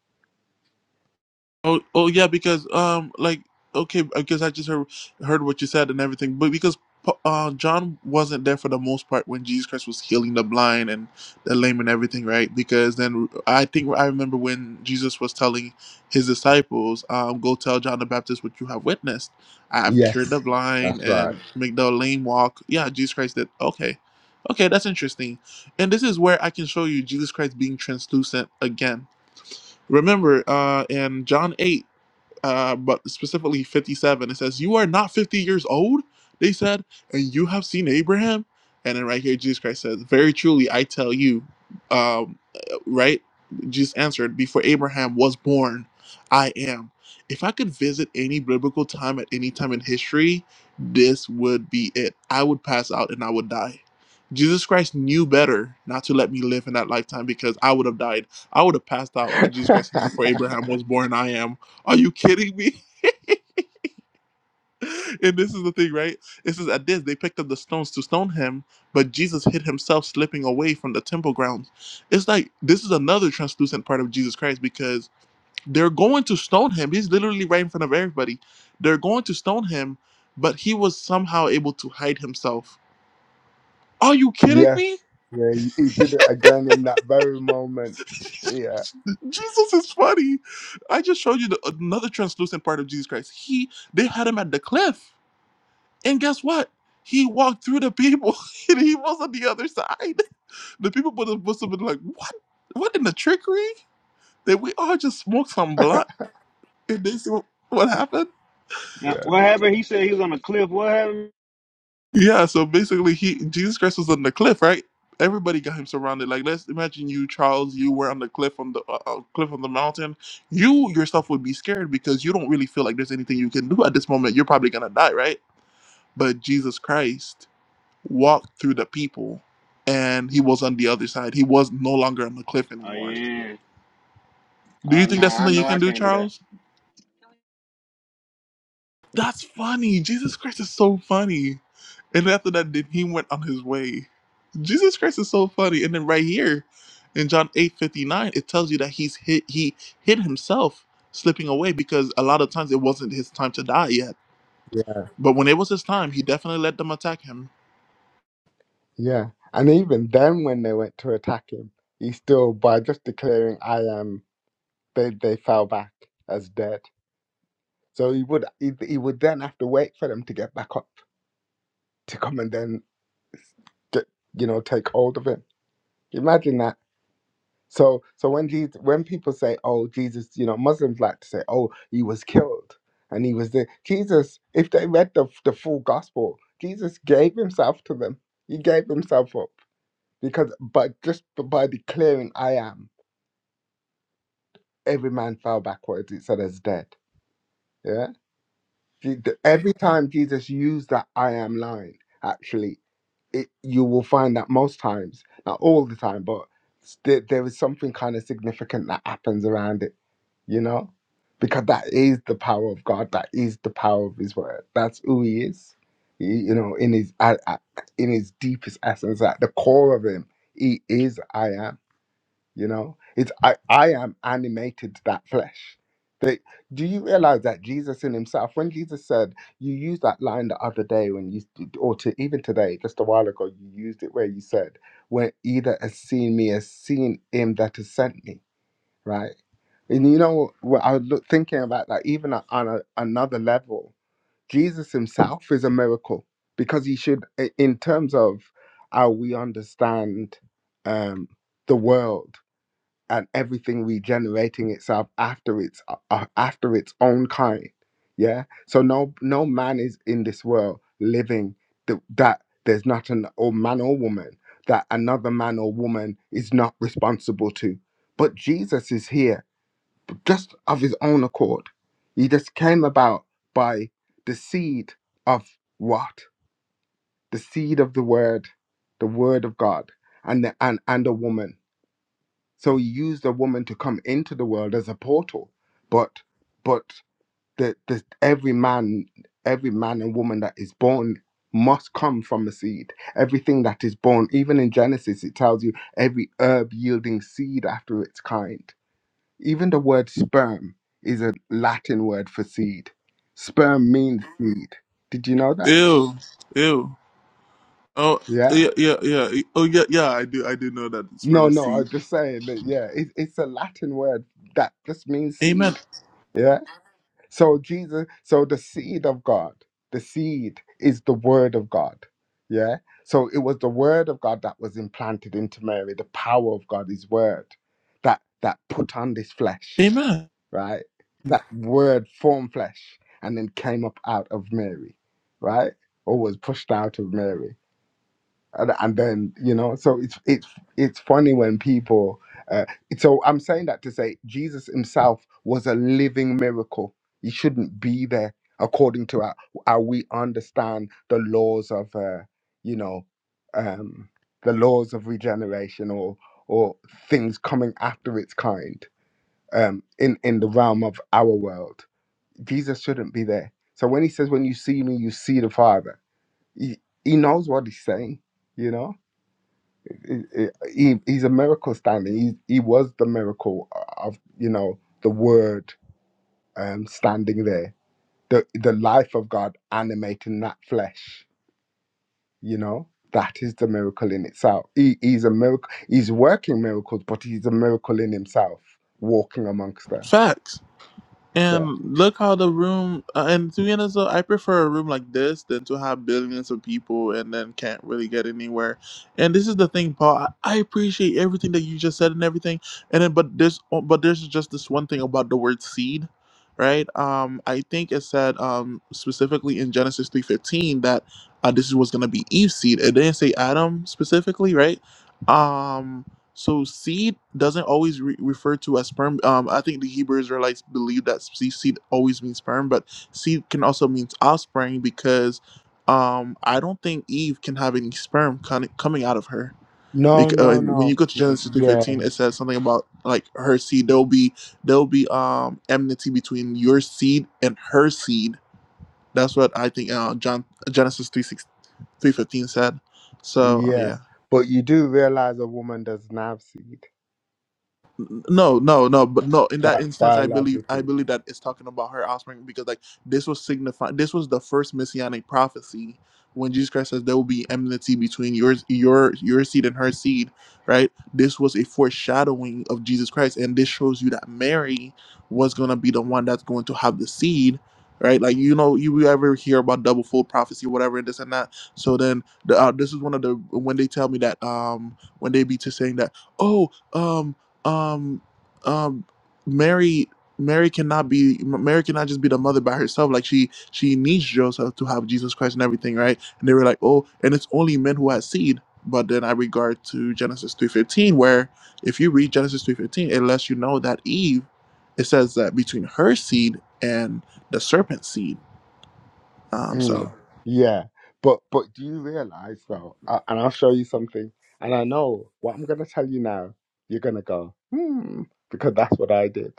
Oh, oh yeah, because um, like okay, because I just heard heard what you said and everything, but because Pa- uh, John wasn't there for the most part when Jesus Christ was healing the blind and the lame and everything, right? Because then I think I remember when Jesus was telling his disciples, um, "Go tell John the Baptist what you have witnessed. I have cured the yes blind that's right and make the lame walk." Yeah, Jesus Christ did. Okay, okay, that's interesting, and this is where I can show you Jesus Christ being translucent again. Remember, uh, in John 8, uh, but specifically 57. It says, You are not 50 years old, they said, and you have seen Abraham. And then right here, Jesus Christ says, Very truly, I tell you, um, right? Jesus answered, Before Abraham was born, I am. If I could visit any biblical time at any time in history, this would be it. I would pass out and I would die. Jesus Christ knew better not to let me live in that lifetime because I would have died. I would have passed out when Jesus Christ [LAUGHS] said, Before Abraham was born, I am are you kidding me? [LAUGHS] And this is the thing, right? It says at this they picked up the stones to stone him, but Jesus hid himself slipping away from the temple grounds. It's like this is another translucent part of Jesus Christ because they're going to stone him. He's literally right in front of everybody. They're going to stone him, but he was somehow able to hide himself. Are you kidding Yes. me? Yeah, he he did it again in that very moment. Yeah. Jesus is funny. I just showed you the, another translucent part of Jesus Christ. He they had him at the cliff And guess what? He walked through the people [LAUGHS] and he was on the other side. The people would have, must have been like, What? What in the trickery? That we all just smoked some blunt and they see what what happened? Now, Yeah. what happened? He said he was on a cliff. What happened? Yeah, so basically he Jesus Christ was on the cliff, right? Everybody got him surrounded. Like let's imagine you, Charles, you were on the cliff on the uh, uh, cliff on the mountain. You yourself would be scared because you don't really feel like there's anything you can do at this moment. You're probably gonna die, right? But Jesus Christ walked through the people and he was on the other side. He was no longer on the cliff Oh, anymore. yeah. Do Oh, you no, think that's I something you know I can do, can't do that. Charles? That's funny. Jesus Christ is so funny. And after that, then he went on his way. Jesus Christ is so funny. And then right here in John eight fifty nine, it tells you that he's hit, he hid himself slipping away because a lot of times it wasn't his time to die yet. Yeah. But when it was his time, he definitely let them attack him. Yeah. And even then when they went to attack him, he still by just declaring I am they they fell back as dead. So he would he, he would then have to wait for them to get back up to come and then get you know, take hold of him. Imagine that. So so when Jesus, when people say, "Oh, Jesus," you know, Muslims like to say, "Oh, he was killed and he was there." Jesus, if they read the the full gospel, Jesus gave himself to them. He gave himself up because, but just b- by declaring, "I am," every man fell backwards. It said as dead. Yeah. Je- the- Every time Jesus used that "I am" line, actually, it you will find that most times, not all the time, but s- there, there is something kind of significant that happens around it you know, because that is the power of God. That is the power of His Word. That's who He is. He- you know, in His at, at- in His deepest essence, at the core of Him, He is I am. You know, it's I I am animated that flesh. They, do you realize that Jesus in Himself, when Jesus said, you used that line the other day when you, or to even today, just a while ago, you used it where you said, "When either has seen me, has seen Him that has sent me." right? And you know what I was look, thinking about that even a- on a, another level, Jesus himself is a miracle because he should, i- in terms of how we understand um, the world and everything regenerating itself after its uh, uh, after its own kind, yeah. So no no man is in this world living th- that there's not an or man or woman that another man or woman is not responsible to, but Jesus is here just of his own accord. He just came about by the seed of what? The seed of the word, the word of God, and the, and and a woman. So he used a woman to come into the world as a portal. But but the, the every man, every man and woman that is born must come from a seed. Everything that is born, even in Genesis, it tells you every herb yielding seed after its kind. Even the word sperm is a Latin word for seed. Sperm means seed. Did you know that? Ew. Ew. Oh Yeah. yeah, yeah, yeah. Oh yeah, yeah. I do, I do know that it's from No, a no, I was seed. just saying that, yeah, it, it's a Latin word that just means Amen. seed. Yeah. So Jesus, so the seed of God, the seed is the word of God. Yeah. So it was the word of God that was implanted into Mary, the power of God, his word, that that put on this flesh. Amen. right? That word formed flesh and then came up out of Mary, right? Or was pushed out of Mary. And, and then, you know, so it's it's it's funny when people uh, so I'm saying that to say Jesus himself was a living miracle. He shouldn't be there according to how, how we understand the laws of uh, you know, um the laws of regeneration or or things coming after its kind um, in in the realm of our world. Jesus shouldn't be there. So when he says, "When you see me, you see the Father," he, he knows what he's saying. You know, he, he- he's a miracle standing. He he was the miracle of you know the Word um, standing there, the the life of God animating that flesh. You know. That is the miracle in itself. He, he's a miracle. He's working miracles, but he's a miracle in himself, walking amongst them. Facts. So And look how the room, uh, and to be honest, though, I prefer a room like this than to have billions of people and then can't really get anywhere. And this is the thing, Paul. I, I appreciate everything that you just said and everything. And then, but there's, but there's just this one thing about the word seed, right? Um, I think it said um specifically in Genesis three fifteen that uh, this was gonna be Eve's seed. It didn't say Adam specifically, right? Um, so seed doesn't always re- refer to as sperm. Um, I think the Hebrew Israelites believe that se- seed always means sperm, but seed can also mean offspring because um, I don't think Eve can have any sperm con- coming out of her. No, Bec- uh, no, and when you no. go to Genesis three Yeah, fifteen, it says something about like her seed. There'll be there'll be um enmity between your seed and her seed. That's what I think. Uh, John Genesis three six three fifteen said. So uh, yeah. yeah. But you do realize a woman does not have seed, No, no, no, but no. In that bi- instance, I believe I biologically. believe that it's talking about her offspring because like this was signifying this was the first messianic prophecy when Jesus Christ says there will be enmity between yours your your seed and her seed, right? This was a foreshadowing of Jesus Christ, and this shows you that Mary was gonna be the one that's going to have the seed, right? Like you know, you you ever hear about double fold prophecy, whatever, and this and that. So then, the, uh, this is one of the when they tell me that um when they be to saying that oh um um um mary mary cannot be mary cannot just be the mother by herself like she she needs joseph to have jesus christ and everything right and they were like oh and it's only men who have seed but then i regard to genesis 3.15 where if you read genesis 3.15 it lets you know that eve it says that between her seed and the serpent's seed um Mm, so yeah, but but do you realize though? Uh, and I'll show you something. And I know what I'm going to tell you now. You're going to go hmm because that's what I did.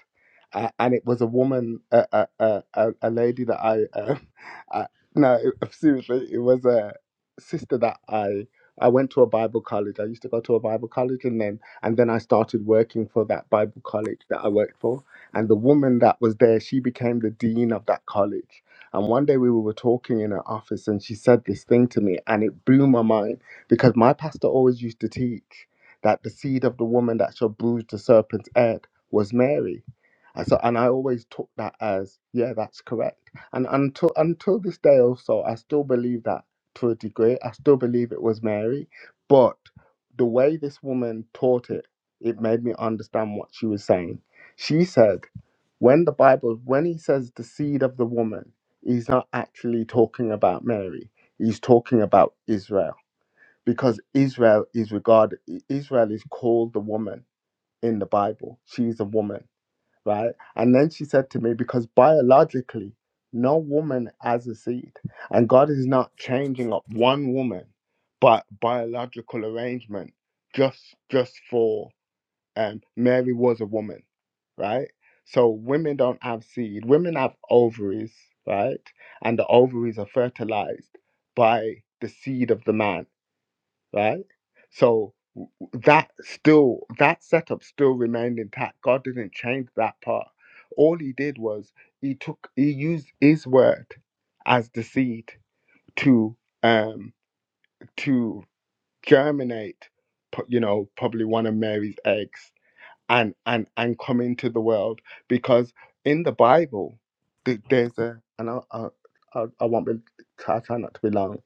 Uh, and it was a woman, a a a, a a lady that I, um, [LAUGHS] I no it- [LAUGHS] seriously, it was a sister that I I went to a Bible college. I used to go to a Bible college, and then and then I started working for that Bible college that I worked for. And the woman that was there, she became the dean of that college and one day we were talking in her office and she said this thing to me and it blew my mind because my pastor always used to teach that the seed of the woman that shall bruise the serpent's head was Mary. And so and I always took that as, yeah, that's correct. And until until this day also, I still believe that to a degree. I still believe it was Mary. But the way this woman taught it, it made me understand what she was saying. She said, when the Bible, when he says the seed of the woman, he's not actually talking about Mary. He's talking about Israel because Israel is regarded, Israel is called the woman in the Bible. She's a woman, right? And then she said to me, because biologically, no woman has a seed, and God is not changing up one woman, but biological arrangement just just for and Mary was a woman, right? So women don't have seed. Women have ovaries, right? And the ovaries are fertilized by the seed of the man, right? So that still that setup still remained intact. God didn't change that part. All he did was he took he used his word as the seed to um to germinate pu- you know probably one of Mary's eggs and and and come into the world because in the bible th- there's a and i i, I I won't be try, try not to be long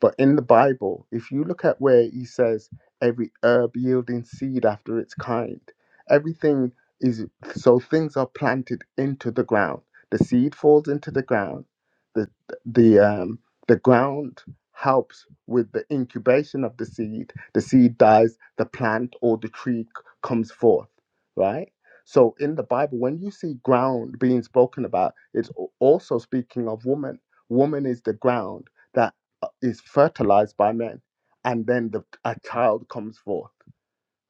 but in the bible if you look at where he says every herb yielding seed after its kind everything is so things are planted into the ground the seed falls into the ground the the um the ground helps with the incubation of the seed the seed dies the plant or the tree c- comes forth right? So in the Bible, when you see ground being spoken about, it's al- also speaking of woman. Woman is the ground that uh, is fertilized by men, and then the, a child comes forth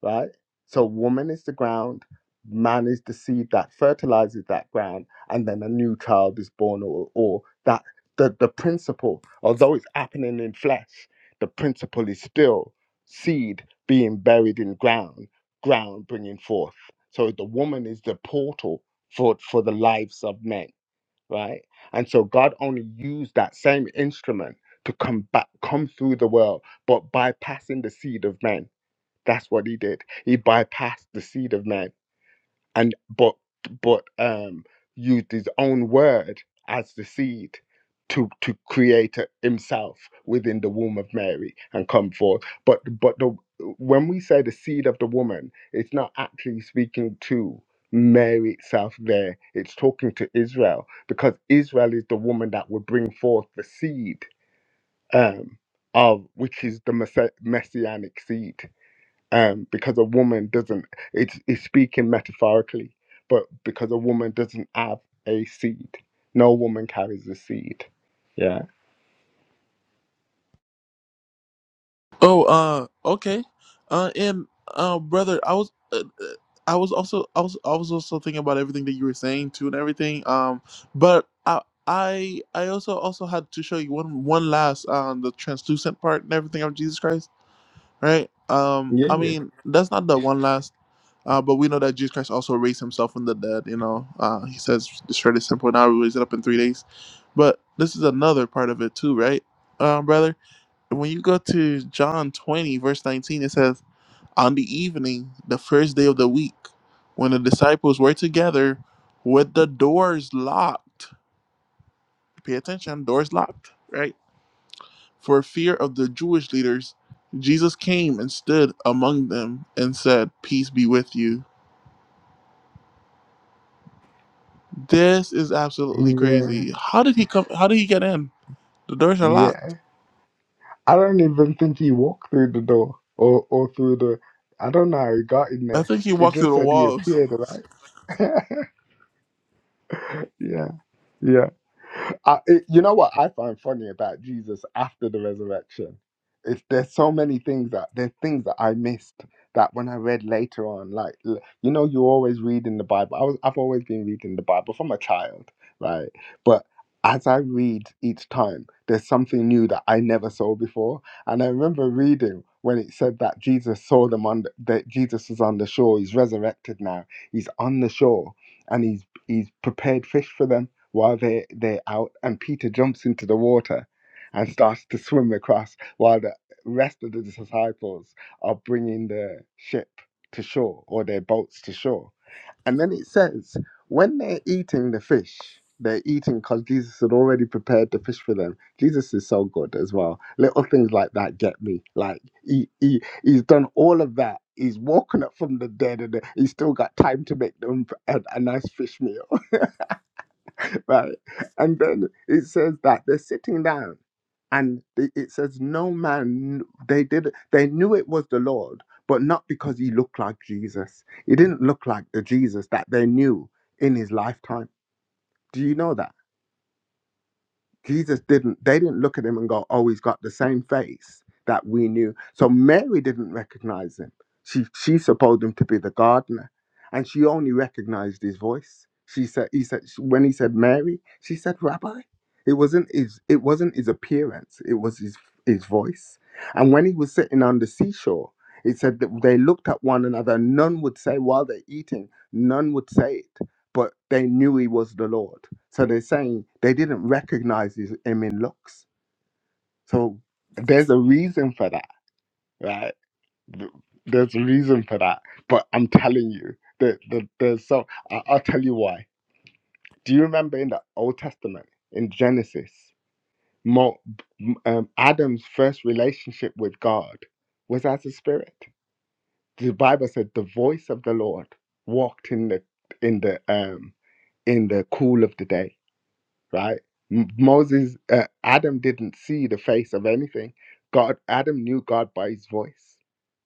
right? So woman is the ground, man is the seed that fertilizes that ground, and then a new child is born, or or that the the principle, although it's happening in flesh, the principle is still seed being buried in ground, ground bringing forth. So the woman is the portal for for the lives of men, right? And so God only used that same instrument to come back, come through the world, but bypassing the seed of men that's what he did. He bypassed the seed of man and but but um used his own word as the seed to to create a- himself within the womb of Mary and come forth. But but the when we say the seed of the woman, it's not actually speaking to Mary itself there. It's talking to Israel because Israel is the woman that would bring forth the seed um of which is the messa- messianic seed um, because a woman doesn't it's, it's speaking metaphorically but because a woman doesn't have a seed no woman carries a seed yeah Oh, uh, okay. Uh, and uh, brother, I was, uh, uh, I was also, I was, I was also thinking about everything that you were saying too and everything. Um, but I, I, I also also had to show you one, one last, um, the translucent part and everything of Jesus Christ, right? Um, yeah I mean, that's not the one last. Uh, but we know that Jesus Christ also raised himself from the dead, you know. Uh, he says, destroy this temple, now we raise it up in three days. But this is another part of it too, right, uh, brother? when you go to John 20, verse 19, it says, On the evening, the first day of the week, when the disciples were together with the doors locked, pay attention, doors locked, right? For fear of the Jewish leaders, Jesus came and stood among them and said, 'Peace be with you. This is absolutely yeah crazy. How did he come? How did he get in? The doors are yeah locked. i don't even think he walked through the door or or through the i don't know how he got in I there think he he walked just through the said he walls. appeared right [LAUGHS] yeah yeah I, it, you know what I find funny about Jesus after the resurrection is there's so many things that there's things that I missed that when I read later on, like l- you know, you always read in the Bible. I was I've always been reading the Bible from a child, right? But as I read each time, there's something new that I never saw before. And I remember reading when it said that Jesus saw them on the, that Jesus was on the shore. He's resurrected now. He's on the shore and he's he's prepared fish for them while they, they're out, and Peter jumps into the water and starts to swim across while the rest of the disciples are bringing the ship to shore or their boats to shore. And then it says, when they're eating the fish, they're eating because Jesus had already prepared the fish for them. Jesus is so good as well. Little things like that get me. Like he, he he's done all of that. He's woken up from the dead, and he's still got time to make them a, a nice fish meal right? And then it says that they're sitting down, and the- it says no man. They did. They knew it was the Lord, but not because he looked like Jesus. He didn't look like the Jesus that they knew in his lifetime. Do you know that? Jesus didn't, they didn't look at him and go, oh, he's got the same face that we knew. So Mary didn't recognize him. She, she supposed him to be the gardener. And she only recognized his voice. She said, he said, when he said Mary, she said Rabbi. It wasn't his, it wasn't his appearance. It was his, his voice. And when he was sitting on the seashore, it said that they looked at one another. None would say while they're eating, none would say it, but they knew he was the Lord so they're saying they didn't recognize his, him in looks. So there's a reason for that, right? Th- There's a reason for that. But I'm telling you, that the, there's so I, I'll tell you why. Do you remember in the Old Testament, in Genesis, Mo, um, Adam's first relationship with God was as a spirit. The Bible said the voice of the Lord walked in the in the um in the cool of the day right? M- Moses, uh, Adam didn't see the face of anything. God, Adam knew God by his voice,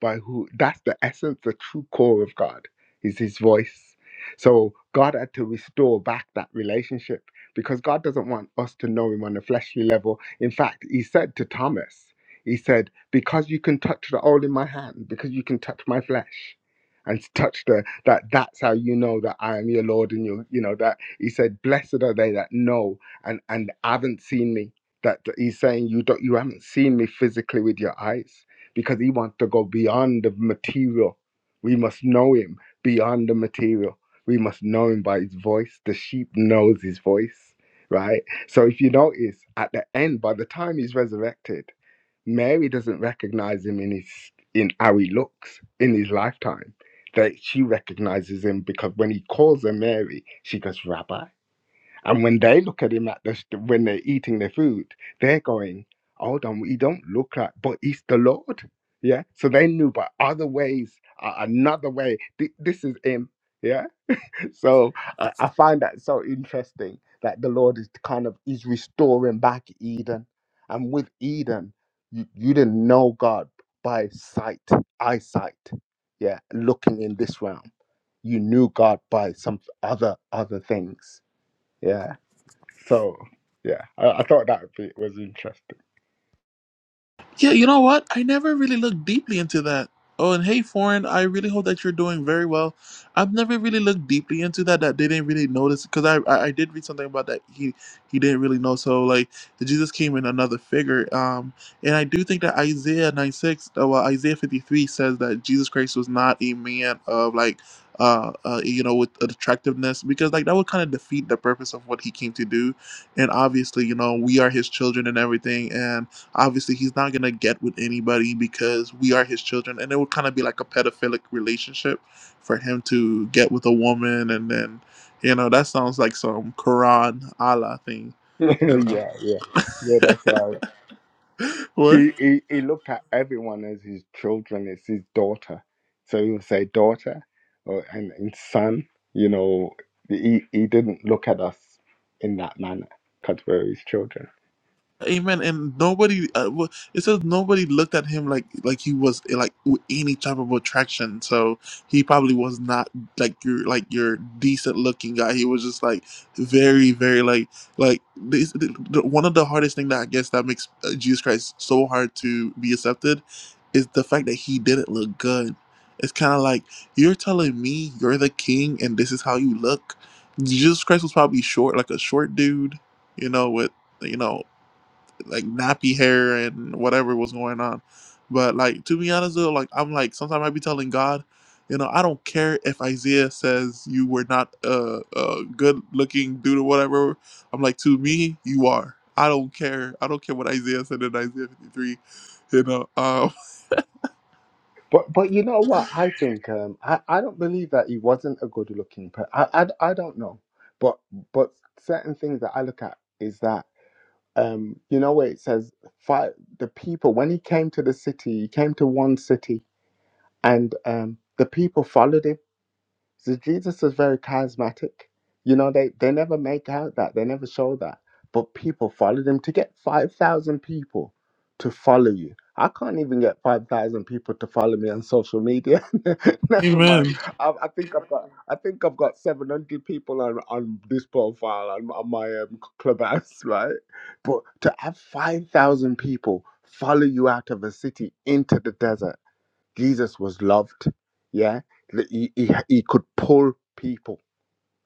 by who. That's the essence, the true core of God is his voice. So God had to restore back that relationship because God doesn't want us to know him on a fleshly level. In fact, he said to Thomas, he said, because you can touch the oil in my hand, because you can touch my flesh and touch the, that, that's how you know that I am your Lord and your, you know, that he said, "Blessed are they that know and and haven't seen me." That that he's saying you don't you haven't seen me physically with your eyes because he wants to go beyond the material. We must know him beyond the material. We must know him by his voice. The sheep knows his voice, right? So if you notice at the end, by the time he's resurrected, Mary doesn't recognize him in his in how he looks in his lifetime. That she recognizes him because when he calls her Mary, she goes, Rabbi. And when they look at him at the, st- when they're eating their food, they're going, hold on, he don't look like, but he's the Lord. Yeah. So they knew by other ways, uh, another way, thi- this is him. Yeah. [LAUGHS] So I, I find that so interesting that the Lord is kind of, is restoring back Eden. And with Eden, you, you didn't know God by sight, eyesight. Yeah. Looking in this realm, you knew God by some other, other things. Yeah so yeah, I, I thought that bit was interesting. Yeah, you know what? I never really looked deeply into that. Oh, and hey, foreign, I really hope that you're doing very well. I've never really looked deeply into that. That they didn't really notice because I, I I did read something about that he he didn't really know. So like Jesus came in another figure. Um, and I do think that Isaiah 96, uh, well Isaiah 53 says that Jesus Christ was not a man of like uh, uh you know with attractiveness because like that would kind of defeat the purpose of what he came to do. And obviously you know we are his children and everything and Obviously, he's not going to get with anybody because we are his children. And it would kind of be like a pedophilic relationship for him to get with a woman. And then, you know, that sounds like some Quran Allah thing. [LAUGHS] yeah, You know? yeah, yeah. That's right. [LAUGHS] what? He, he he looked at everyone as his children. It's his daughter, so he would say daughter, or and, and son. You know, he he didn't look at us in that manner because we're his children. Amen. And nobody, uh, w- it says nobody looked at him like like he was eh, like with any type of attraction. So he probably was not like your like your decent looking guy. He was just like very very like like this, the, the- one of the hardest thing that I guess that makes uh, Jesus Christ so hard to be accepted is the fact that he didn't look good. It's kind of like you're telling me you're the king and this is how you look. Jesus Christ was probably short, like a short dude, you know, with you know like nappy hair and whatever was going on. But like to be honest though, like I'm like sometimes I be telling God, you know, I don't care if Isaiah says you were not a, a good looking dude or whatever. I'm like to me, you are. I don't care. I don't care what Isaiah said in Isaiah 53. You know. Um, But but you know what? I think um, I I don't believe that he wasn't a good looking person. I, I I don't know, but but certain things that I look at is that. Um, you know where it says five, the people when he came to the city, he came to one city, and um, the people followed him so Jesus was very charismatic. You know, they, they never make out that, they never show that. But people followed him to get 5,000 people to follow you. I can't even get 5,000 people to follow me on social media. [LAUGHS] [LAUGHS] never mind. Amen. I, I think I've got I think I've got 700 people on, on this profile on, on my um, clubhouse, [LAUGHS] right? But to have 5,000 people follow you out of a city into the desert Jesus was loved. Yeah, he, he, he could pull people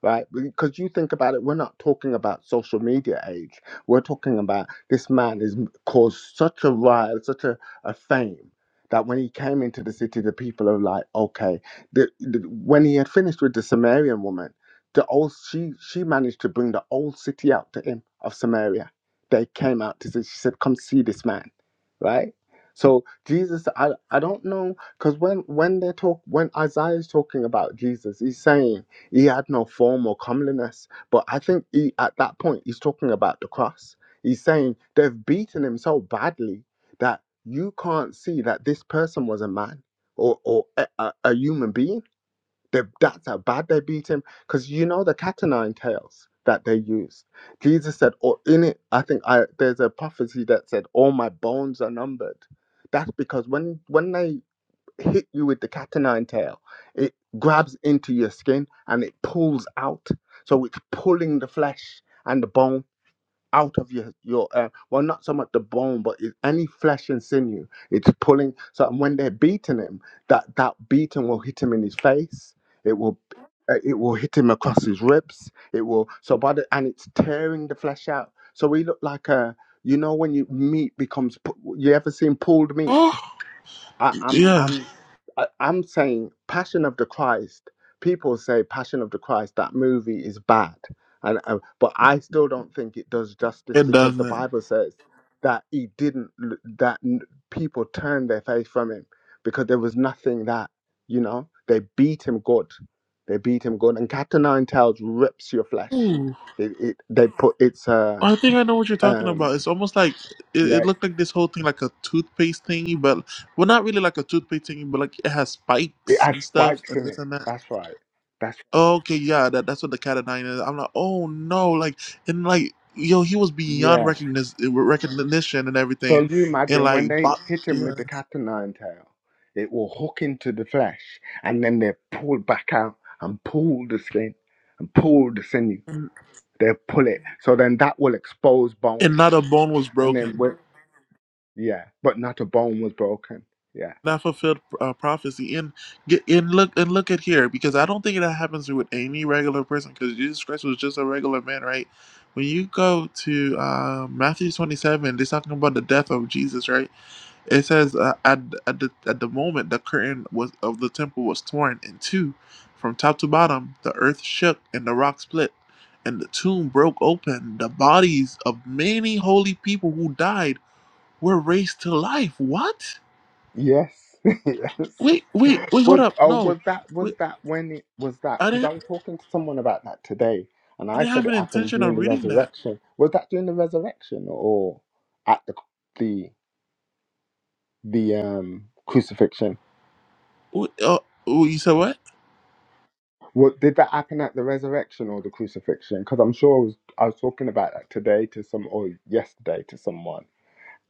right? Because you think about it, we're not talking about social media age. We're talking about this man has caused such a riot, such a, a fame. That when he came into the city, the people are like, okay. The, the, when he had finished with the Samaritan woman, the old she she managed to bring the whole city out to him of Samaria. They came out to say, she said, come see this man, right? So Jesus, I I don't know, because when when they talk when Isaiah is talking about Jesus, he's saying he had no form or comeliness. But I think he, at that point, he's talking about the cross. He's saying they've beaten him so badly that you can't see that this person was a man or, or a, a, a human being. They, that's how bad they beat him. Because you know the cat o' nine tails that they used. Jesus said, or in it, I think I, there's a prophecy that said, all my bones are numbered. That's because when when they hit you with the cat o' nine tail. It grabs into your skin and it pulls out. So it's pulling the flesh and the bone out of your your uh, well, not so much the bone, but it, any flesh and sinew. It's pulling. So and when they're beating him, that that beating will hit him in his face. It will. uh, It will hit him across his ribs. It will so by the and it's tearing the flesh out. So we look like a you know when you meat becomes pu- you ever seen pulled meat? Oh, I, I'm Yeah, I'm I, I'm saying Passion of the Christ. People say Passion of the Christ that movie is bad, and uh, but I still don't think it does justice it because the doesn't. Bible says that he didn't l- that n- people turned their face from him because there was nothing that you know they beat him good, they beat him good, and Captain Nine Tails rips your flesh. It, it they put it's uh I think I know what you're talking about. um It's almost like it, yeah it looked like this whole thing, like a toothpaste thingy, but well, not really like a toothpaste thingy, but like it has it spikes has and stuff spikes and in this it. and that. That's right. That's Okay, yeah, that, that's what the cat of nine is. I'm like, oh no, like and like yo, he was beyond yeah. recognition, recognition and So everything, you and imagine like, when bo- they hit him yeah, with the cat o' nine tail, it will hook into the flesh and then they pull back out and pull the skin and pull the sinew. and, They pull it. So then that will expose and bone. not a bone was And then, broken. we- yeah, but not a bone was broken. Yeah. that fulfilled uh, prophecy and get and look and look at here because I don't think that happens with any regular person because Jesus Christ was just a regular man, right? When you go to uh, Matthew twenty seven, they're talking about the death of Jesus, right? It says uh, at at the at the moment the curtain was of the temple was torn in two, from top to bottom. The earth shook and the rock split, and the tomb broke open. The bodies of many holy people who died were raised to life. What? Yes. [LAUGHS] yes. Wait, wait, wait, hold Was up. oh No, was that was wait, that when it was that I because I didn't, was talking to someone about that today and I I didn't said have an it happened intention on during the reading that. resurrection. Was that during the resurrection or at the the? the um, crucifixion. Wait, uh, oh, you said what? What did that happen at the resurrection or the crucifixion? Because I'm sure I was, I was talking about that today to some or yesterday to someone,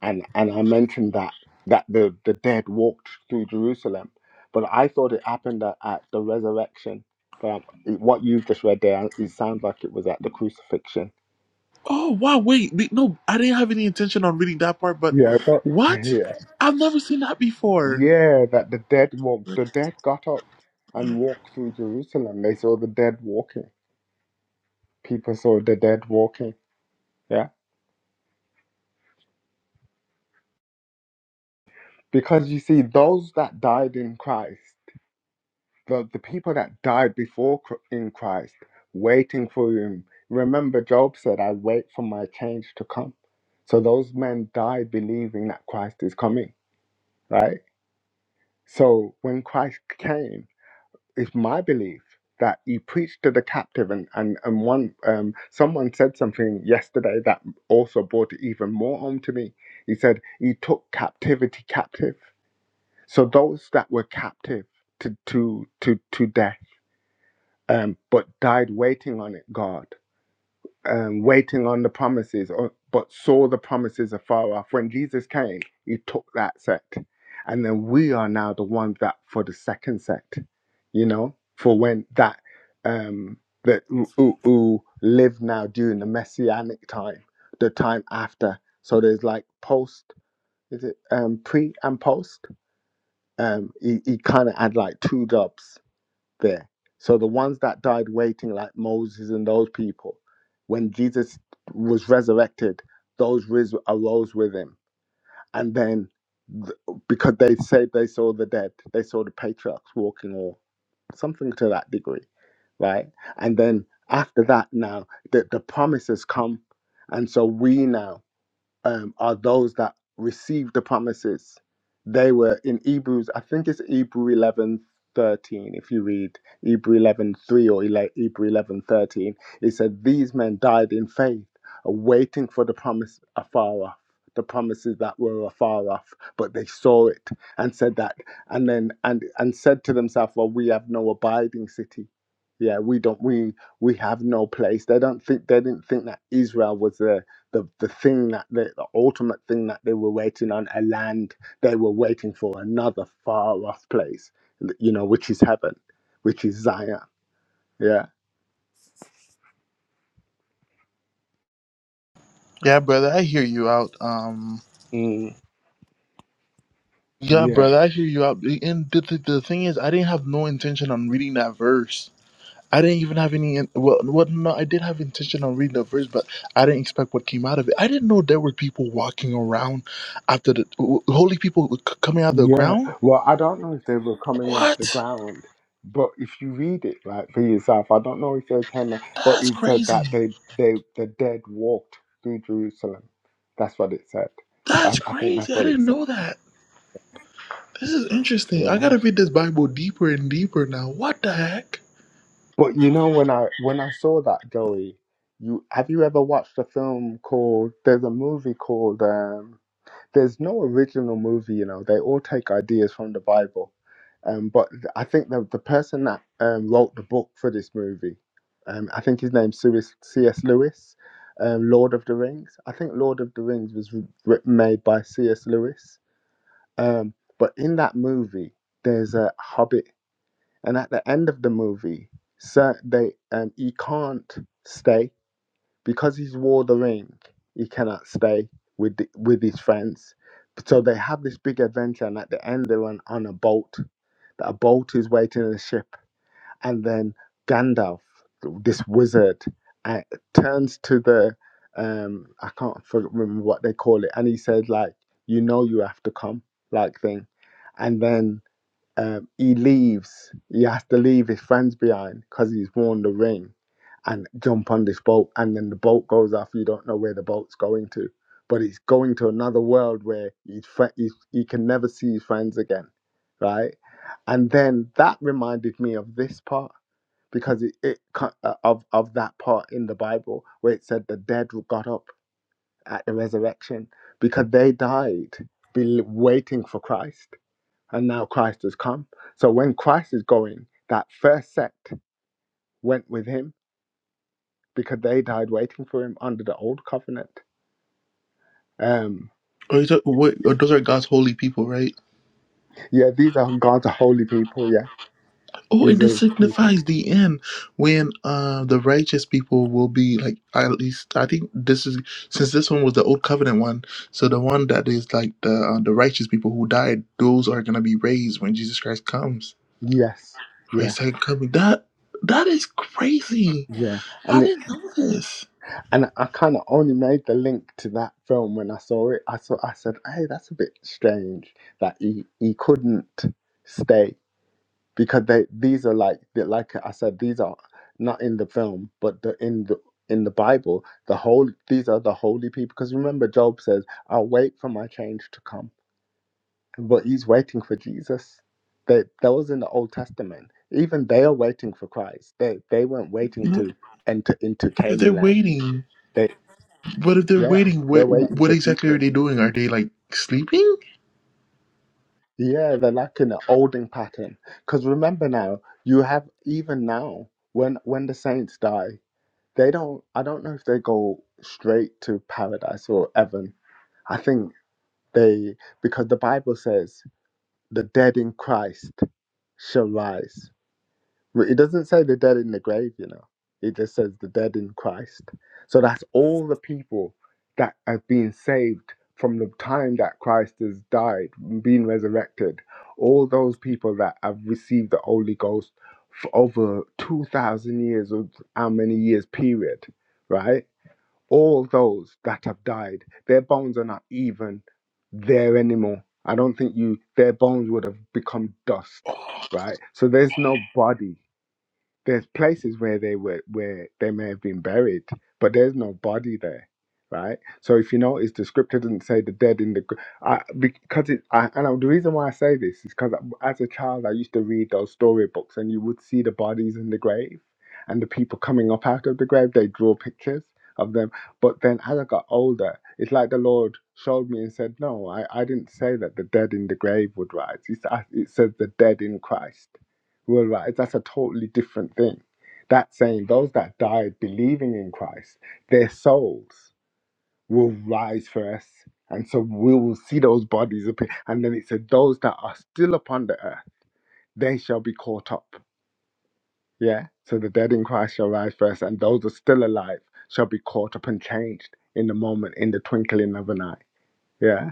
and and I mentioned that that the the dead walked through Jerusalem, but I thought it happened at, at the resurrection. But um, what you've just read there, it sounds like it was at the crucifixion. Oh, wow, wait. the- No, I didn't have any intention on reading that part, but Yeah, but what? yeah, I've never seen that before. yeah, that the dead walked. The dead got up and walked through Jerusalem. They saw the dead walking. People saw the dead walking. Yeah. Because you see, those that died in Christ, the, the people that died before Chr- in Christ, waiting for him. Remember, Job said, I wait for my change to come. So those men died believing that Christ is coming, right? So when Christ came, it's my belief that he preached to the captive and, and, and one um, someone said something yesterday that also brought it even more home to me. He said he took captivity captive So those that were captive to to to, to death, um, but died waiting on it, God, um, waiting on the promises, or, but saw the promises afar off. When Jesus came, He took that set, and then we are now the ones that for the second set, you know, for when that um, that who, who who live now during the messianic time, the time after. So there's like post, is it um, pre and post? um, he, he kind of had like two jobs there. So the ones that died waiting, like Moses and those people, when Jesus was resurrected, those ris- arose with him. And then th- because they said they saw the dead, they saw the patriarchs walking or something to that degree, right? And then after that, now the, the promises come. And so we now um, are those that receive the promises. They were in Hebrews, I think it's Hebrew eleven thirteen. if you read Hebrew eleven three or ele- Hebrew eleven thirteen, it said, These men died in faith, waiting for the promise afar off, the promises that were afar off, but they saw it and said that, and then, and, and said to themselves, Well, we have no abiding city. Yeah, we don't, we, we have no place. They don't think, they didn't think that Israel was there the the thing that they, the ultimate thing that they were waiting on a land they were waiting for another far off place you know which is heaven which is zion yeah Yeah, brother, I hear you out. Um, mm, yeah, yeah brother, I hear you out. And the, the, the thing is, I didn't have no intention on reading that verse. I didn't even have any. Well, well, no, I did have intention on reading the verse, but I didn't expect what came out of it. I didn't know there were people walking around after the w- holy people c- coming out of the yeah ground. well i don't know if they were coming out the What? ground but if you read it like for yourself i don't know if they came out, but That's it said crazy. that they they the dead walked through jerusalem that's what it said i, That's I think that's crazy. I what it didn't said know that. This is interesting. I yeah. gotta read this Bible deeper and deeper now. What the heck? But you know when I when I saw that Joey, you have you ever watched a film called there's a movie called um there's no original movie, you know. They all take ideas from the Bible. Um but th- I think the the person that um wrote the book for this movie, um I think his name's Suis- C.S. Lewis, um Lord of the Rings. I think Lord of the Rings was written made by C.S. Lewis. Um but in that movie there's a hobbit and at the end of the movie, Sir, they um, he can't stay because he's wore the ring. He cannot stay with the, with his friends. So they have this big adventure, and at the end, they're on, on a boat. That a boat is waiting in a ship, and then Gandalf, this wizard, uh, turns to the um I can't for- remember what they call it, and he said like, "You know, you have to come," like thing, and then um, he leaves. He has to leave his friends behind because he's worn the ring and jump on this boat. And then the boat goes off. You don't know where the boat's going to, but it's going to another world where he's, fri- he's, he can never see his friends again, right? And then that reminded me of this part because it, it co- uh, of of that part in the Bible where it said the dead got up at the resurrection because they died, be waiting for Christ and now Christ has come. So when Christ is going, that first sect went with him because they died waiting for him under the old covenant. Um, Oh, you talk, wait, oh, those are God's holy people, right? yeah, these are God's holy people. Yeah, Oh, it these are just his people. signifies the end when uh, the righteous people will be like at least I think this is since this one was the old covenant one, so the one that is like the uh, the righteous people who died, those are gonna be raised when Jesus Christ comes Yes, for yeah, his second coming. That that is crazy. yeah. I And it, didn't know this. and I kind of only made the link to that film when I saw it. I saw I said, hey, that's a bit strange that he he couldn't stay because they these are like they're like I said these are not in the film but the in the in the Bible the whole these are the holy people because remember Job says I'll wait for my change to come but he's waiting for Jesus that those in the Old Testament even they are waiting for Christ they they weren't waiting You know, to enter into If they're Canaan land waiting, they but if they're yeah waiting, they're what waiting what for exactly are Jesus they doing? Are they like sleeping? yeah they're like in an holding pattern because remember now you have even now when when the saints die they don't i don't know if they go straight to paradise or heaven i think they because the bible says the dead in christ shall rise But it doesn't say the dead in the grave you know it just says the dead in christ so that's all the people that have been saved from the time that christ has died been resurrected all those people that have received the holy ghost for over 2000 years or how many years period right all those that have died, their bones are not even there anymore. I don't think you their bones would have become dust, Oh. right? So there's no body there's places where they were where they may have been buried, but there's no body there, right? So if you notice, the scripture doesn't say the dead in the gr- I, because it I, and I- the reason why I say this is because as a child I used to read those storybooks, and you would see the bodies in the grave, and the people coming up out of the grave. They draw pictures of them, but then as I got older, it's like the Lord showed me and said, "No, I, I didn't say that the dead in the grave would rise. It's, I- it says the dead in Christ." Well, right, that's a totally different thing. That's saying those that died believing in Christ, their souls will rise first. And so we will see those bodies appear. And then it said, those that are still upon the earth, they shall be caught up. Yeah. So the dead in Christ shall rise first, and those that are still alive shall be caught up and changed in the moment, in the twinkling of an eye. Yeah.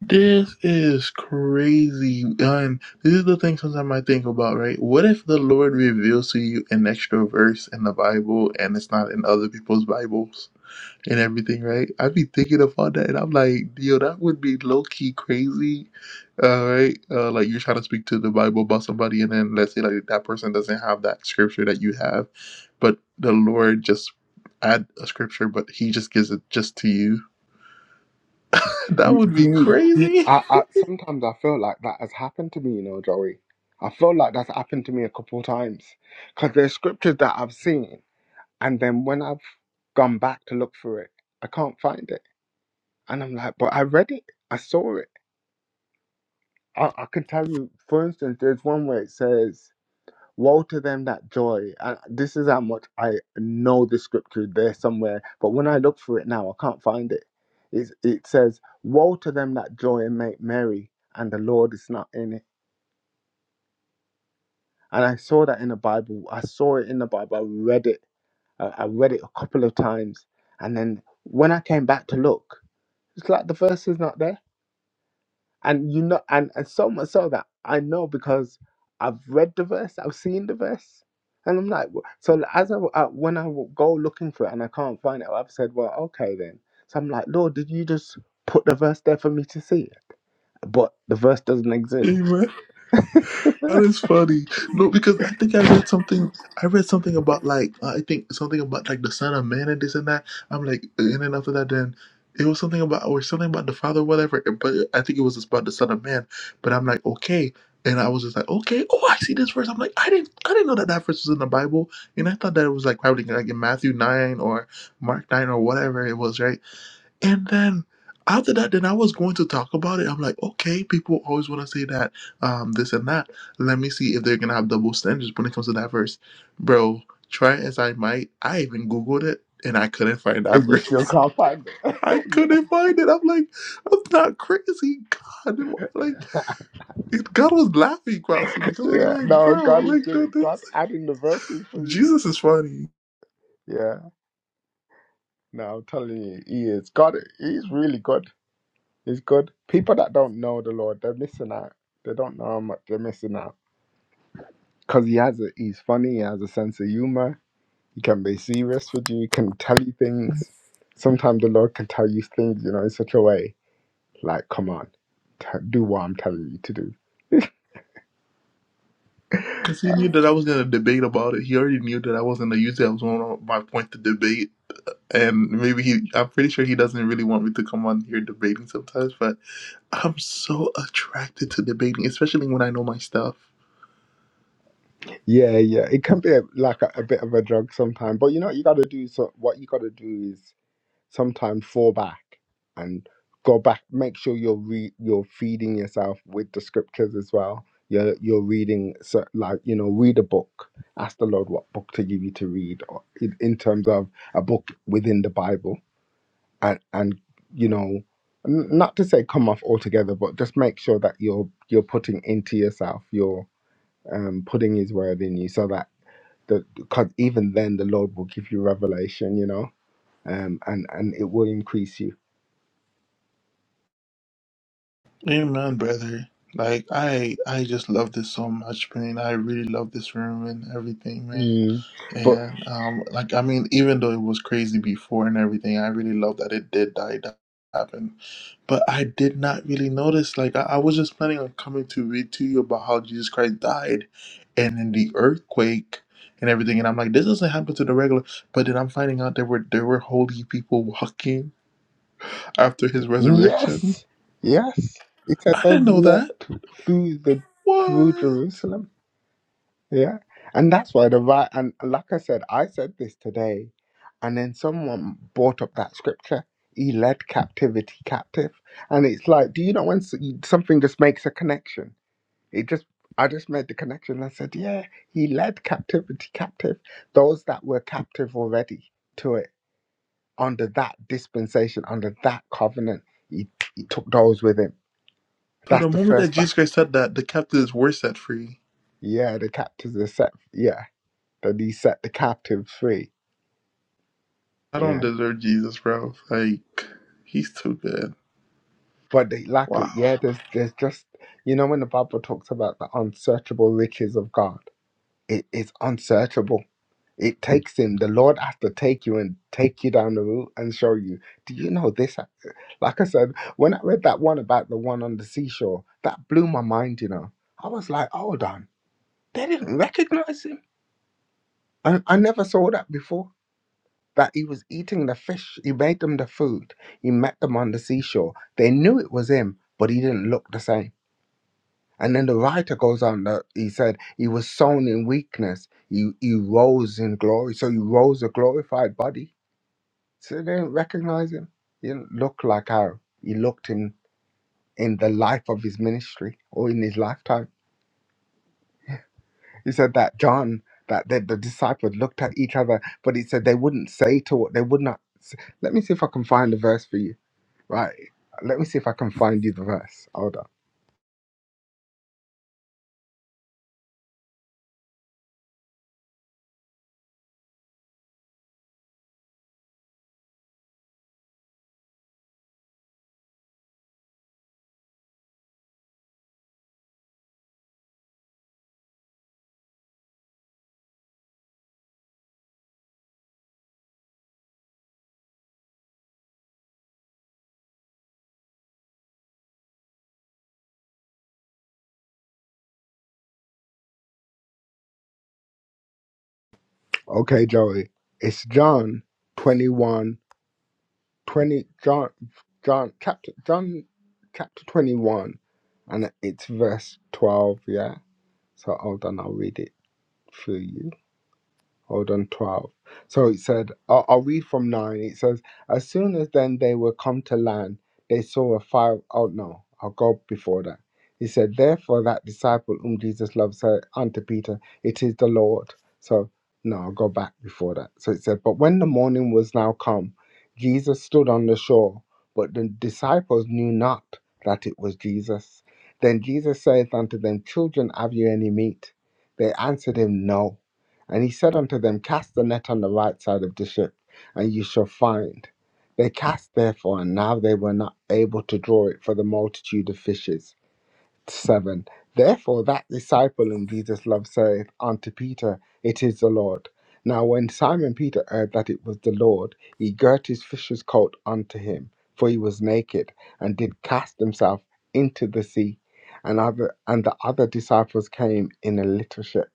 This is crazy. And this is the thing sometimes I think about, right? What if the Lord reveals to you an extra verse in the Bible and it's not in other people's Bibles and everything, right? I'd be thinking about that and I'm like, yo, that would be low key crazy. Uh, right? Uh, like you're trying to speak to the Bible about somebody and then let's say like that person doesn't have that scripture that you have, but the Lord just add a scripture, but he just gives it just to you. [LAUGHS] that You- would Do be you, do you- crazy. I, I, sometimes I feel like that has happened to me, you know, Joey. I feel like that's happened to me a couple of times because there's scriptures that I've seen, and then when I've gone back to look for it, I can't find it, and I'm like, but I read it, I saw it. I, I could tell you, for instance, there's one where it says. Woe to them that joy. And this is how much I know the scripture there somewhere, but when I look for it now, I can't find it. It's, it says, Woe to them that joy and make merry, and the Lord is not in it. And I saw that in the Bible. I saw it in the Bible. I read it. I, I read it a couple of times. And then when I came back to look, it's like the verse is not there. And you know, and, and so much so that I know because I've read the verse, I've seen the verse, and I'm like, w- so as I, I when I w- go looking for it and I can't find it, I've said, well, okay then. So I'm like, Lord, did you just put the verse there for me to see? But the verse doesn't [LAUGHS] exist, Amen. That is funny. No, because I think I read something. I read something about like uh, I think something about like the son of man and this and that. I'm like, and then after that, then it was something about or something about the father, whatever. But I think it was just about the son of man. But I'm like, okay, and I was just like, okay, oh, I see this verse. I'm like, I didn't, I didn't know that that verse was in the Bible, and I thought that it was like probably like in Matthew nine or Mark nine or whatever it was, right? And then after that, then I was going to talk about it. I'm like, okay, people always want to say that, um, this and that. Let me see if they're gonna have double standards when it comes to that verse, bro. Try as I might, I even googled it and I couldn't find that and you verse. still can't find it. [LAUGHS] I [LAUGHS] yeah, couldn't find it. I'm like, I'm not crazy, God. Like, it- God was laughing constantly because I'm yeah, like, no, bro, God is like that, giving, God this, adding the verses for [LAUGHS] you. Jesus is funny. Yeah, no, I'm telling you, He is God. He's really good. It's good. People that don't know the Lord, they're missing out. They don't know how much they're missing out. Because he has a, he's funny, he has a sense of humor. He can be serious with you, he can tell you things. Sometimes the Lord can tell you things, you know, in such a way, like, come on, t- do what I'm telling you to do. Because he knew that I was gonna debate about it. He already knew that I was gonna use it. I was one of my point to debate and maybe he i'm pretty sure he doesn't really want me to come on here debating sometimes but i'm so attracted to debating especially when i know my stuff Yeah, yeah. It can be a, like a, a bit of a drug sometimes. But you know what you got to do? So, what you got to do is. sometimes fall back and go back make sure you're re- you're feeding yourself with the scriptures as well you're you're reading so like you know read a book ask the lord what book to give you to read or in, in terms of a book within the bible and and you know n- not to say come off altogether but just make sure that you're you're putting into yourself you're um putting his word in you so that the because even then the lord will give you revelation you know um and and it will increase you Amen, brother. Like I, I just love this so much, man. I really love this room and everything, man. Mm. But And um, like I mean, even though it was crazy before and everything, I really love that it did die down happen. But I did not really notice. Like I, I was just planning on coming to read to you about how Jesus Christ died, and then the earthquake and everything. And I'm like, this doesn't happen to the regular. But then I'm finding out there were there were holy people walking after his resurrection. yes, yes, it said I they didn't know that. walked through the through What? Jerusalem. Yeah, and that's why the right and like I said, I said this today, and then someone brought up that scripture. He led captivity captive, and it's like, do you know when s- something just makes a connection? It just, I just made the connection. I said, yeah, he led captivity captive, those that were captive already to it. under that dispensation, under that covenant, he, he took those with him. So That's the the moment that first Jesus fact. Christ said that, the captives were set free. Yeah, the captives are set. Yeah, that he set the captive free. I don't Yeah, deserve Jesus, bro. Like, he's too good. but they lack it. Wow. Yeah, there's there's just you know when the Bible talks about the unsearchable riches of God, it is unsearchable. It takes him. The Lord has to take you and take you down the route and show you. Do you know this? Like I said, when I read that one about the one on the seashore, that blew my mind. You know, I was like, hold on They didn't recognize him. And I never saw that before. That he was eating the fish. He made them the food. He met them on the seashore. They knew it was him, but he didn't look the same. And then the writer goes on that he said he was sown in weakness. He he rose in glory. So he rose a glorified body. So they didn't recognize him. He didn't look like how he looked in in the life of his ministry or in his lifetime. He said that John, that the, the disciples looked at each other, but he said they wouldn't say to what they would not. s- Let me see if I can find the verse for you. Right. Let me see if I can find you the verse. Hold on. Okay, Joey. It's John 21 20 John, John, chapter, John, chapter 21, and it's verse 12. Yeah. So hold on. I'll read it for you. Hold on, 12. So it said, I'll, I'll read from 9. It says, As soon as then they were come to land, they saw a fire. Oh, no, I'll go before that. He said, Therefore, that disciple whom Jesus loved said unto Peter, It is the Lord. So, no, I'll go back before that. So it said, But when the morning was now come, Jesus stood on the shore, but the disciples knew not that it was Jesus. Then Jesus saith unto them, Children, have you any meat? They answered him, No. And he said unto them, Cast the net on the right side of the ship, and you shall find. They cast therefore, and now they were not able to draw it for the multitude of fishes. 7 Therefore, that disciple whom Jesus loved saith unto Peter, It is the Lord. Now, when Simon Peter heard that it was the Lord, he girt his fisher's coat unto him, for he was naked, and did cast himself into the sea. And, other, and the other disciples came in a little ship,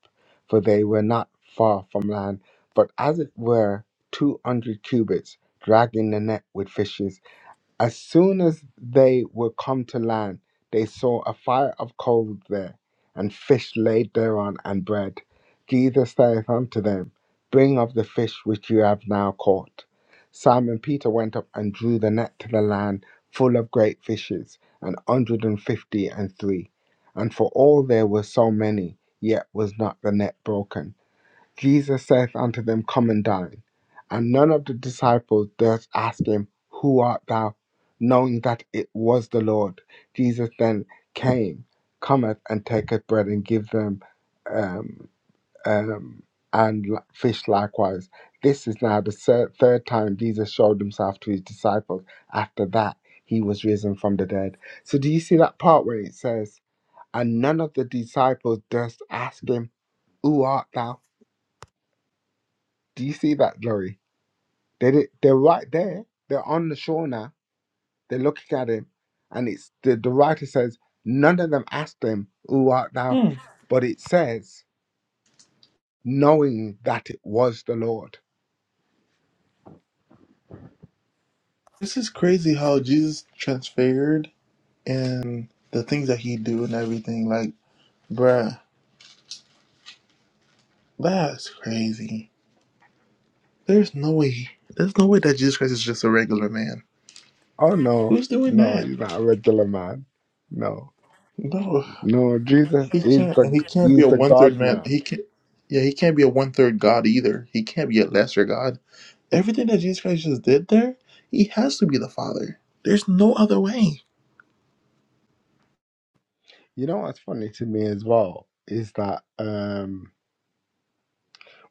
for they were not far from land, but as it were two hundred cubits, dragging the net with fishes. As soon as they were come to land, they saw a fire of coals there, and fish laid thereon, and bread. Jesus saith unto them, Bring of the fish which you have now caught. Simon Peter went up and drew the net to the land, full of great fishes, an hundred and fifty and three. And for all there were so many, yet was not the net broken. Jesus saith unto them, Come and dine. And none of the disciples durst ask him, Who art thou? Knowing that it was the Lord. Jesus then came, cometh, and taketh bread and give them, um, um, and li- fish likewise. This is now the ser- third time Jesus showed himself to his disciples. After that, he was risen from the dead. So, do you see that part where it says, And none of the disciples durst ask him, Who art thou? Do you see that, Glory? They did, they're right there. They're on the shore now. They're looking at him, and it's the, the writer says none of them asked him, "Who art thou?" Hmm. But it says knowing that it was the Lord. This is crazy how Jesus transfigured and the things that he do and everything. Like, bruh, that's crazy. There's no way. There's no way that Jesus Christ is just a regular man. Oh no, Who's doing no, that? he's not a regular man. No, No, no, Jesus he is can't. the And he can't be he's a the one third God man. man. He can't. Yeah, he can't be a one third God either. He can't be a lesser God. Everything that Jesus Christ just did there, he has to be the Father. There's no other way. You know what's funny to me as well is that um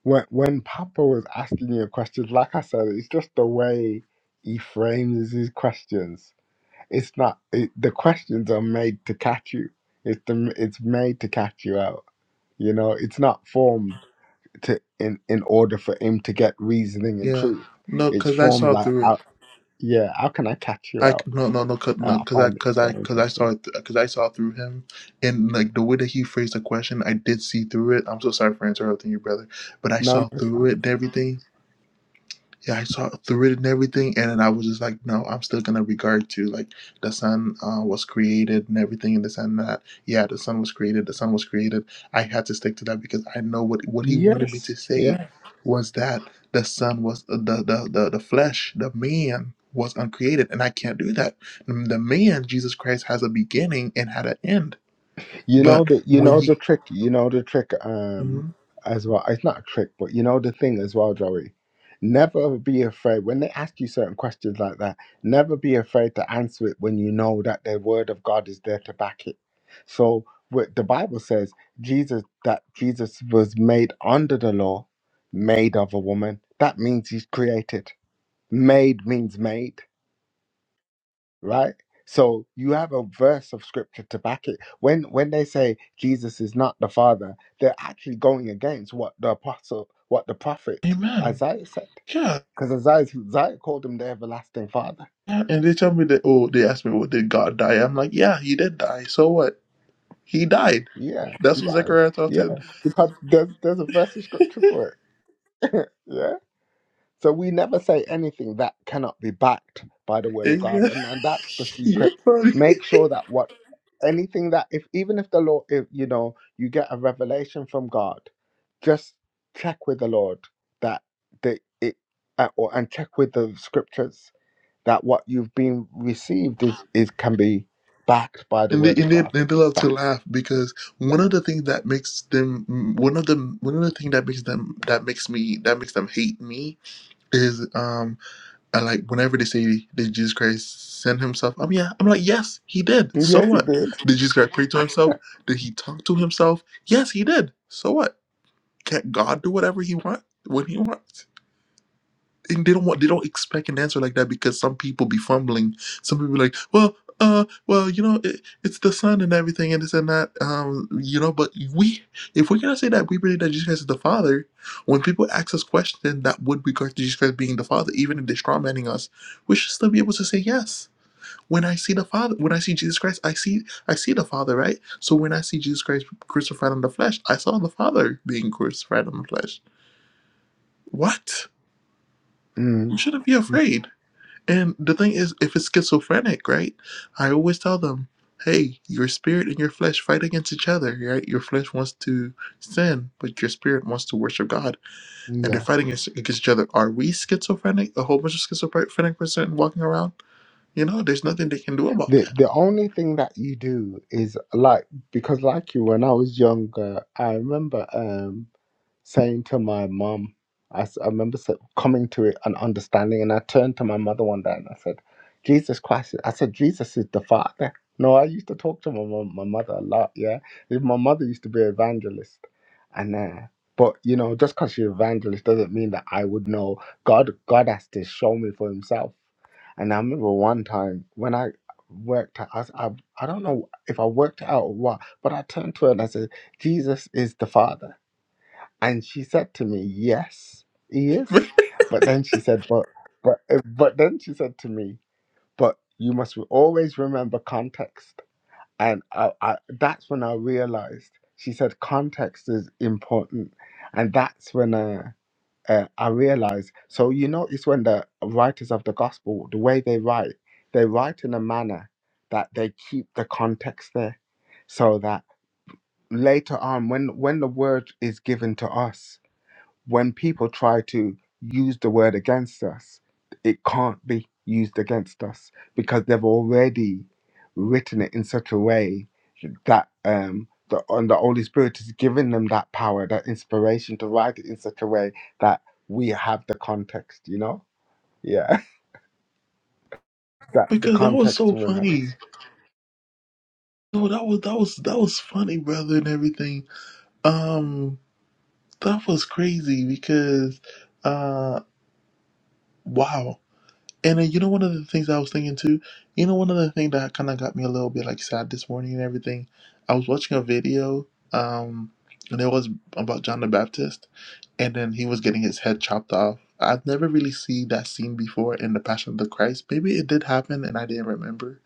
when when Papa was asking you questions, like I said, it's just the way he frames his questions It's not. It, the questions are made to catch you. It's the, It's made to catch you out. You know, it's not formed to in in order for him to get reasoning and Yeah. truth. No, It's because I formed saw like, through it. how, yeah, how can I catch you I out? no no no cause, Uh, no I because I find it because I so because I saw interesting. it because I saw through him and like the way that he phrased the question I did see through it I'm so sorry for interrupting you brother but I No, no, saw it's through it fine. and everything yeah, I saw through it and everything, and then I was just like, no, I'm still gonna regard to like the sun uh, was created and everything, and this and that. Yeah, the sun was created. The sun was created. I had to stick to that because I know what what he wanted me Yes. to yeah. say was that the sun was uh, the the the, the flesh, the man was uncreated, and I can't do that. Mm, The man, Jesus Christ, has a beginning and had an end, You know but the you when know he, the trick. You know the trick. Um, Mhm. as well, it's not a trick, but you know the thing as well, Joey. Never be afraid when they ask you certain questions like that. Never be afraid to answer it when you know that the word of God is there to back it. So what the Bible says, Jesus that Jesus was made under the law, made of a woman. That means he's created. Made means made right? So you have a verse of scripture to back it. When when they say Jesus is not the Father, they're actually going against what the apostle, what the prophet Amen. Isaiah said, Yeah, because Isaiah, Isaiah called him the everlasting Father. Yeah, And they tell me that, oh, they asked me, well, did God die? I'm like, yeah, he did die. So what? He died. Yeah, That's you what guys, Zechariah taught yeah, him. because there's there's a verse of scripture for it. [LAUGHS] yeah, So we never say anything that cannot be backed by the word of And he God, said, and, and that's the [LAUGHS] You're secret. funny. Make sure that what anything that if even if the Lord, if you know, you get a revelation from God, just check with the Lord that the it uh, or and check with the scriptures that what you've been received is is can be backed by the And they, word of and, they, God. and they love to That laugh because one of the things that makes them one of the one of the thing that makes them that makes me that makes them hate me is um I like whenever they say did Jesus Christ send himself I'm yeah I'm like yes he did so yes, it what is. did Jesus Christ pray to [LAUGHS] himself did he talk to himself yes he did so what Can't God do whatever He wants when He wants? And they don't want. They don't expect an answer like that because some people be fumbling. Some people be like, well, uh, well, you know, it, it's the Son and everything, and this and that. Um, you know, but we, if we're gonna say that we believe that Jesus Christ is the Father, when people ask us questions that would regard to Jesus Christ being the Father, even if they're strawmanning us, we should still be able to say yes. When I see the Father, when I see Jesus Christ, I see I see the Father, right? So when I see Jesus Christ crucified on the flesh, I saw the Father being crucified on the flesh what? Mm, You shouldn't be mm, afraid. And the thing is, if it's schizophrenic, right? I always tell them, hey, your spirit and your flesh fight against each other, right? Your flesh wants to sin, but your spirit wants to worship God, yeah. and they're fighting against against each other. Are we schizophrenic? A whole bunch of schizophrenic person walking around? You know, there's nothing they can do about The the only thing that you do is like because like you when I was younger, I remember. Um, saying to my mom, I, s- I remember s- coming to it and understanding. And I turned to my mother one day and I said, Jesus Christ. I said, Jesus is the Father. No, I used to talk to my mom, my mother a lot. Yeah. Even My mother used to be an evangelist. And, uh, but you know, just because she's evangelist doesn't mean that I would know God. God has to show me for Himself. And I remember one time when I worked, out- I s- I, I don't know if I worked out or what, but I turned to her and I said, Jesus is the Father. And she said to me, Yes, he that. is. But then she said, But but uh, but then she said to me, But you must always remember context. And I, I, that's when I realized she said context is important. And that's when uh, uh, I realized. So, you notice when the writers of the gospel, the way they write, they write in a manner that they keep the context there so that later on, when, when the word is given to us, when people try to use the word against us, it can't be used against us because they've already written it in such a way that um, the, and the Holy Spirit has given them that power, that inspiration to write it in such a way that we have the context, you know? Yeah, [LAUGHS] that [LAUGHS] the because that was context so remains. funny. No, that was that was that was funny, brother, and everything. Um, that was crazy because, uh, wow. And then, you know, one of the things I was thinking too, you know, one of the things that kind of got me a little bit like sad this morning and everything, I was watching a video, um, and it was about John the Baptist, and then he was getting his head chopped off. I've never really seen that scene before in the Passion of the Christ. Maybe it did happen and I didn't remember,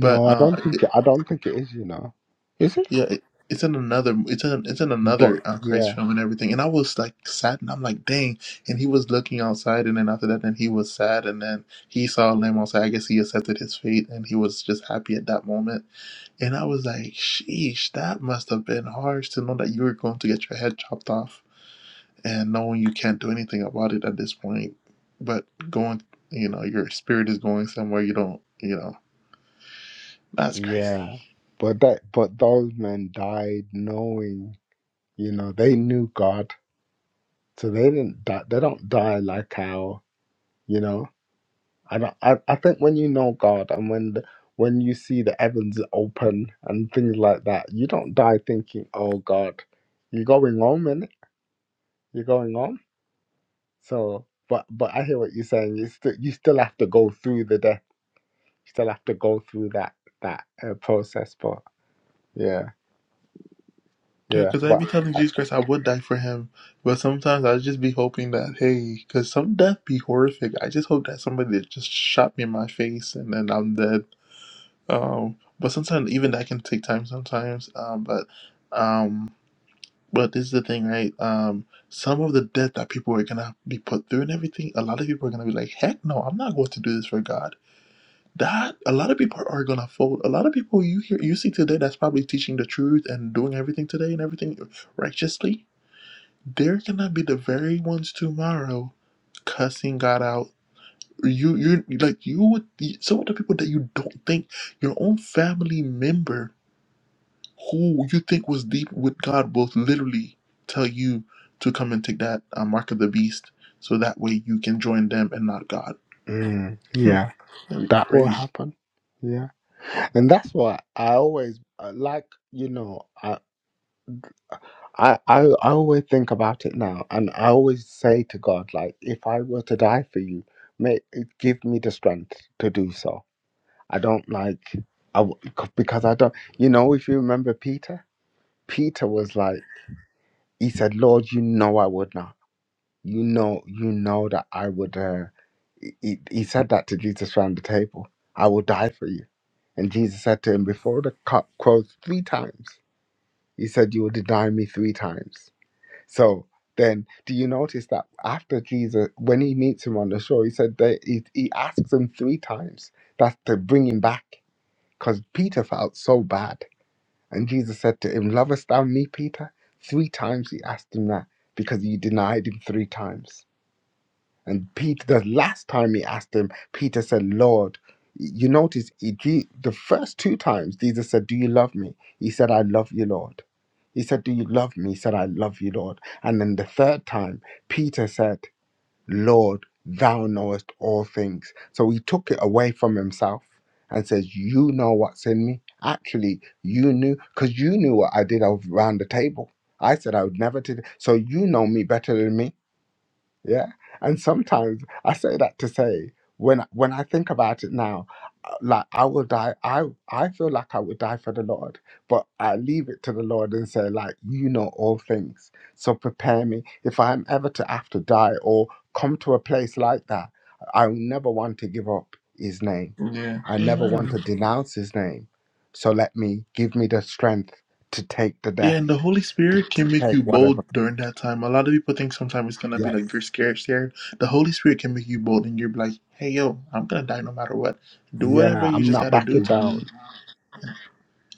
but I don't uh, think it, I don't think it is, you know. Is it? yeah, it, it's in another. It's in it's in But another uh, Christ yeah, film and everything. And I was like sad, and I'm like, dang. And he was looking outside, and then after that, then he was sad, and then he saw a lamb outside. I guess he accepted his fate, and he was just happy at that moment. And I was like, sheesh, that must have been harsh to know that you were going to get your head chopped off, and knowing you can't do anything about it at this point. But going, you know, your spirit is going somewhere you don't, you know, that's crazy. yeah. But that but those men died knowing You know, they knew God, so they didn't die. They don't die like how you know. I don't. I, I think when you know God and when the, when you see the heavens open and things like that, you don't die thinking, "Oh God, you're going home, innit? You're going home." So, but but I hear what you're saying. You still you still have to go through the death. You still have to go through that that uh, process. But yeah, Yeah, yeah, because I'd but be telling Jesus Christ I would die for him, but sometimes I'd just be hoping that, hey, because some death be horrific. I just hope that somebody just shot me in my face and then I'm dead. Um, but sometimes even that can take time sometimes. Um, but um, but this is the thing, right? Um, some of the death that people are gonna be put through and everything, a lot of people are gonna be like, heck no, I'm not going to do this for God. That a lot of people are gonna fold. A lot of people you hear you see today that's probably teaching the truth and doing everything today and everything righteously they're gonna be the very ones tomorrow cussing God out. You, you like you would some of the people that you don't think your own family member who you think was deep with God will literally tell you to come and take that uh, mark of the beast so that way you can join them and not God. mm, Hmm, yeah, that'd be that will crazy. happen. Yeah. and that's why I always uh, like you know I, I I I always think about it now, and I always say to God like, if I were to die for you, may give me the strength to do so. I don't like I w- because I don't you know if you remember Peter, Peter was like he said, Lord, you know I would not. You know you know that I would. Uh, he, he he said that to Jesus around the table. I will die for you. And Jesus said to him, Before the cock crows three times, You said you will deny me three times. So then, do you notice that after Jesus, when he meets him on the shore, he said that he, he asks him three times that to bring him back because Peter felt so bad. And Jesus said to him, Lovest thou me, Peter? Three times he asked him that because you denied him three times. And Peter, the last time he asked him, Peter said, Lord, you notice he, Je- the first two times Jesus said, Do you love me? He said, I love you, Lord. He said, Do you love me? He said, I love you, Lord. And then the third time, Peter said, Lord, thou knowest all things. So he took it away from himself and says, You know what's in me. Actually, you knew, because you knew what I did around the table. I said I would never do. So you know me better than me yeah. And sometimes I say that to say when when I think about it now, like I will die. I I feel like I would die for the Lord, but I leave it to the Lord and say like, you know all things, so prepare me if I'm ever to have to die or come to a place like that. I will never want to give up His name. I never want Amen. to denounce His name. So let me give me the strength to take the Yeah, death, and the Holy to, Spirit to can make you take bold whatever. during that time. A lot of people think sometimes it's gonna be Yes, like you're scared, scared. The Holy Spirit can make you bold, and you're like, "Hey, yo, I'm gonna die no matter what. Do whatever yeah, you I'm just not gotta do backing to me. down.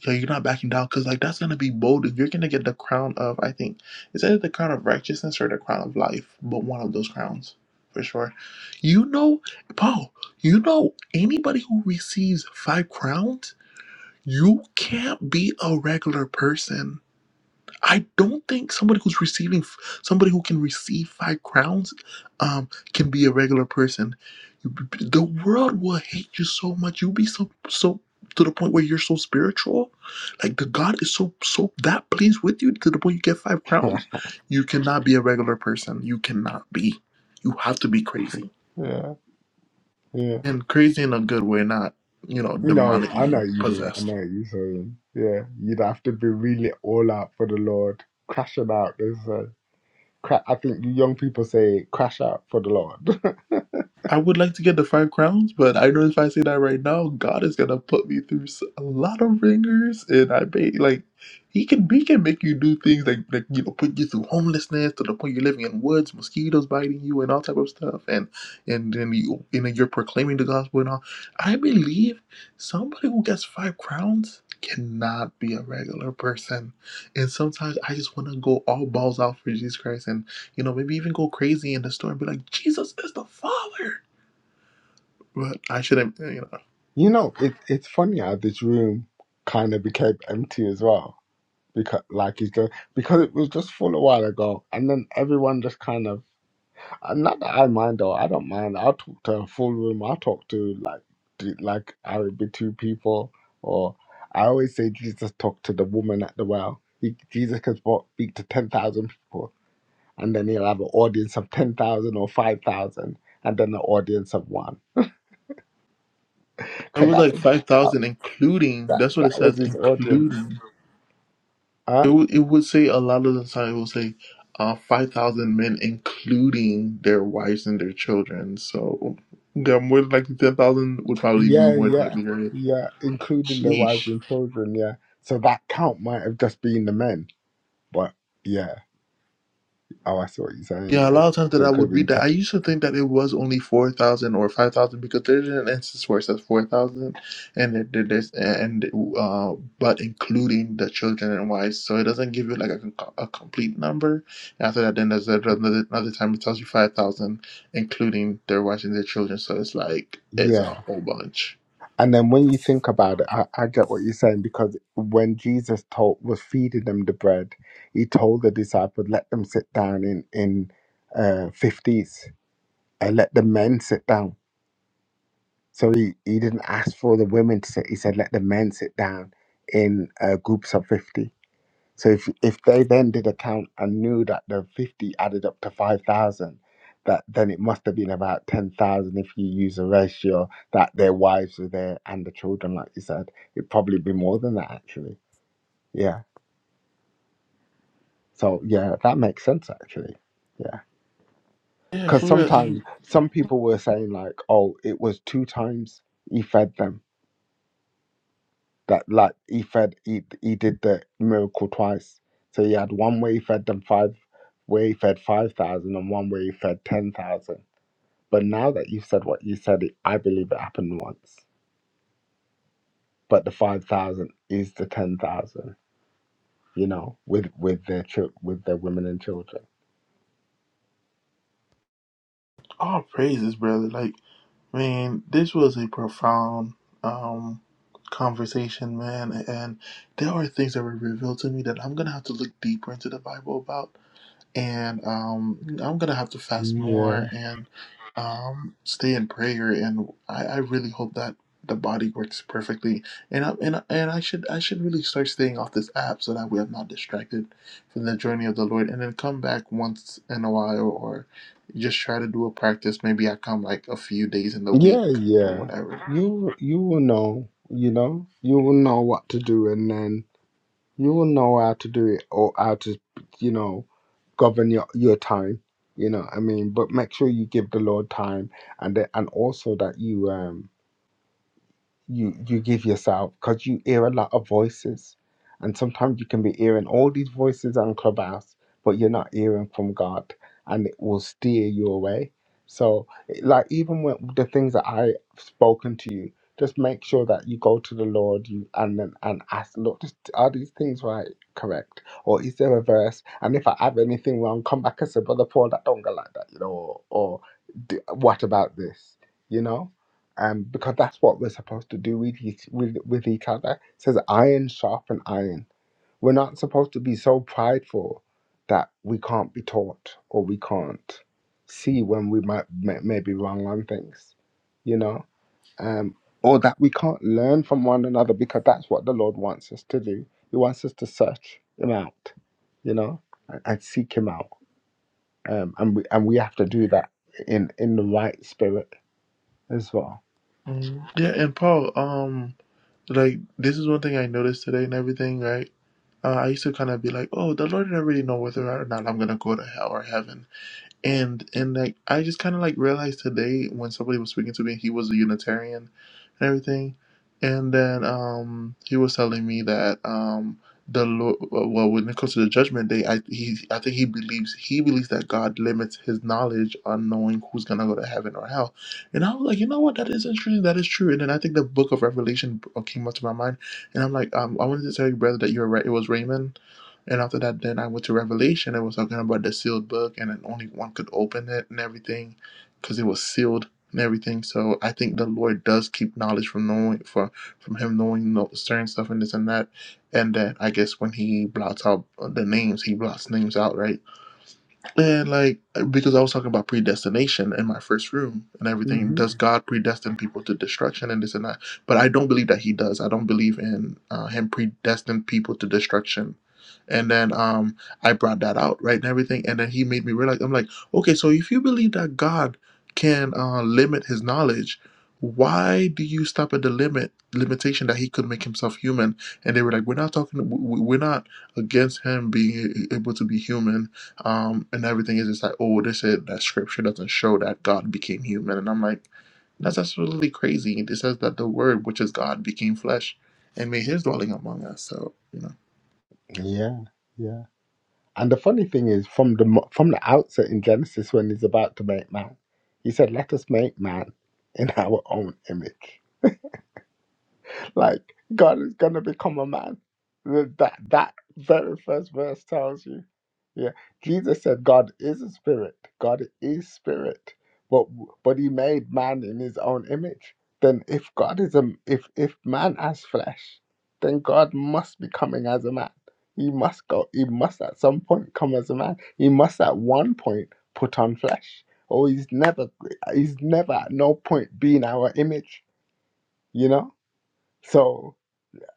So you're not backing down, cause like that's gonna be bold. If you're gonna get the crown of, I think, is that the crown of righteousness or the crown of life? But one of those crowns, for sure. You know, Paul. You know, anybody who receives five crowns, you can't be a regular person I don't think somebody who's receiving, somebody who can receive five crowns, um, can be a regular person. You- The world will hate you so much. You'll be so so to the point where you're so spiritual, like the God is so so that pleased with you to the point you get five [LAUGHS] crowns. You cannot be a regular person. You cannot be. You have to be crazy Yeah, yeah. and crazy in a good way, not you know No, I know demonically you, man. I possessed. know you. So yeah, you'd have to be really all out for the Lord, crashing out. There's a cra- I think you young people say crash out for the Lord. [LAUGHS] I would like to get the five crowns, but I know if I say that right now, God is gonna put me through s- a lot of ringers, and I may like he can he can make you do things like like you know put you through homelessness to the point you're living in woods, mosquitoes biting you, and all type of stuff, and and then you you know you're proclaiming the gospel and all. I believe somebody who gets five crowns cannot be a regular person, and sometimes I just want to go all balls out for Jesus Christ and you know, maybe even go crazy in the store and be like, Jesus is the Father. But I shouldn't, you know. You know, it, it's funny how this room kind of became empty as well because like it's just because it was just full a while ago, and then everyone just kind of Uh, Not that I mind though. I don't mind. I'll talk to a full room. I'll talk to like to, like I would be two people. Or I always say Jesus talked to the woman at the well. He, Jesus can spo- speak to ten thousand people, and then he'll have an audience of ten thousand or five thousand, and then an audience of one. It Cause was that like that 5,000, including, that, that's what it that says, was his audience. including. It, Huh? would it would say a lot of the time, it would say uh, 5,000 men, including their wives and their children. So, yeah, more than likely 10,000 would probably be Yeah, more than yeah, likely, right? yeah. Including their wives Sheesh. and children. Yeah. So that count might have just been the men, but yeah. Oh, I see what you're saying. Yeah, a Yeah. lot of times So that I it could have would been. read Te- that, I used to think that it was only 4,000 or 5,000 because there's an instance where it says 4,000 and it, it- there's, and, uh, but including the children and wives. So it doesn't give you like a, con- a complete number. After that, then there's another, another time it tells you 5,000, including their wives and their children. So it's like, it's a yeah. whole bunch. And then when you think about it, I, I get what you're saying because when Jesus told was feeding them the bread, he told the disciples, "Let them sit down in in uh, fifties, and let the men sit down." So he he didn't ask for the women to sit. He said, "Let the men sit down in uh, groups of 50. So if if they then did a count and knew that the fifty added up to five thousand, that then it must have been about ten thousand if you use a ratio that their wives were there and the children, like you said, it'd probably be more than that actually. Yeah. So yeah, that makes sense actually. Yeah, Yeah, because for real. sometimes And some people were saying like, oh, it was two times he fed them that like he fed he, he did the miracle twice so he had one where he fed them five where he fed five thousand, and one and where he fed 10000 but now that you've said what you said it, i believe it happened once but the 5000 is the 10000 you know with with their chil- with their women and children all praises, brother. Like, Man, this was a profound um, conversation, man. And there are things that were revealed to me that I'm going to have to look deeper into the Bible about and um, I'm gonna have to fast more yeah and um, stay in prayer. And I, I really hope that the body works perfectly. And I, and I- and I should I should really start staying off this app so that we are not distracted from the journey of the Lord. And then come back once in a while, or just try to do a practice. Maybe I come like a few days in the yeah week or yeah whatever. you you will know you know you will know what to do and then. You will know how to do it or how to, you know, govern your, your time. You know, what I mean, but make sure you give the Lord time and the- and also that you um you you give yourself because you hear a lot of voices and sometimes you can be hearing all these voices on clubhouse but you're not hearing from god and it will steer you away so like even when the things that i've spoken to you just make sure that you go to the lord you and then and ask look just are these things right correct or is there a verse and if i have anything wrong come back and say brother paul that don't go like that you know or, or "D- what about this you know um, because that's what we're supposed to do with each, with, with each other. It says iron sharpen iron. We're not supposed to be so prideful that we can't be taught or we can't see when we might may, may be wrong on things, you know, um, or that we can't learn from one another because that's what the Lord wants us to do. He wants us to search Him out, you know, and, and seek Him out, um, and we and we have to do that in in the right spirit as well. Mm, Yeah, and Paul, um, like this is one thing I noticed today and everything, right? uh, I used to kind of be like, oh, the Lord didn't really know whether or not I'm going to go to hell or heaven and and like I just kind of like realized today when somebody was speaking to me, he was a Unitarian and everything, and then um he was telling me that um the Lord, well well, when it comes to the judgment day, I he I think he believes he believes that God limits his knowledge on knowing who's gonna go to heaven or hell, and I was like, you know what, that is interesting, that is true, and then I think the Book of Revelation uh, came up to my mind, and I'm like, um I wanted to tell you brother that you're right, it was Raymond and after that, then I went to Revelation. It was talking about the sealed book and then only one could open it and everything because it was sealed and everything. So I think the Lord does keep knowledge from knowing for from him knowing no, certain stuff and this and that. And then I guess when he blots out the names, he blots names out, right? And like because I was talking about predestination in my first room and everything. Does God predestine people to destruction and this and that? But I don't believe that He does. I don't believe in uh, Him predestined people to destruction. And then um I brought that out right and everything. And then He made me realize I'm like, okay, so if you believe that God can uh, limit His knowledge, why do you stop at the limit limitation that He could make Himself human? And they were like, we're not talking. we- we- We're not against Him being a- able to be human um, and everything is just like, oh, they said that scripture doesn't show that God became human, and I'm like, that's absolutely crazy. It says that the Word, which is God, became flesh, and made His dwelling among us. So you know, Yeah, yeah. And the funny thing is, from the mo- from the outset in Genesis, when he's about to make man, he said, "Let us make man in our own image." Like God is gonna become a man. Th- That that very first verse tells you. Yeah, Jesus said God is a spirit. God is spirit, but but He made man in His own image. Then if God is a if if man has flesh, then God must be coming as a man. He must go. He must at some point come as a man. He must at one point put on flesh. Or he's never, he's never at no point been our image, you know. So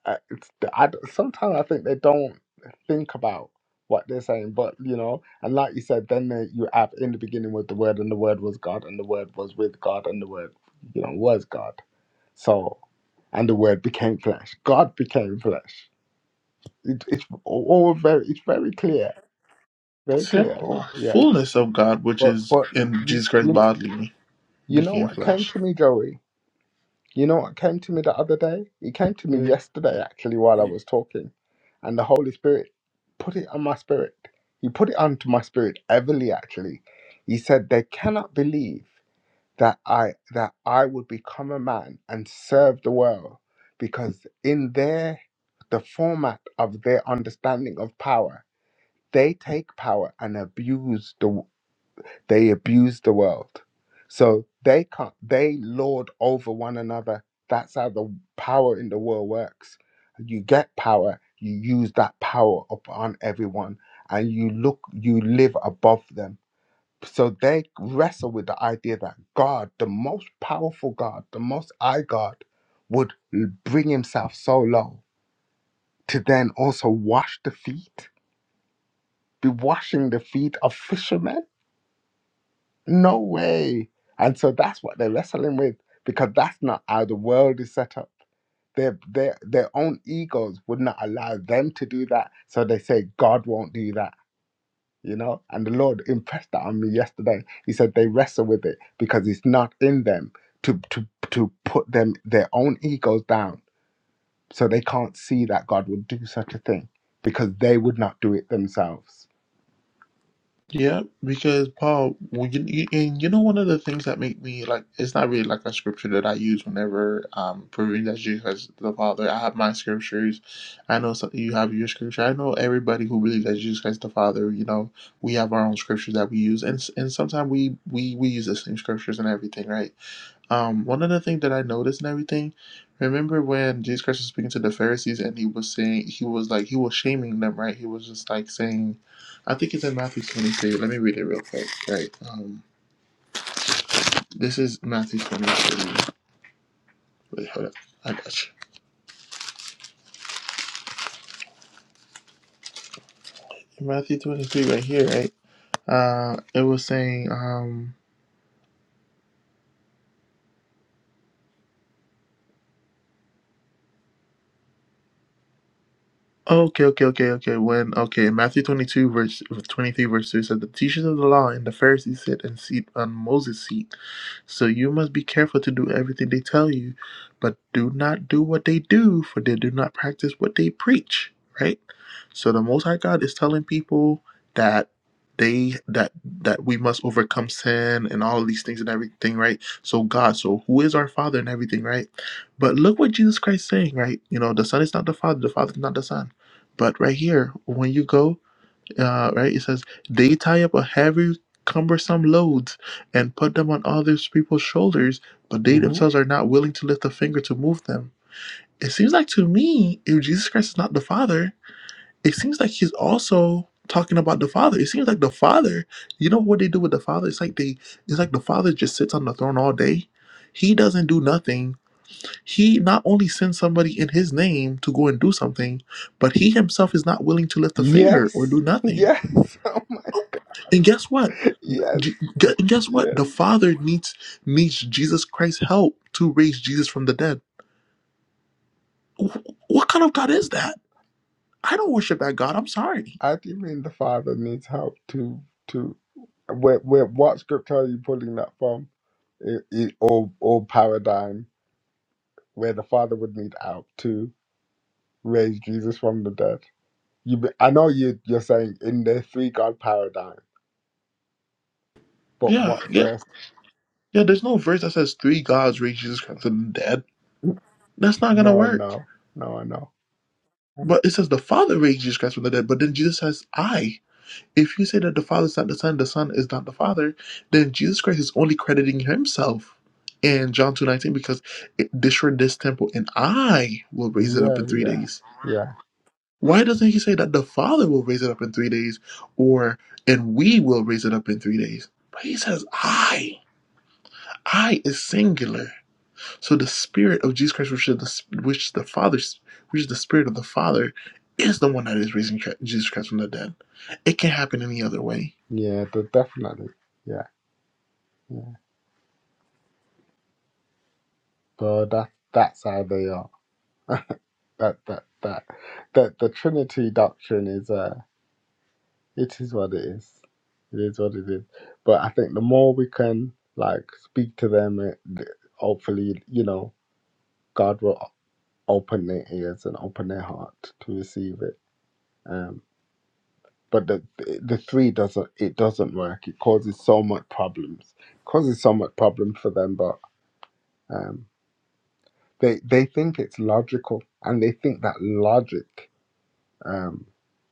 I, it's, I sometimes I think they don't think about what they're saying, but you know, and like you said, then they, you have in the beginning with the word, and the word was God, and the word was with God, and the word, you know, was God. So, and the word became flesh. God became flesh. It, it's all very, it's very clear, very clear. simple Yeah, fullness of God, which but is but in you Jesus Christ you, bodily, you know became what came flesh. to me, Joey? You know what came to me the other day? It came to me Right. yesterday, actually, while I Yeah. was talking. And the Holy Spirit put it on my spirit. He put it onto my spirit heavily, actually. He said, They cannot believe that I that I would become a man and serve the world because in their the format of their understanding of power, they take power and abuse the they abuse the world. So they can't, they lord over one another. That's how the power in the world works. You get power, you use that power upon everyone, and you look, you live above them. So they wrestle with the idea that God, the most powerful God, the most high God, would bring himself so low to then also wash the feet, be washing the feet of fishermen No way. And so that's what they're wrestling with because that's not how the world is set up. Their their their own egos would not allow them to do that. So they say God won't do that, you know? And the Lord impressed that on me yesterday. He said they wrestle with it because it's not in them to to to put them their own egos down. So they can't see that God would do such a thing because they would not do it themselves. Yeah, because Paul, when you, you- and you know, one of the things that make me like it's not really like a scripture that I use whenever um proving that Jesus is the Father. I have my scriptures. I know some, you have your scripture. I know everybody who believes that Jesus Christ the Father. You know, we have our own scriptures that we use, and s- and sometimes we we we use the same scriptures and everything, right? Um, one other thing that I noticed and everything, remember when Jesus Christ was speaking to the Pharisees and he was saying, he was like, he was shaming them, right? He was just like saying, I think it's in Matthew 23. Let me read it real quick, right? Um, this is Matthew 23. Wait, hold up. I got you. Matthew 23 right here, right? Uh, it was saying, um, Okay, okay, okay, okay. When okay, Matthew twenty-two verse twenty-three verse two said the teachers of the law and the Pharisees sit and seat on Moses' seat. So you must be careful to do everything they tell you, but do not do what they do, for they do not practice what they preach. Right. So the Most High God is telling people that they that that we must overcome sin and all of these things and everything. Right. So God, so who is our Father and everything. Right. But look what Jesus Christ is saying. Right. You know, the Son is not the Father. The Father is not the Son but right here, when you go, uh, right, it says they tie up a heavy, cumbersome loads and put them on other people's shoulders, but they hmm themselves are not willing to lift a finger to move them. It seems like to me, if Jesus Christ is not the Father, it seems like he's also talking about the Father. It seems like the Father, you know what they do with the Father? It's like they, it's like the Father just sits on the throne all day. He doesn't do nothing he not only sends somebody in his name to go and do something, but he himself is not willing to lift a finger or Yes. do nothing. Yes. And guess what? [LAUGHS] yes. G- gu- guess Yes. what? The Father needs needs Jesus Christ's help to raise Jesus from the dead. Wh- What kind of God is that? I don't worship that God. I'm sorry. How do you mean the father needs help to to where where what scripture are you pulling that from? It, it, or or paradigm where the father would need help to raise Jesus from the dead? You be- I know you you're saying in the three God paradigm, but Yeah, what yeah, verse? yeah. There's no verse that says three gods raised Jesus Christ from the dead. That's not gonna No, work. no, no, I know. I know. But it says the Father raised Jesus Christ from the dead. But then Jesus says, "I." If you say that the Father is not the Son, the Son is not the Father, then Jesus Christ is only crediting himself in John 2.19 because it destroyed this temple and I will raise it up Yeah, in three yeah, days. yeah, Why doesn't he say that the Father will raise it up in three days or and we will raise it up in three days? But he says I. I is singular. So the spirit of Jesus Christ, which is the, which the Father, which is the spirit of the Father, is the one that is raising Jesus Christ from the dead. It can't happen any other way. yeah. de- Definitely, yeah, yeah. So that that's how they are. That that that that the Trinity doctrine is. uh, It is what it is. It is what it is. But I think the more we can like speak to them, it, hopefully, you know, God will open their ears and open their heart to receive it. Um, but the the three doesn't it doesn't work. It causes so much problems. causes so much problems for them. But um, they they think it's logical and they think that logic um,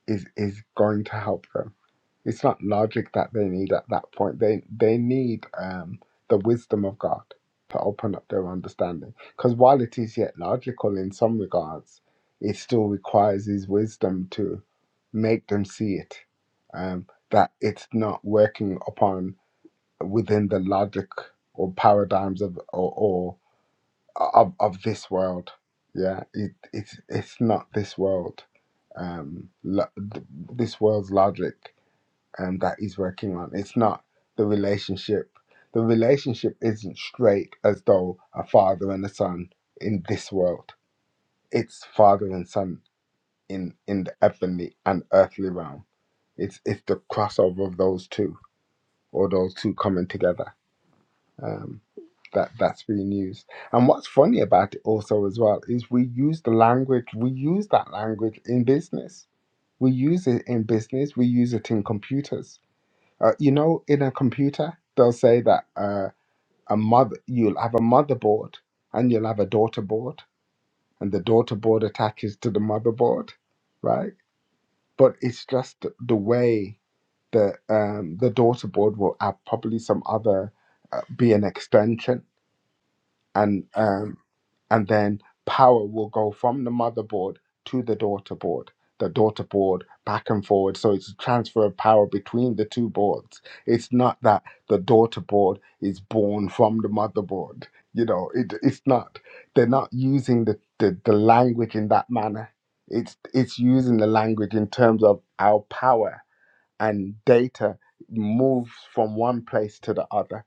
is is going to help them. It's not logic that they need at that point. They they need um, the wisdom of God to open up their understanding. Because while it is yet logical in some regards, it still requires His wisdom to make them see it. Um, that it's not working upon within the logic or paradigms of or, of, of this world. Yeah, it, it's it's not this world. Um, lo- th- this world's logic um, that he's working on. It's not the relationship. The relationship isn't straight as though a father and a son in this world. It's father and son in in the heavenly and earthly realm. It's it's the crossover of those two or those two coming together um, that that's being used. And what's funny about it also as well is we use the language, we use that language in business. We use it in business. We use it in computers. Uh, you know, in a computer, they'll say that uh, a mother, you'll have a motherboard and you'll have a daughter board, and the daughter board attaches to the motherboard, right? But it's just the the way that um, the daughter board will have probably some other uh, be an extension and um, and then power will go from the motherboard to the daughter board the daughter board back and forward so it's a transfer of power between the two boards it's not that the daughter board is born from the motherboard you know it, it's not they're not using the, the the language in that manner it's it's using the language in terms of our power and data moves from one place to the other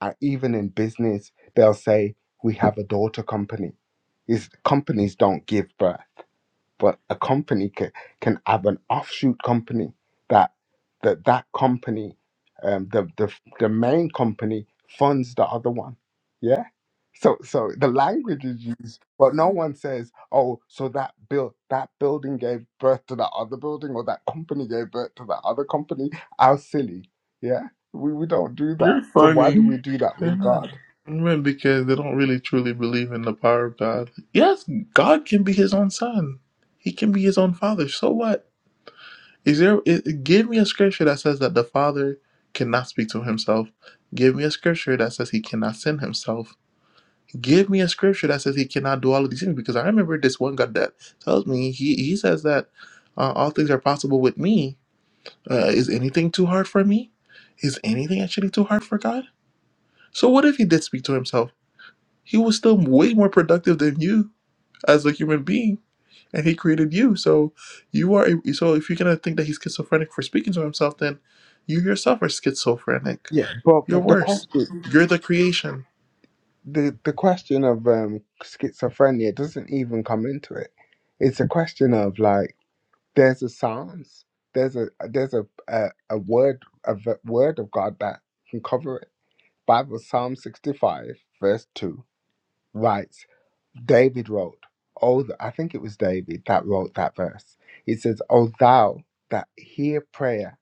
I, even in business, they'll say, we have a daughter company. Is companies don't give birth but a company can, can have an offshoot company that that that company um, the, the the main company funds the other one yeah so so the language is used but no one says oh so that built that building gave birth to that other building or that company gave birth to that other company how silly yeah we, we don't do that You're so why do funny. we do that They're with not god men because they don't really truly believe in the power of God. Yes, God can be his own son. He can be his own father. So what? Is there i- give me a scripture that says that the father cannot speak to himself. Give me a scripture that says he cannot send himself. Give me a scripture that says he cannot do all of these things because I remember this one God that tells me he he says that uh, all things are possible with me. Uh, is anything too hard for me? Is anything actually too hard for God? So what if he did speak to himself? He was still way more productive than you as a human being, and he created you. So you are. a- So if you're gonna think that he's schizophrenic for speaking to himself, then you yourself are schizophrenic. yeah but You're but the worse. question You're the creation. the the question of um schizophrenia doesn't even come into it. It's a question of like there's a psalms, there's a there's a a, a word a v- word of God that can cover it. Bible Psalm sixty five verse two writes David wrote. Oh, th- I think it was David that wrote that verse. He says, "O thou that hear prayer,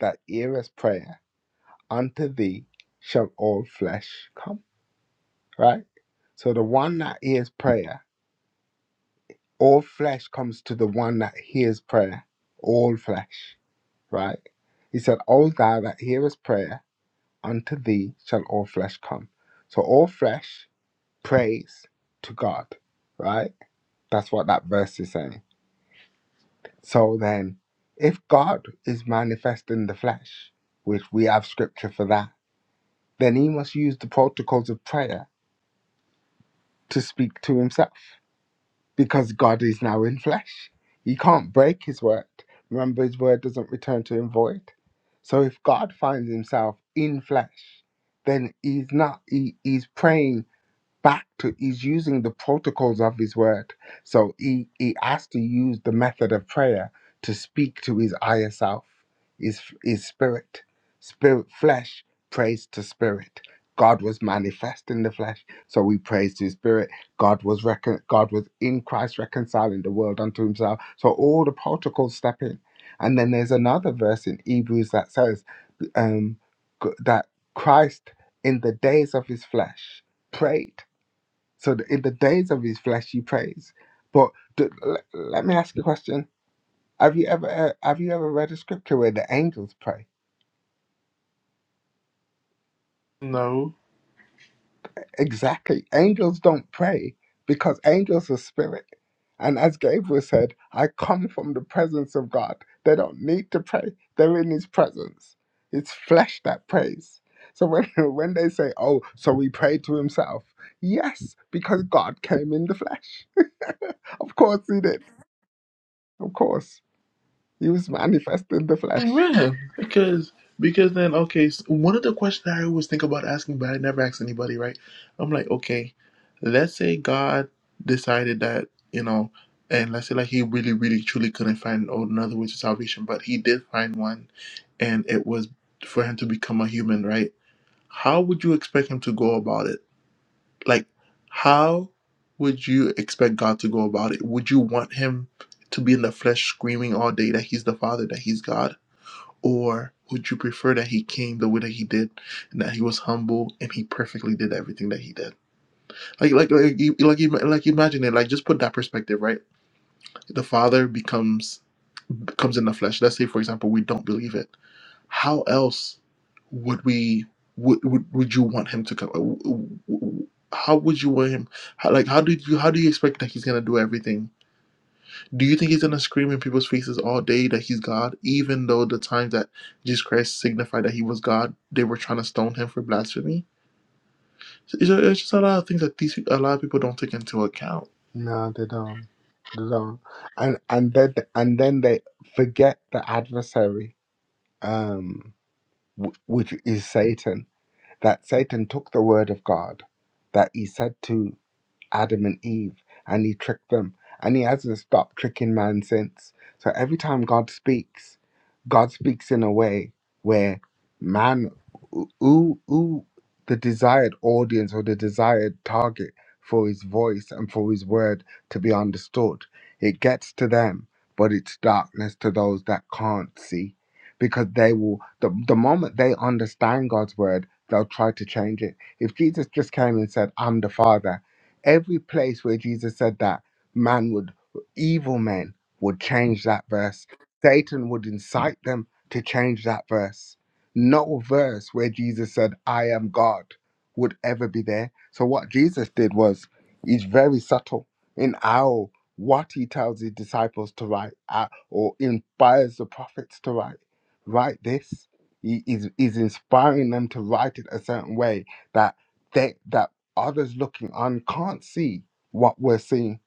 that hearest prayer, unto thee shall all flesh come." Right. So the one that hears prayer all flesh comes to the one that hears prayer. All flesh, right? He said, O thou that hearest prayer, unto thee shall all flesh come. So all flesh prays to God, right? That's what that verse is saying. So then, if God is manifest in the flesh, which we have scripture for that, then he must use the protocols of prayer to speak to himself. because God is now in flesh. He can't break his word. Remember, his word doesn't return to him void. So if God finds himself in flesh, then he's not, he, he's praying back to he's using the protocols of his word so he he has to use the method of prayer to speak to his higher self his his spirit spirit flesh prays to spirit god was manifest in the flesh so we praise to his spirit god was recon- god was in christ reconciling the world unto himself so all the protocols step in and then there's another verse in hebrews that says um g- that christ in the days of his flesh prayed so that in the days of his flesh he prays. But d l let me ask you a question: Have you ever uh, have you ever read a scripture where the angels pray? No. Exactly, angels don't pray because angels are spirit, and as Gabriel said, I come from the presence of God. They don't need to pray; they're in His presence. It's flesh that prays. So when [LAUGHS] when they say, "Oh, so we pray to Himself," yes, because God came in the flesh. [LAUGHS] Of course He did. Of course. He was manifest in the flesh. Yeah, because because then okay, s one of the questions that I always think about asking, but I never ask anybody, right? I'm like, okay, let's say God decided that you know, and let's say like He really, really, truly couldn't find another way to salvation, but He did find one, and it was for Him to become a human, right? How would you expect Him to go about it? Like, how would you expect God to go about it? Would you want Him to be in the flesh, screaming all day that He's the Father, that He's God? Or would you prefer that he came the way that he did, and that he was humble and he perfectly did everything that he did? Like, like, like, like, like imagine it. Like, just put that perspective, right? The Father becomes comes in the flesh. Let's say, for example, we don't believe it. How else would we would would, would you want him to come? How would you want him? How, like, how did you? How do you expect that he's gonna do everything? Do you think he's gonna scream in people's faces all day that he's God, even though the times that Jesus Christ signified that he was God, they were trying to stone him for blasphemy? So, It's ju- it's just a lot of things that these a lot of people don't take into account. No, they don't. They don't. And and then and then they forget the adversary, um, wh- which is Satan. That Satan took the word of God that he said to Adam and Eve, and he tricked them. And he hasn't stopped tricking man since. So every time God speaks, God speaks in a way where man, who, who the desired audience or the desired target for his voice and for his word to be understood, it gets to them, but it's darkness to those that can't see. Because they will, the, the moment they understand God's word, they'll try to change it. If Jesus just came and said, I'm the Father, Every place where Jesus said that, man would, evil men would change that verse. Satan would incite them to change that verse. No verse where Jesus said, I am God would ever be there. So what Jesus did was, he's very subtle in how what he tells his disciples to write uh, or inspires the prophets to write. Write this. He is, is inspiring them to write it a certain way that they that others looking on can't see what we're seeing.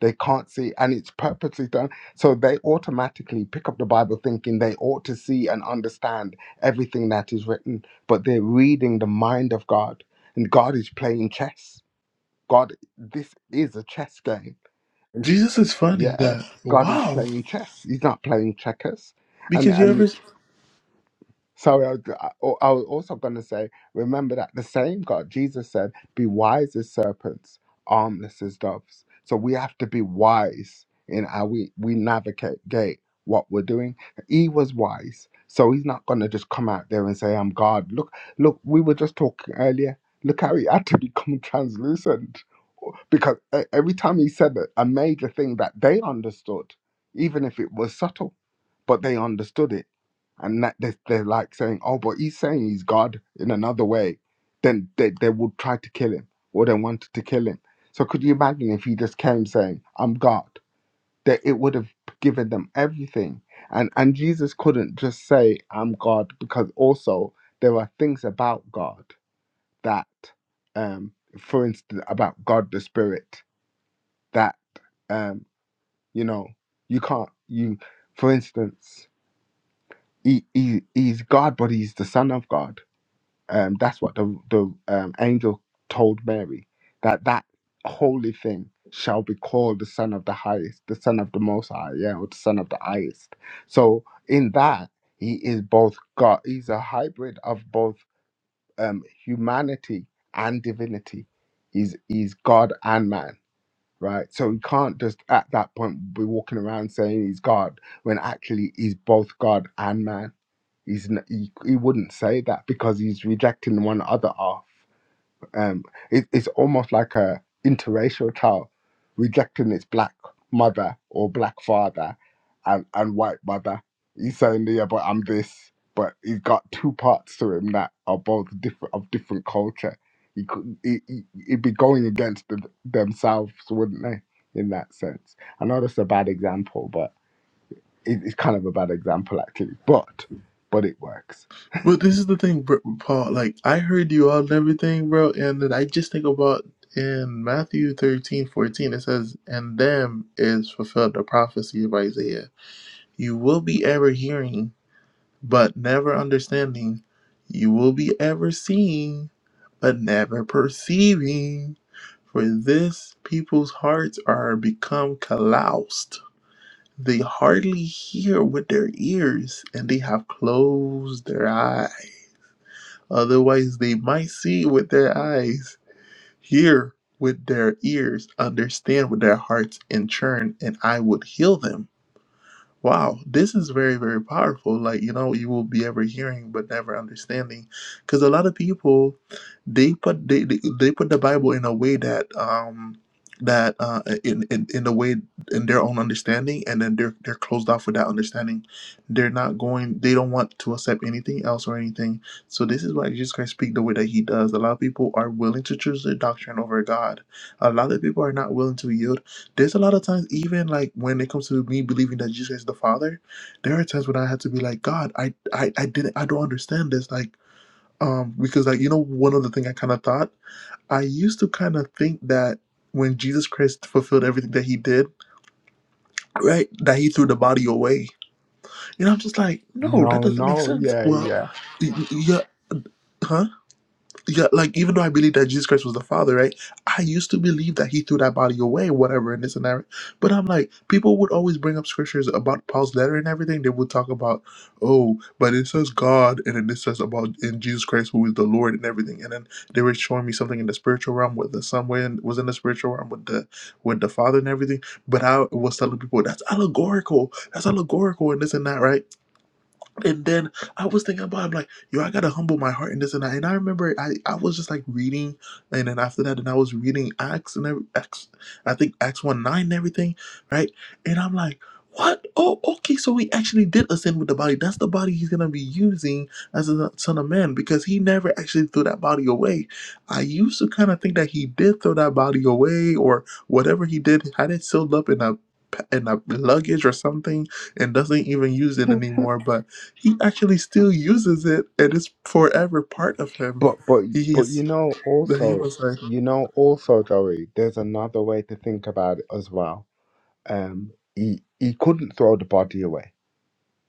They can't see, and it's purposely done. So they automatically pick up the Bible thinking they ought to see and understand everything that is written, but they're reading the mind of God, and God is playing chess. God, this is a chess game. [LAUGHS] Jesus is funny. Yeah, That God is wow, playing chess. He's not playing checkers. And because you and ever. Sorry, I was, I, oh, I was also going to say, remember that the same God, Jesus said, be wise as serpents, harmless as doves. So we have to be wise in how we, we navigate gate what we're doing. He was wise. So he's not going to just come out there and say, I'm God. Look, look, we were just talking earlier. Look how he had to [LAUGHS] become translucent. Because e- every time he said a a major thing that they understood, even if it was subtle, but they understood it and that they, they're like saying, "Oh, but he's saying he's God in another way," then they, they would try to kill him or they wanted to kill him. So could you imagine if he just came saying, "I'm God"? That it would have given them everything, and and Jesus couldn't just say, "I'm God," because also there are things about God that, um, for instance, about God the Spirit that, um, you know, you can't you, for instance, he, he he's God, but he's the Son of God Um, that's what the the um, angel told Mary that that holy thing shall be called the Son of the Highest, the Son of the Most High, yeah, or the Son of the Highest. So in that he is both God. He's a hybrid of both um, humanity and divinity. He's he's God and man, right? So he can't just at that point be walking around saying he's God when actually he's both God and man He's n- he, he wouldn't say that because he's rejecting one other half. Um, it, it's almost like a interracial child rejecting its black mother or black father and, and white mother. He's saying, yeah, but I'm this. But he's got two parts to him that are both different of different culture. He could he, he, he'd be going against them themselves, wouldn't they? In that sense, I know that's a bad example, but it, it's kind of a bad example actually. But but it works. But this is the thing, bro, Paul. Like I heard you all and everything, bro, and then I just think about in Matthew 13 14, it says, "And them is fulfilled the prophecy of Isaiah. You will be ever hearing." but never understanding. You will be ever seeing, but never perceiving. For this people's hearts are become calloused. They hardly hear with their ears, and they have closed their eyes. Otherwise, they might see with their eyes, hear with their ears, understand with their hearts, and turn, and I would heal them. Wow, this is very, very powerful. Like, you know, you will be ever hearing but never understanding. Because a lot of people, they put they, they, they put the Bible in a way that um that uh in, in in the way in their own understanding and then they're they're closed off with that understanding. They're not going they don't want to accept anything else or anything. So this is why Jesus Christ speak the way that he does. A lot of people are willing to choose their doctrine over God. A lot of people are not willing to yield there's a lot of times, even like when it comes to me believing that Jesus is the Father, there are times when I had to be like, God, I, I, I didn't, I don't understand this. Like, um, because like you know, one of the thing I kind of thought, I used to kind of think that when Jesus Christ fulfilled everything that he did, right, that he threw the body away. You know, I'm just like, no, that No, doesn't make no, sense. yeah, Well, yeah. y- y- yeah, huh? yeah, like even though I believe that Jesus Christ was the Father, right? I used to believe that He threw that body away, whatever, and this and that. right? But I'm like, people would always bring up scriptures about Paul's letter and everything. They would talk about, oh, but it says God, and then it says about in Jesus Christ who is the Lord and everything. And then they were showing me something in the spiritual realm with the son way, and was in the spiritual realm with the with the Father and everything. But I was telling people that's allegorical, that's allegorical, and this and that, right? And then I was thinking about, it, I'm like, yo, I gotta humble my heart and this and that. And I remember I, I was just like reading, and then after that, and I was reading Acts and every Acts, I think Acts one nine and everything, right? And I'm like, what? Oh, okay. So he actually did ascend with the body. That's the body he's gonna be using as a son of man because he never actually threw that body away. I used to kind of think that he did throw that body away or whatever he did had it sealed up in a in a luggage or something and doesn't even use it anymore, but he actually still uses it and it's forever part of him. But but but He's you know is he also was like you know also Joey, there's another way to think about it as well. Um he he couldn't throw the body away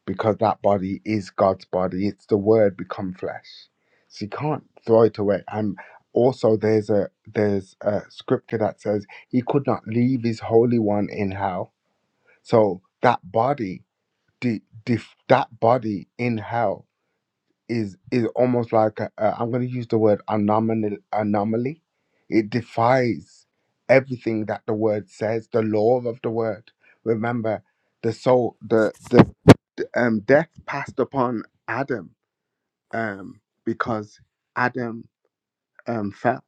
because that body is God's body. It's the word become flesh. So you can't throw it away. And also there's a there's a scripture that says he could not leave his holy one in hell. So that body the, the that body in hell is is almost like a, a, I'm going to use the word anomaly. Anomaly. It defies everything that the word says, the law of the word. Remember, the soul, the the um, death passed upon Adam um, because Adam um, fell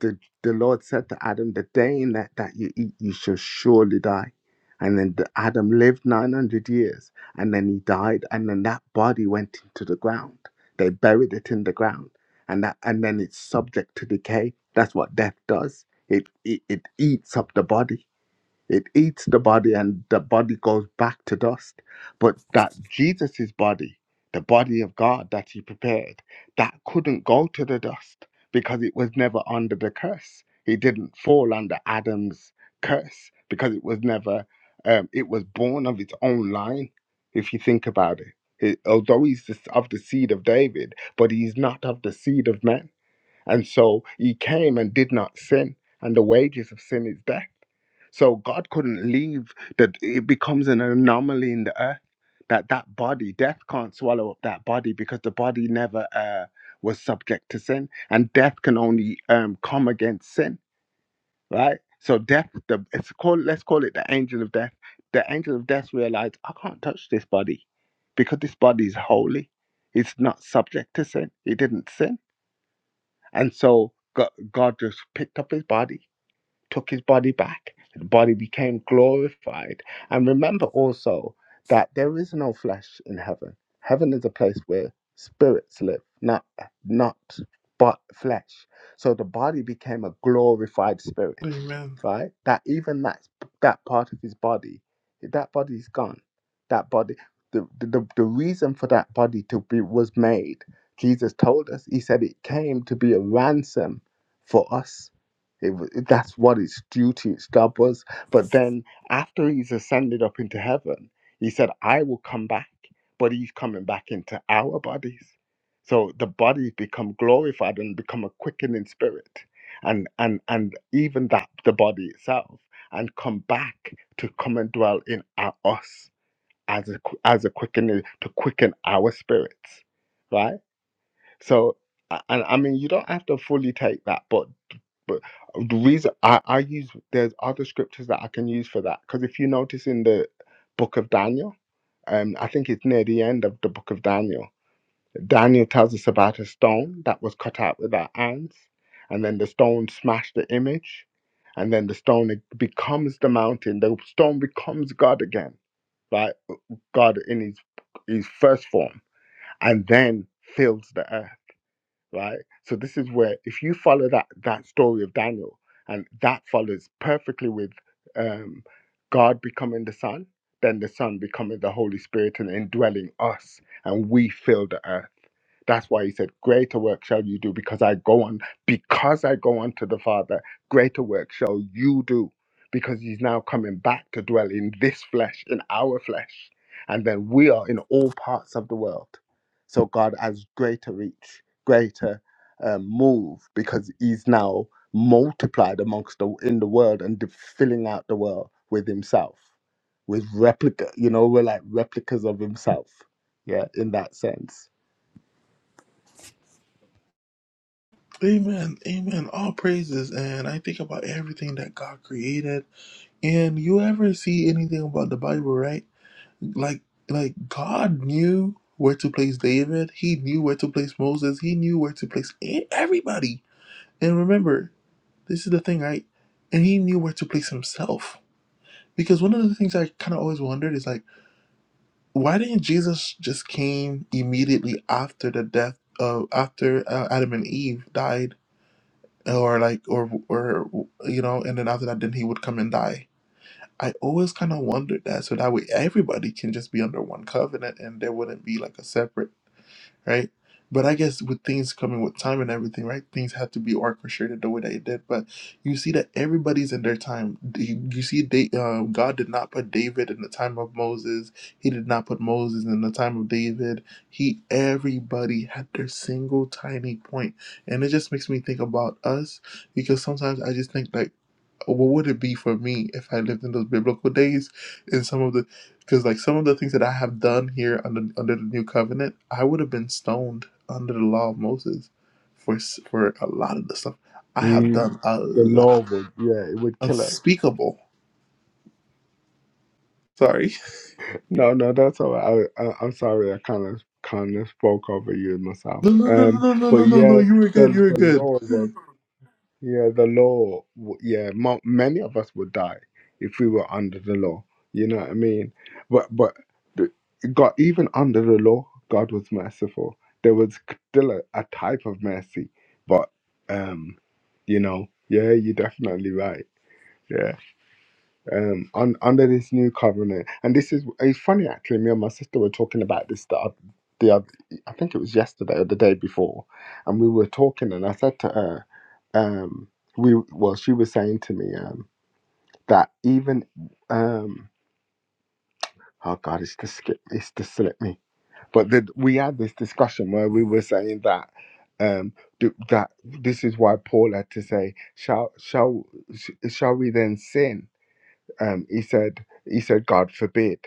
the, the Lord said to Adam, The day in that, that you eat, you shall surely die. And then the, Adam lived 900 years and then he died. And then that body went into the ground. They buried it in the ground. And, that, and then it's subject to decay. That's what death does it, it, it eats up the body. It eats the body and the body goes back to dust. But that Jesus' body, the body of God that he prepared, that couldn't go to the dust because it was never under the curse. He didn't fall under Adam's curse because it was never, um, it was born of its own line, if you think about it. it although he's just of the seed of David, but he's not of the seed of men and so he came and did not sin, and the wages of sin is death. So God couldn't leave that it becomes an anomaly in the earth that that body death can't swallow up that body because the body never uh, was subject to sin and death can only um, come against sin right so death the it's called let's call it the angel of death the angel of death realized I can't touch this body because this body is holy it's not subject to sin it didn't sin and so Go- God just picked up his body took his body back. The body became glorified. And remember also that there is no flesh in heaven. Heaven is a place where spirits live, not not but flesh. So the body became a glorified spirit, Amen. right? That even that that part of his body, that body is gone. That body, the the the reason for that body to be was made. Jesus told us. He said it came to be a ransom for us it, wa- that's what its duty, its job was. But then after he's ascended up into heaven, he said, I will come back, but he's coming back into our bodies. So the bodies become glorified and become a quickening spirit. And and and even that the body itself and come back to come and dwell in our, us as a qu- as a quickening to quicken our spirits. Right? So a- and I mean you don't have to fully take that, but but uh, the reason I, I use there's other scriptures that I can use for that because if you notice in the book of Daniel, um, I think it's near the end of the book of Daniel. Daniel tells us about a stone that was cut out with our hands, and then the stone smashed the image, and then the stone it becomes the mountain. The stone becomes God again, right? God in his his first form, and then fills the earth right? So this is where if you follow that that story of Daniel, and that follows perfectly with um, God becoming the Son, then the Son becoming the Holy Spirit and indwelling us, and we fill the earth. That's why he said, Greater work shall you do because I go on, because I go on to the Father, greater work shall you do because he's now coming back to dwell in this flesh, in our flesh. And then we are in all parts of the world. So God has greater reach, greater um, move because he's now multiplied amongst the in the world and de- filling out the world with himself with replica you know we're like replicas of himself yeah in that sense Amen. Amen. All praises and I think about everything that God created. And you ever see anything about the Bible, right? Like like God knew where to place David, he knew where to place Moses, he knew where to place e- everybody. And remember, this is the thing, right? And he knew where to place himself. Because one of the things I kind of always wondered is like why didn't Jesus just came immediately after the death of after uh, Adam and Eve died, or like or or you know, and then after that, then he would come and die. I always kind of wondered that, so that way everybody can just be under one covenant, and there wouldn't be like a separate right? But I guess with things coming with time and everything, right? Things have to be orchestrated the way that it did. But you see that everybody's in their time. You you see, they, uh, God did not put David in the time of Moses. He did not put Moses in the time of David. He, everybody had their single tiny point, point. and it just makes me think about us because sometimes I just think like what would it be for me if I lived in those biblical days? And some of the, because like some of the things that I have done here under under the new covenant, I would have been stoned under the law of Moses for s- for a lot of the stuff I have Mm, done. A the law lot would, yeah, it would kill us. unspeakable. Sorry. [LAUGHS] No, no, that's all right. I, I, I'm sorry, I kind of kind of spoke over you and myself. No, no, no, Um, no, no, no, but no, no. no, yeah, You were good. the You were the good. law would, yeah, the law, w- yeah, mo- many of us would die if we were under the law. You know what I mean? But but the, God, even under the law, God was merciful. There was still a, a type of mercy, but um, you know, yeah, you're definitely right. Yeah. um un, under this new covenant and this is it's funny actually me and my sister were talking about this the, oth- the oth- i think it was yesterday or the day before and we were talking and i said to her um we well she was saying to me um that even um oh god it's to skip it's to slip me but that we had this discussion where we were saying that um th- that this is why paul had to say shall shall sh- shall we then sin um, he said, he said, God forbid.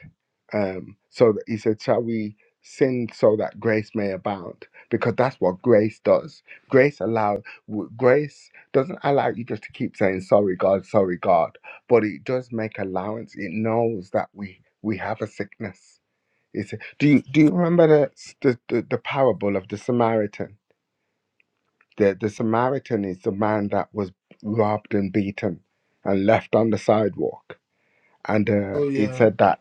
Um, so that he said, shall we sin so that grace may abound? Because that's what grace does. Grace allow, w- grace doesn't allow you just to keep saying sorry, God, sorry, God, but it does make allowance. It knows that we we have a sickness. It's, do you do you remember the the, the, the parable of the Samaritan? The the Samaritan is the man that was robbed and beaten and left on the sidewalk and uh, Oh he yeah, said that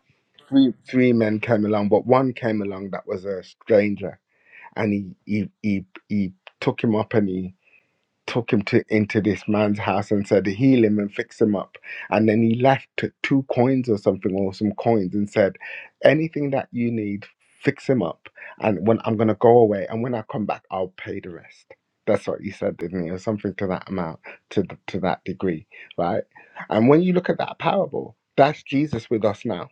three three men came along, but one came along that was a stranger, and he he he, he took him up and he took him to into this man's house and said heal him and fix him up and then he left two coins or something or some coins and said anything that you need fix him up and when i'm going to go away and when i come back i'll pay the rest that's what he said didn't he or something to that amount to th- to that degree right and when you look at that parable that's jesus with us now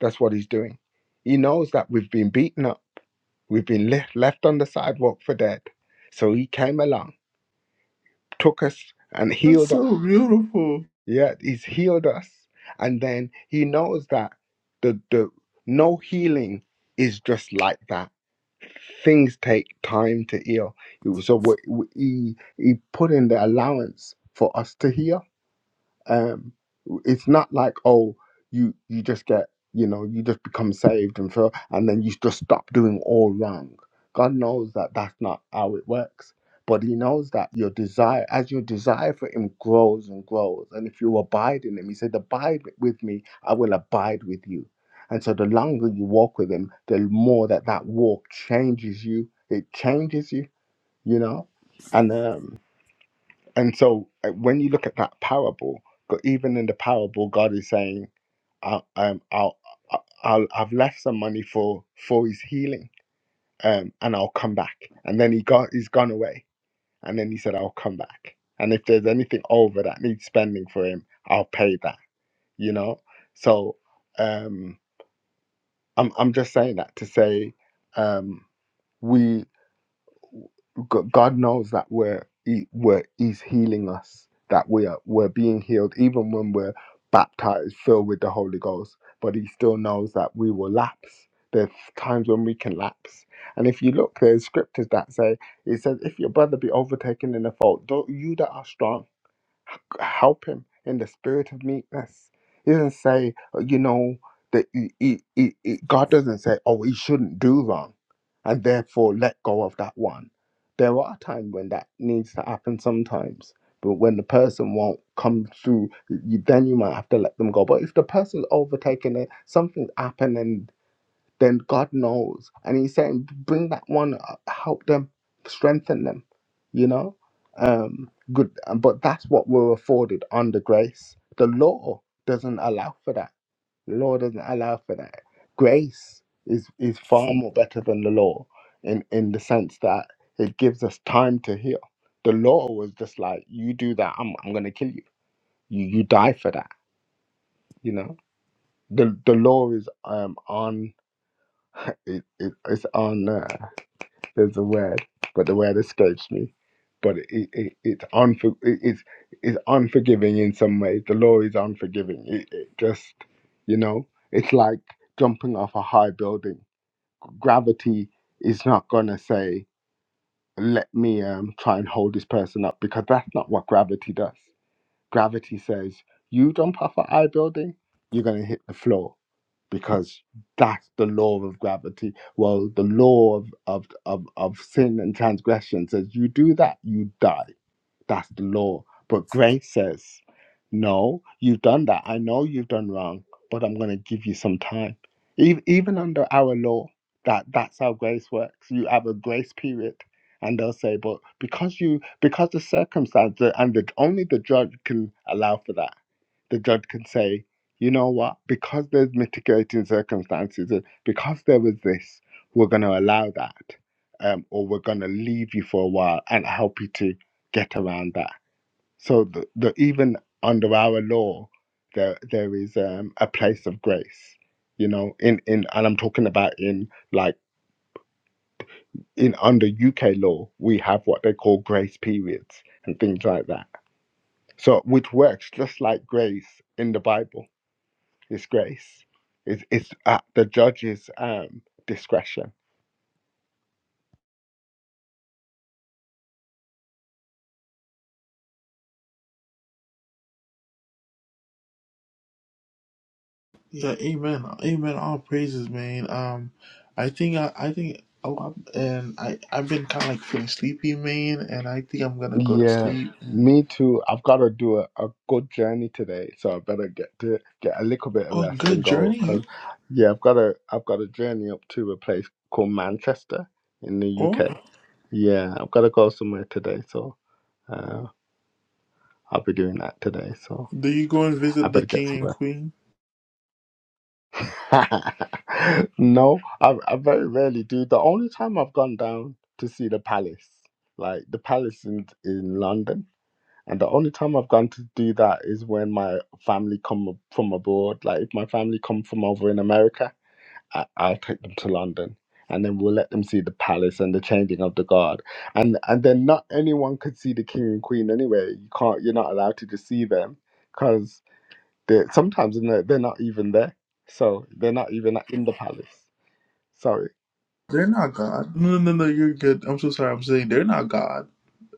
that's what he's doing he knows that we've been beaten up we've been left left on the sidewalk for dead so he came along took us and that's healed us. so beautiful. Yeah, he's healed us. And then he knows that the, the no healing is just like that. Things take time to heal. So we, we, he, he put in the allowance for us to heal um it's not like oh you you just get you know you just become saved and feel and then you just stop doing all wrong god knows that that's not how it works but he knows that your desire as your desire for him grows and grows and if you abide in him he said abide with me i will abide with you and so the longer you walk with him the more that that walk changes you it changes you you know and um and so uh, when you look at that parable, go- even in the parable, God is saying, I, um, I'll, I'll, I'll- I've left some money for, for his healing um, and I'll come back. And then he got, he's gone away. And then he said, I'll come back. And if there's anything over that needs spending for him, I'll pay that, you know? So um, I'm, I'm just saying that to say um, we. G- God knows that we're, he, we're He's healing us, that we are we're being healed, even when we're baptized, filled with the Holy Ghost. But He still knows that we will lapse. There's times when we can lapse, and if you look, there's scriptures that say, "It says, if your brother be overtaken in a fault, don't you that are strong." help him in the spirit of meekness. He doesn't say, uh, you know, that he, he, he, he- God doesn't say, oh, he shouldn't do wrong, and therefore let go of that one. There are times when that needs to happen sometimes, but when the person won't come through, you, then you might have to let them go. But if the person's overtaken it, something's happened, then God knows. And He's saying, bring that one up, help them, strengthen them, you know? Um, good. um, But that's what we're afforded under grace. The law doesn't allow for that. The law doesn't allow for that. Grace is, is far more better than the law in, in the sense that it gives us time to heal. The law was just like, you do that, I'm, I'm going to kill you. you. You die for that, you know? The, the law is um on [LAUGHS] it, it, it's on. uh, There's a word, but the word escapes me. But it, it, it's unfor- it, it's it's unforgiving in some ways. The law is unforgiving. It, it just, you know, it's like jumping off a high building. Gravity is not gonna say, "Let me um try and hold this person up," because that's not what gravity does. Gravity says, you jump off an high building, you're going to hit the floor because that's the law of gravity. Well, the law of, of, of, of sin and transgression says, you do that, you die. That's the law. But grace says, no, you've done that. I know you've done wrong, but I'm going to give you some time. Ev- Even under our law, that that's how grace works. You have a grace period, and they'll say, but because you, because the circumstance, the- and the, only the judge can allow for that the judge can say, you know what, because there's mitigating circumstances, uh, because there was this, we're going to allow that, um, or we're going to leave you for a while and help you to get around that. So the, the, even under our law, there there is um, a place of grace, you know. In in and I'm talking about in like in under UK law, we have what they call grace periods and things like that. So which works just like grace in the Bible Disgrace grace. It's, it's at the judge's um, discretion. Yeah, amen, amen. All praises, man. Um, I think I, I think a lot, and I, I've been kind of like feeling sleepy, man, and I think I'm gonna go to Yeah, sleep. Man. me too. I've got to do a, a good journey today, so I better get to get a little bit of Oh, rest and good go. journey. 'cause, You, yeah, I've got a I've got a journey up to a place called Manchester in the oh, UK. Yeah, I've got to go somewhere today, so uh, I'll be doing that today. So do you go and I visit the better get king some rest. and queen? [LAUGHS] no, I, I very rarely do. The only time I've gone down to see the palace, like the palace in, in London, and the only time I've gone to do that is when my family come ab- from abroad. Like if my family come from over in America, I, I'll take them to London. And then we'll let them see the palace and the changing of the guard, and and then not anyone could see the king and queen anyway. You can't, you're not allowed to just see them, because they sometimes they're not, they're not even there, so they're not even in the palace. Sorry, They're not God. No, no, no. no, You're good. I'm so sorry. I'm saying they're not God.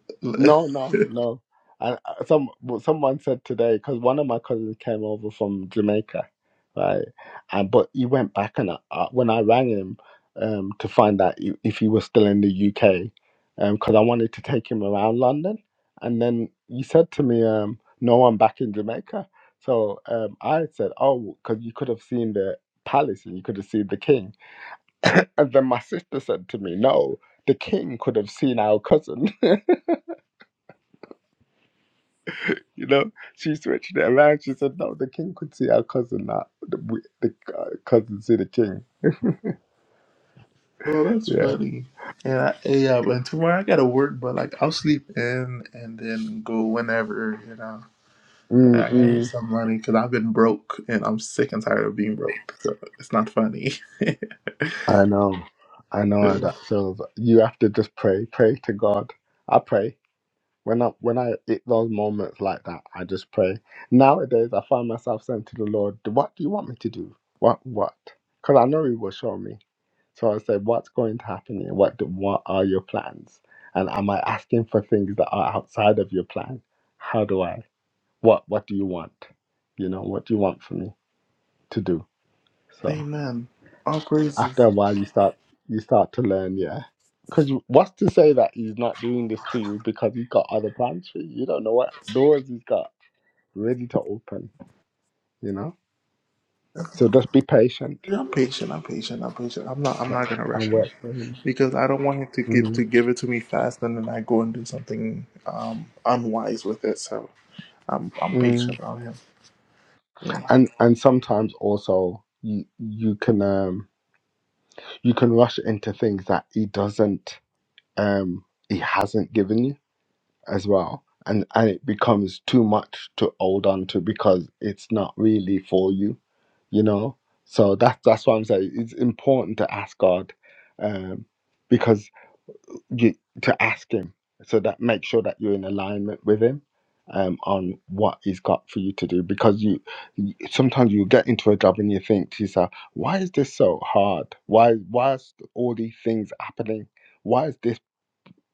[LAUGHS] well, no, no, no. And uh, some but someone said today because one of my cousins came over from Jamaica, right? And but he went back and I, I- when I rang him um, to find out i- if he was still in the UK, because I wanted to take him around London, and then he said to me, um, "No, I'm back in Jamaica." So um, I said, "Oh, because you could have seen the palace and you could have seen the king." And then my sister said to me, No, the king could have seen our cousin. [LAUGHS] you know, she switched it around. She said, No, the king could see our cousin, that the, we- the uh, cousin see the king. that's Yeah. funny. And I, yeah, but tomorrow I gotta work, but like I'll sleep in and then go whenever, you know. I gotta get Mm-mm. some money because I've been broke and I'm sick and tired of being broke. So it's not funny. [LAUGHS] I know. I know how that feels. You have to just pray, pray to God. I pray. When I when I hit those moments like that, I just pray. Nowadays, I find myself saying to the Lord, "What do you want me to do? What what?" Because I know He will show me So I said, what's going to happen here? What, do, what are your plans? And am I asking for things that are outside of your plan? How do I? What What do you want? You know, what do you want for me to do? So Amen. All praises. after a while, you start you start to learn, yeah. Because what's to say that he's not doing this to you because he's got other plans for you? You don't know what doors he's got ready to open. You know, so just be patient I'm patient. I'm patient. I'm patient. I'm not. I'm but- not gonna rush and him wait. for him. because I don't want him to get Mm, to give it to me fast and then I go and do something um, unwise with it. So I'm. I'm mm. patient on him. Yeah. and and sometimes also you you can um you can rush into things that he doesn't um he hasn't given you as well and and it becomes too much to hold on to because it's not really for you you know so that's that's why i'm saying it's important to ask god um because you to ask him so that make sure that you're in alignment with him um, on what he's got for you to do because you you- sometimes you get into a job and you think to yourself why is this so hard why why is all these things happening why is this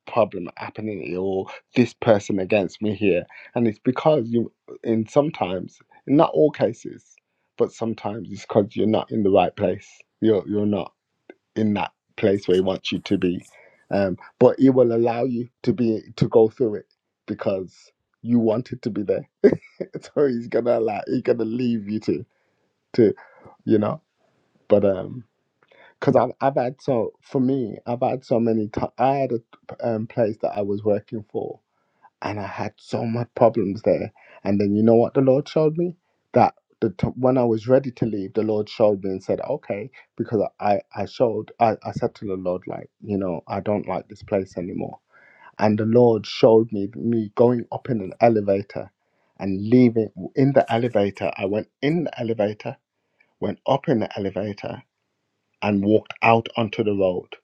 problem happening here or this person against me here and it's because you in sometimes in not all cases but sometimes it's because you're not in the right place you're you're not in that place where he wants you to be. Um, but he will allow you to be to go through it because you wanted to be there. [LAUGHS] so he's gonna allow he's gonna leave you to to you know. But um, because I've I've had so for me I've had so many. T- I had a um, place that I was working for and I had so much problems there. And then you know what the Lord showed me? That the t- when I was ready to leave, the Lord showed me and said, "Okay," because I I showed I, I said to the Lord like, you know, I don't like this place anymore. And the Lord showed me me going up in an elevator and leaving in the elevator. I went in the elevator, went up in the elevator, and walked out onto the road.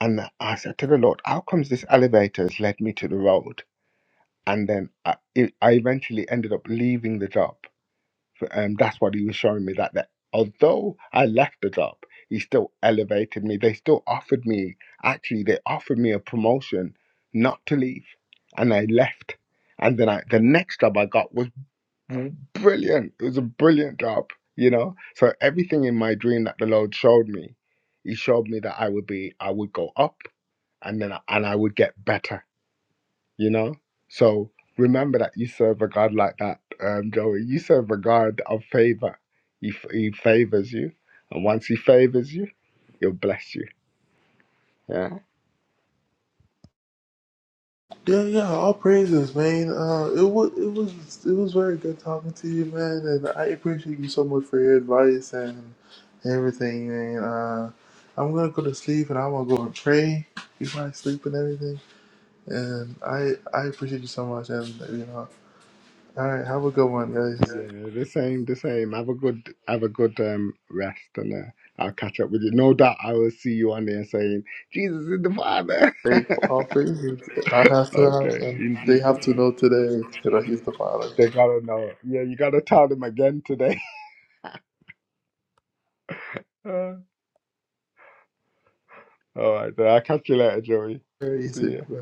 And I said to the Lord, "How comes this elevator has led me to the road?" and then I, it, I eventually ended up leaving the job. Um, that's what he was showing me that, that although I left the job, he still elevated me. They still offered me, actually, they offered me a promotion not to leave, and I left. And then I, the next job I got was br- brilliant. It was a brilliant job, you know. So everything in my dream that the Lord showed me, He showed me that I would be, I would go up, and then I- and I would get better you know? So remember that you serve a God like that, um, Joey. You serve a God of favor. He, f- he favors you. And once he favors you, he'll bless you. Yeah. Yeah, yeah, all praises, man. Uh, it was it was it was very good talking to you, man, and I appreciate you so much for your advice and everything, man. Uh, I'm gonna go to sleep and I'm gonna go and pray before I sleep and everything. And I I appreciate you so much, and you know, all right, have a good one, guys. Yeah, the same, the same. Have a good, have a good um, rest, and uh, I'll catch up with you. No doubt, I will see you on there saying, "Jesus is the Father." Hey, for all praises. I have [LAUGHS] to have okay, them. in They Jesus' have to name. know today that he's the father. They gotta know. Yeah, you gotta tell them again today. [LAUGHS] All right, then I'll catch you later, Joey. Very See easy. ya. right?